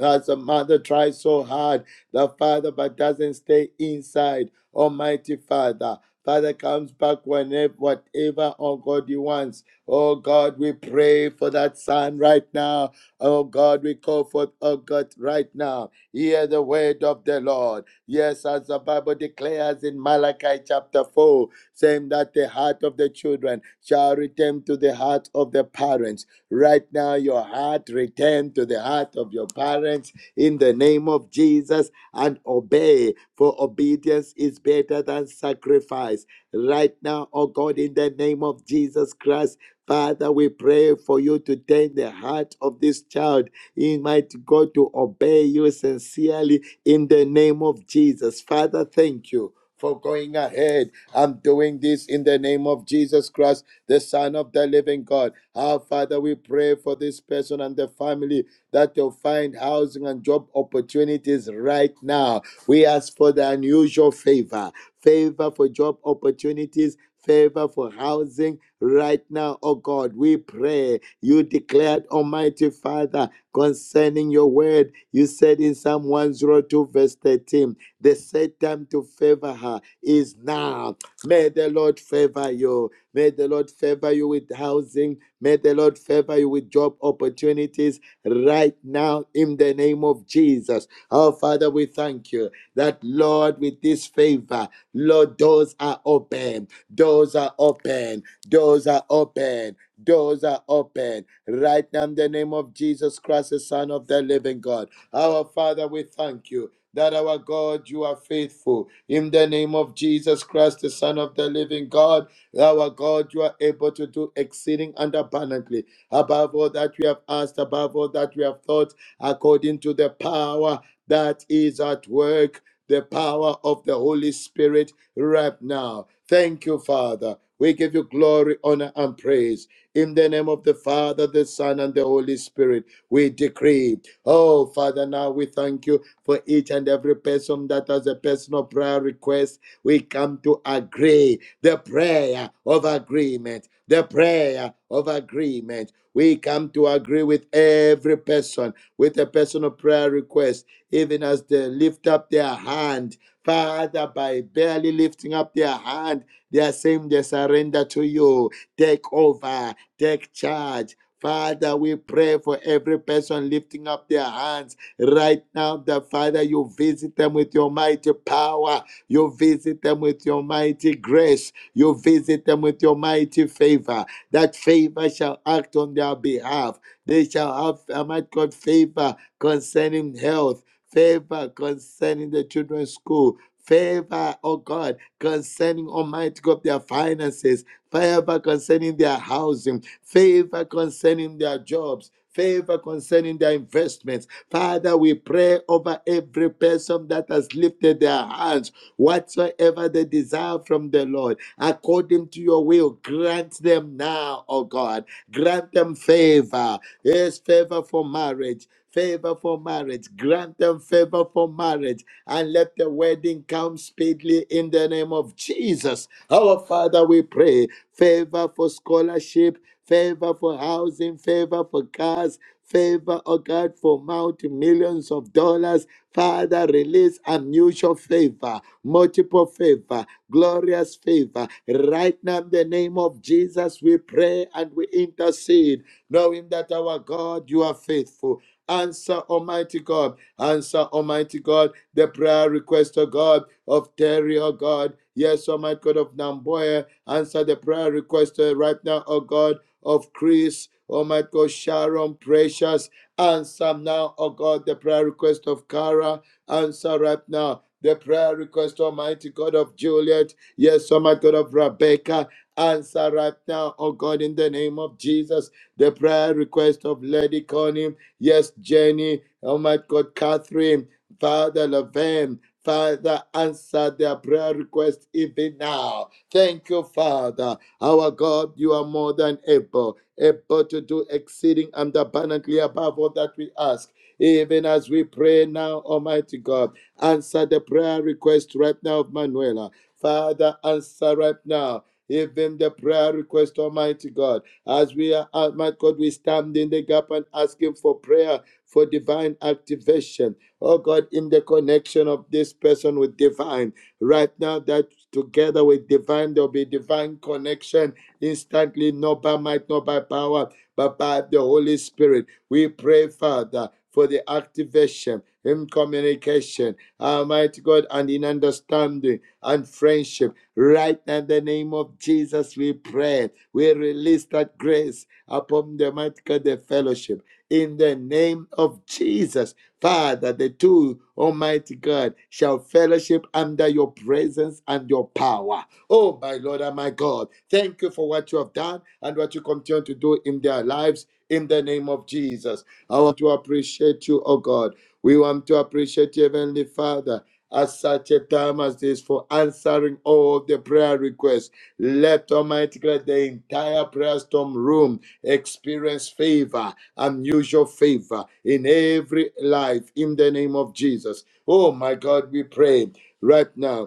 E: as a mother tries so hard, the father but doesn't stay inside. Almighty Father, Father comes back whenever, whatever, oh God, He wants. Oh God, we pray for that son right now. Oh God, we call forth, oh God, right now. Hear the word of the Lord. Yes, as the Bible declares in Malachi chapter 4, saying that the heart of the children shall return to the heart of the parents Right now, your heart return to the heart of your parents in the name of Jesus and obey, for obedience is better than sacrifice. Right now, oh God, in the name of Jesus Christ, Father, we pray for you to turn the heart of this child, in mighty God, to obey you sincerely in the name of Jesus. Father, thank you for going ahead. I'm doing this in the name of Jesus Christ, the Son of the living God. Our Father, we pray for this person and the family that they'll find housing and job opportunities right now. We ask for the unusual favor, favor for job opportunities. Favor for housing right now, oh God. We pray you declared, Almighty Father, concerning your word. You said in Psalm 102, verse 13. The said time to favor her is now. May the Lord favor you. May the Lord favor you with housing. May the Lord favor you with job opportunities right now in the name of Jesus. Our Father, we thank you that, Lord, with this favor, Lord, doors are open. Doors are open. Doors are open. Doors are open right now in the name of Jesus Christ, the Son of the living God. Our Father, we thank you that our God, you are faithful. In the name of Jesus Christ, the Son of the living God, our God, you are able to do exceeding and abundantly above all that we have asked, above all that we have thought, according to the power that is at work, the power of the Holy Spirit right now. Thank you, Father. We give you glory, honor, and praise. In the name of the Father, the Son, and the Holy Spirit, we decree. Oh, Father, now we thank you for each and every person that has a personal prayer request. We come to agree the prayer of agreement, the prayer of agreement. We come to agree with every person with a personal prayer request, even as they lift up their hand. Father, by barely lifting up their hand, they are saying they surrender to you. Take over, take charge. Father, we pray for every person lifting up their hands Right now, the Father, you visit them with your mighty power. You visit them with your mighty grace. You visit them with your mighty favor. That favor shall act on their behalf. They shall have, uh, might God, favor concerning health, favor concerning the children's school, favor, oh God, concerning Almighty God, their finances, favor concerning their housing, favor concerning their jobs, favor concerning their investments Father, we pray over every person that has lifted their hands, whatsoever they desire from the Lord, according to your will, grant them now, oh God. Grant them favor. Yes, favor for marriage. Favor for marriage. Grant them favor for marriage and let the wedding come speedily in the name of Jesus. Our Father, we pray favor for scholarship, favor for housing, favor for cars, Favor, oh God, for multi millions of dollars. Father, release unusual favor, multiple favor, glorious favor. Right now, in the name of Jesus, we pray and we intercede, knowing that our God, you are faithful. Answer, Almighty God. Answer, Almighty God, the prayer request, of God, of Terry, O God. Yes, Almighty God of Namboya. Answer the prayer request uh, right now, O God, of Chris, Almighty God, Sharon, Precious. Answer now, O God, the prayer request of Cara. Answer right now. The prayer request, Almighty God of Juliet. Yes, Almighty God of Rebecca. Answer right now, oh God, in the name of Jesus. The prayer request of Lady Connie. Yes, Jenny, oh my God, Catherine, Father Laverne, Father, answer their prayer request even now. Thank you, Father. Our God, you are more than able, able to do exceeding and abundantly above all that we ask. Even as we pray now, Almighty God, answer the prayer request right now of Manuela. Father, answer right now, even the prayer request, Almighty God as we are, uh, my God, we stand in the gap and ask Him for prayer for divine activation. Oh God, in the connection of this person with divine, right now that together with divine, there'll be divine connection instantly, not by might, not by power, but by the Holy Spirit. We pray, Father, for the activation in communication, Almighty God, and in understanding and friendship Right now, in the name of Jesus, we pray. We release that grace upon the mighty God, the fellowship. In the name of Jesus, Father, the two, Almighty God, shall fellowship under your presence and your power. Oh, my Lord and my God, thank you for what you have done and what you continue to do in their lives in the name of Jesus. I want to appreciate you, oh God. We want to appreciate you, Heavenly Father at such a time as this for answering all the prayer requests. Let Almighty God, the entire prayer storm room experience favor, unusual favor in every life in the name of Jesus. Oh my God, we pray right now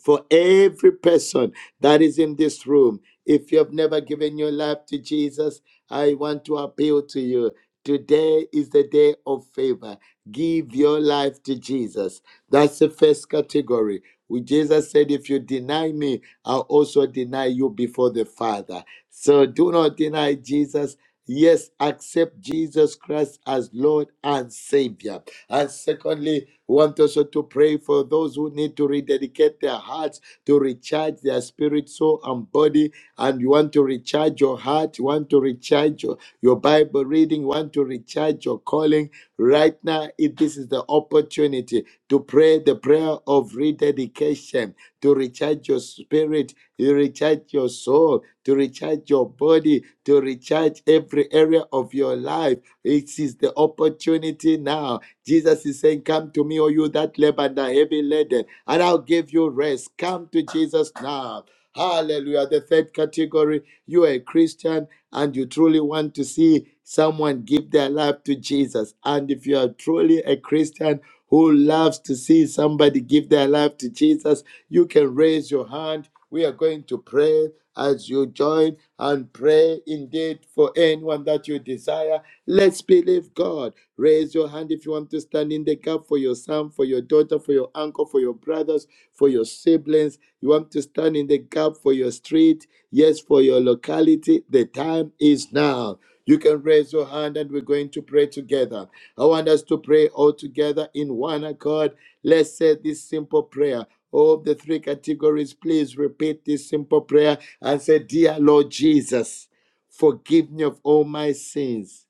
E: for every person that is in this room. If you have never given your life to Jesus, I want to appeal to you. Today is the day of favor. Give your life to Jesus. That's the first category. We- Jesus said, If you deny me, I'll also deny you before the Father. So do not deny Jesus. Yes, accept Jesus Christ as Lord and Savior. And secondly, we want also to pray for those who need to rededicate their hearts, to recharge their spirit, soul, and body. And you want to recharge your heart, you want to recharge your, your Bible reading, you want to recharge your calling. Right now, If this is the opportunity to pray the prayer of rededication, to recharge your spirit, to recharge your soul, to recharge your body, to recharge every area of your life. It is the opportunity now Jesus is saying, Come to me, O you that labor and are heavy laden, and I'll give you rest. Come to Jesus now. Hallelujah. The third category, you are a Christian and you truly want to see someone give their life to Jesus. And if you are truly a Christian who loves to see somebody give their life to Jesus, you can raise your hand. We are going to pray as you join and pray indeed for anyone that you desire. Let's believe God. Raise your hand if you want to stand in the gap for your son, for your daughter, for your uncle, for your brothers, for your siblings. You want to stand in the gap for your street, yes, for your locality. The time is now. You can raise your hand and we're going to pray together. I want us to pray all together in one accord. Let's say this simple prayer. All the three categories, please repeat this simple prayer and say, Dear Lord Jesus, forgive me of all my sins.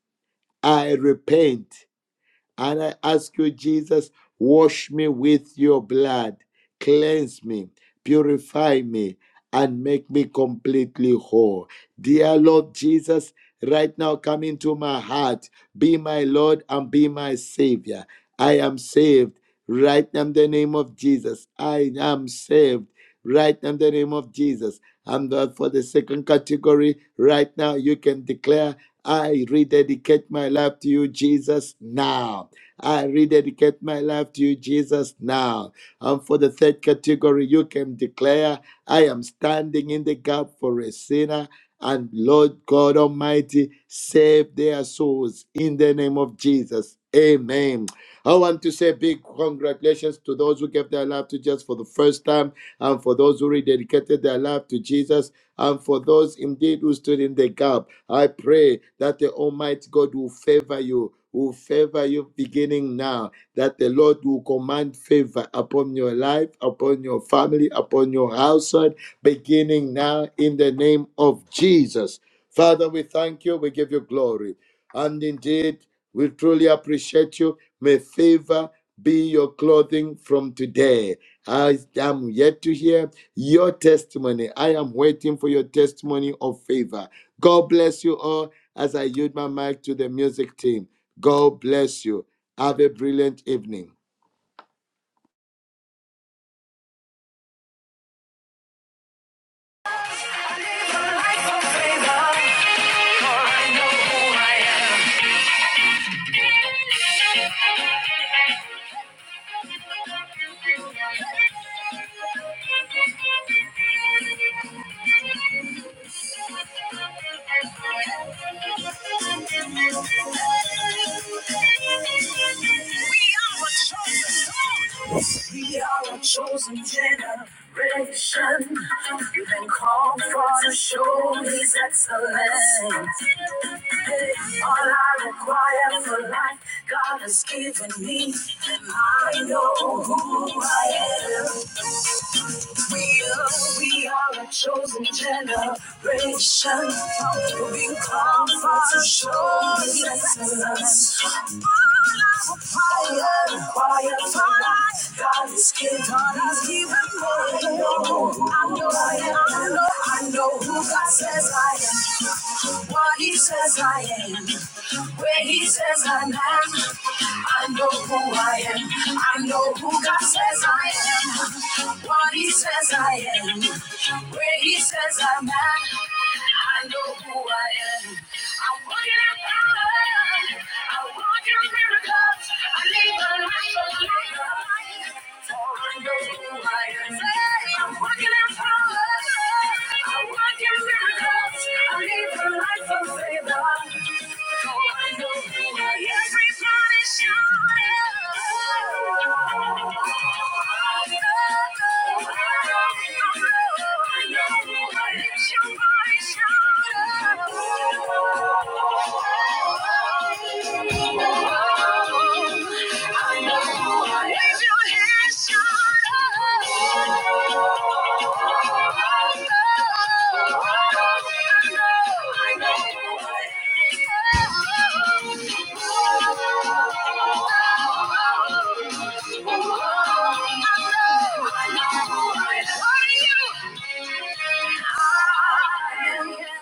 E: I repent and I ask you, Jesus, wash me with your blood, cleanse me, purify me, and make me completely whole. Dear Lord Jesus, right now come into my heart. Be my Lord and be my Savior. I am saved. Right now, in the name of Jesus, I am saved. Right now, in the name of Jesus. And uh, for the second category, right now, you can declare, I rededicate my life to you, Jesus, now. I rededicate my life to you, Jesus, now. And for the third category, you can declare, I am standing in the gap for a sinner. And Lord God Almighty, save their souls in the name of Jesus. Amen. I want to say big congratulations to those who gave their life to Jesus for the first time, and for those who rededicated their life to Jesus, and for those indeed who stood in the gap. I pray that the Almighty God will favor you will favor you beginning now, that the Lord will command favor upon your life, upon your family, upon your household, beginning now in the name of Jesus. Father, we thank you, we give you glory. And indeed, we truly appreciate you. May favor be your clothing from today. I am yet to hear your testimony. I am waiting for your testimony of favor. God bless you all as I yield my mic to the music team. God bless you. Have a brilliant evening.
A: We are a chosen generation. You've been called all for to show His excellence. All I require for life, God has given me. And I know we are, we are a chosen generation. We've come for to show His excellence. Fire, fire, fire! God is giving, God is giving more. I know, I know, I know, I know who God says I am. What He says I am. Where He says I am. I know who I am. I know who God says I am. What He says I am. Where He says I'm at. I know who I am. I'm walking in power. I want your miracles. I need a light of light. So I know who I am. I'm walking in power. I want your miracles. I need a life of favor. Thank you. I know I need you here, I know I love you.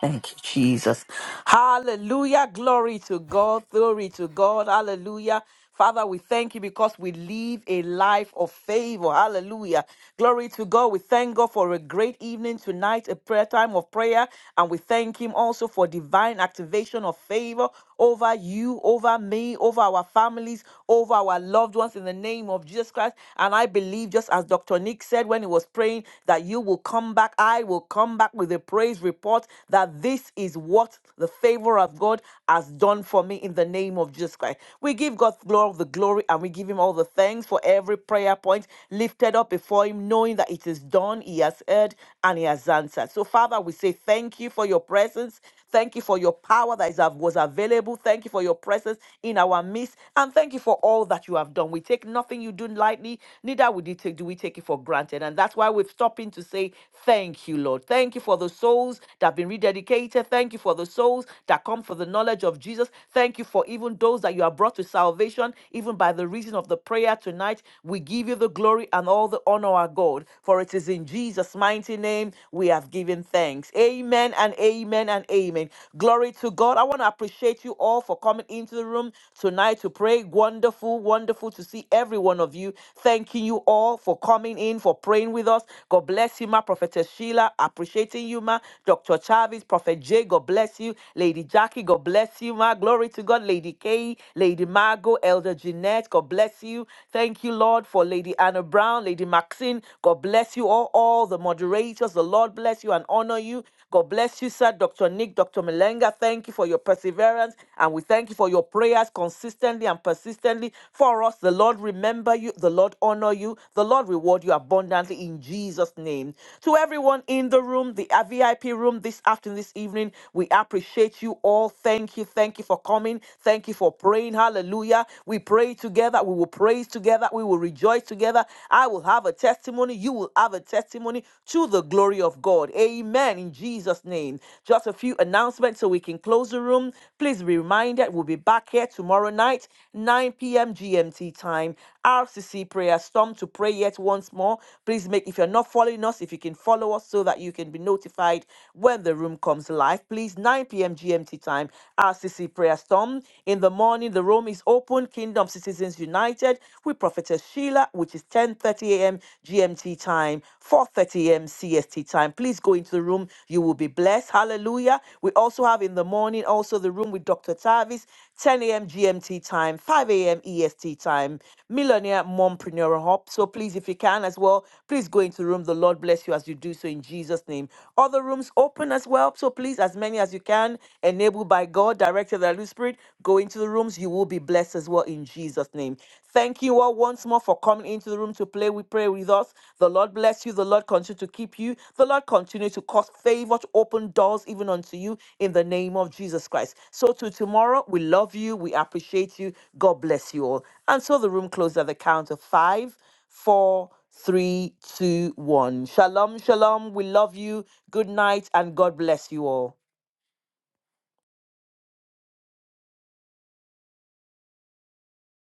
F: Thank you, Jesus. Hallelujah. Glory to God. Glory to God. Hallelujah. Father, we thank you because we live a life of favor. Hallelujah. Glory to God. We thank God for a great evening tonight, a prayer time of prayer. And we thank Him also for divine activation of favor over you, over me, over our families, over our loved ones in the name of Jesus Christ. And I believe, just as Dr. Nick said when he was praying, that you will come back. I will come back with a praise report that this is what the favor of God has done for me in the name of Jesus Christ. We give God glory, the glory, and we give Him all the thanks for every prayer point lifted up before Him, knowing that it is done. He has heard and He has answered. So, Father, we say thank you for your presence. Thank you for your power that is, av- was available. Thank you for your presence in our midst. And thank you for all that you have done. We take nothing you do lightly, neither would you take, do we take it for granted. And that's why we're stopping to say, Thank you, Lord. Thank you for the souls that have been rededicated. Thank you for the souls that come for the knowledge of Jesus. Thank you for even those that you have brought to salvation, even by the reason of the prayer tonight. We give you the glory and all the honor, our God, for it is in Jesus' mighty name we have given giving thanks. Amen and amen and amen. Glory to God. I want to appreciate you all for coming into the room tonight to pray. Wonderful, wonderful to see every one of you. Thanking you all for coming in, for praying with us. God bless you, ma. Prophetess Sheila, appreciating you, ma. Dr. Chavis, Prophet Jay, God bless you. Lady Jackie, God bless you, ma. Glory to God. Lady Kay, Lady Margot, Elder Jeanette, God bless you. Thank you, Lord, for Lady Anna Brown, Lady Maxine, God bless bless you all, all the moderators. The Lord bless you and honor you. God bless you, sir. Dr. Nick, Dr. Melenga, thank you for your perseverance. And we thank you for your prayers consistently and persistently for us. The Lord remember you. The Lord honor you. The Lord reward you abundantly in Jesus' name. To everyone in the room, the VIP room this afternoon, this evening, we appreciate you all. Thank you. Thank you for coming. Thank you for praying. Hallelujah. We pray together. We will praise together. We will rejoice rejoice together. I will have a testimony. You will have a testimony to the glory of God. Amen. In Jesus' name. Just a few announcements so we can close the room. Please be reminded we'll be back here tomorrow night, 9 p.m. GMT time. RCC prayer storm to pray yet once more. Please make, if you're not following us, if you can follow us so that you can be notified when the room comes live. Please, 9 p.m. GMT time, RCC prayer storm. In the morning, the room is open. 7, Kingdom Citizens United with Prophetess Sheila, which is 10.30 a.m. GMT time, 4.30 a.m. CST time. Please go into the room. You will be blessed. Hallelujah. We also have in the morning also the room with Dr. Tavis, 10 a.m. GMT time, 5 a.m. EST time, Millionaire Mompreneur Hub. So please, if you can as well, please go into the room. The Lord bless you as you do so in Jesus' name. Other rooms open as well. So please, as many as you can, enabled by God, directed of the Holy Spirit, go into the rooms. You will be blessed as well in Jesus' name. Thank you all once more for coming into the room to play. We pray with us. The Lord bless you. The Lord continue to keep you. The Lord continue to cause favor to open doors even unto you in the name of Jesus Christ. So to tomorrow, we love you. We appreciate you. God bless you all. And so the room closed at the count of five, four, three, two, one. Shalom, shalom. We love you. Good night, and God bless you all.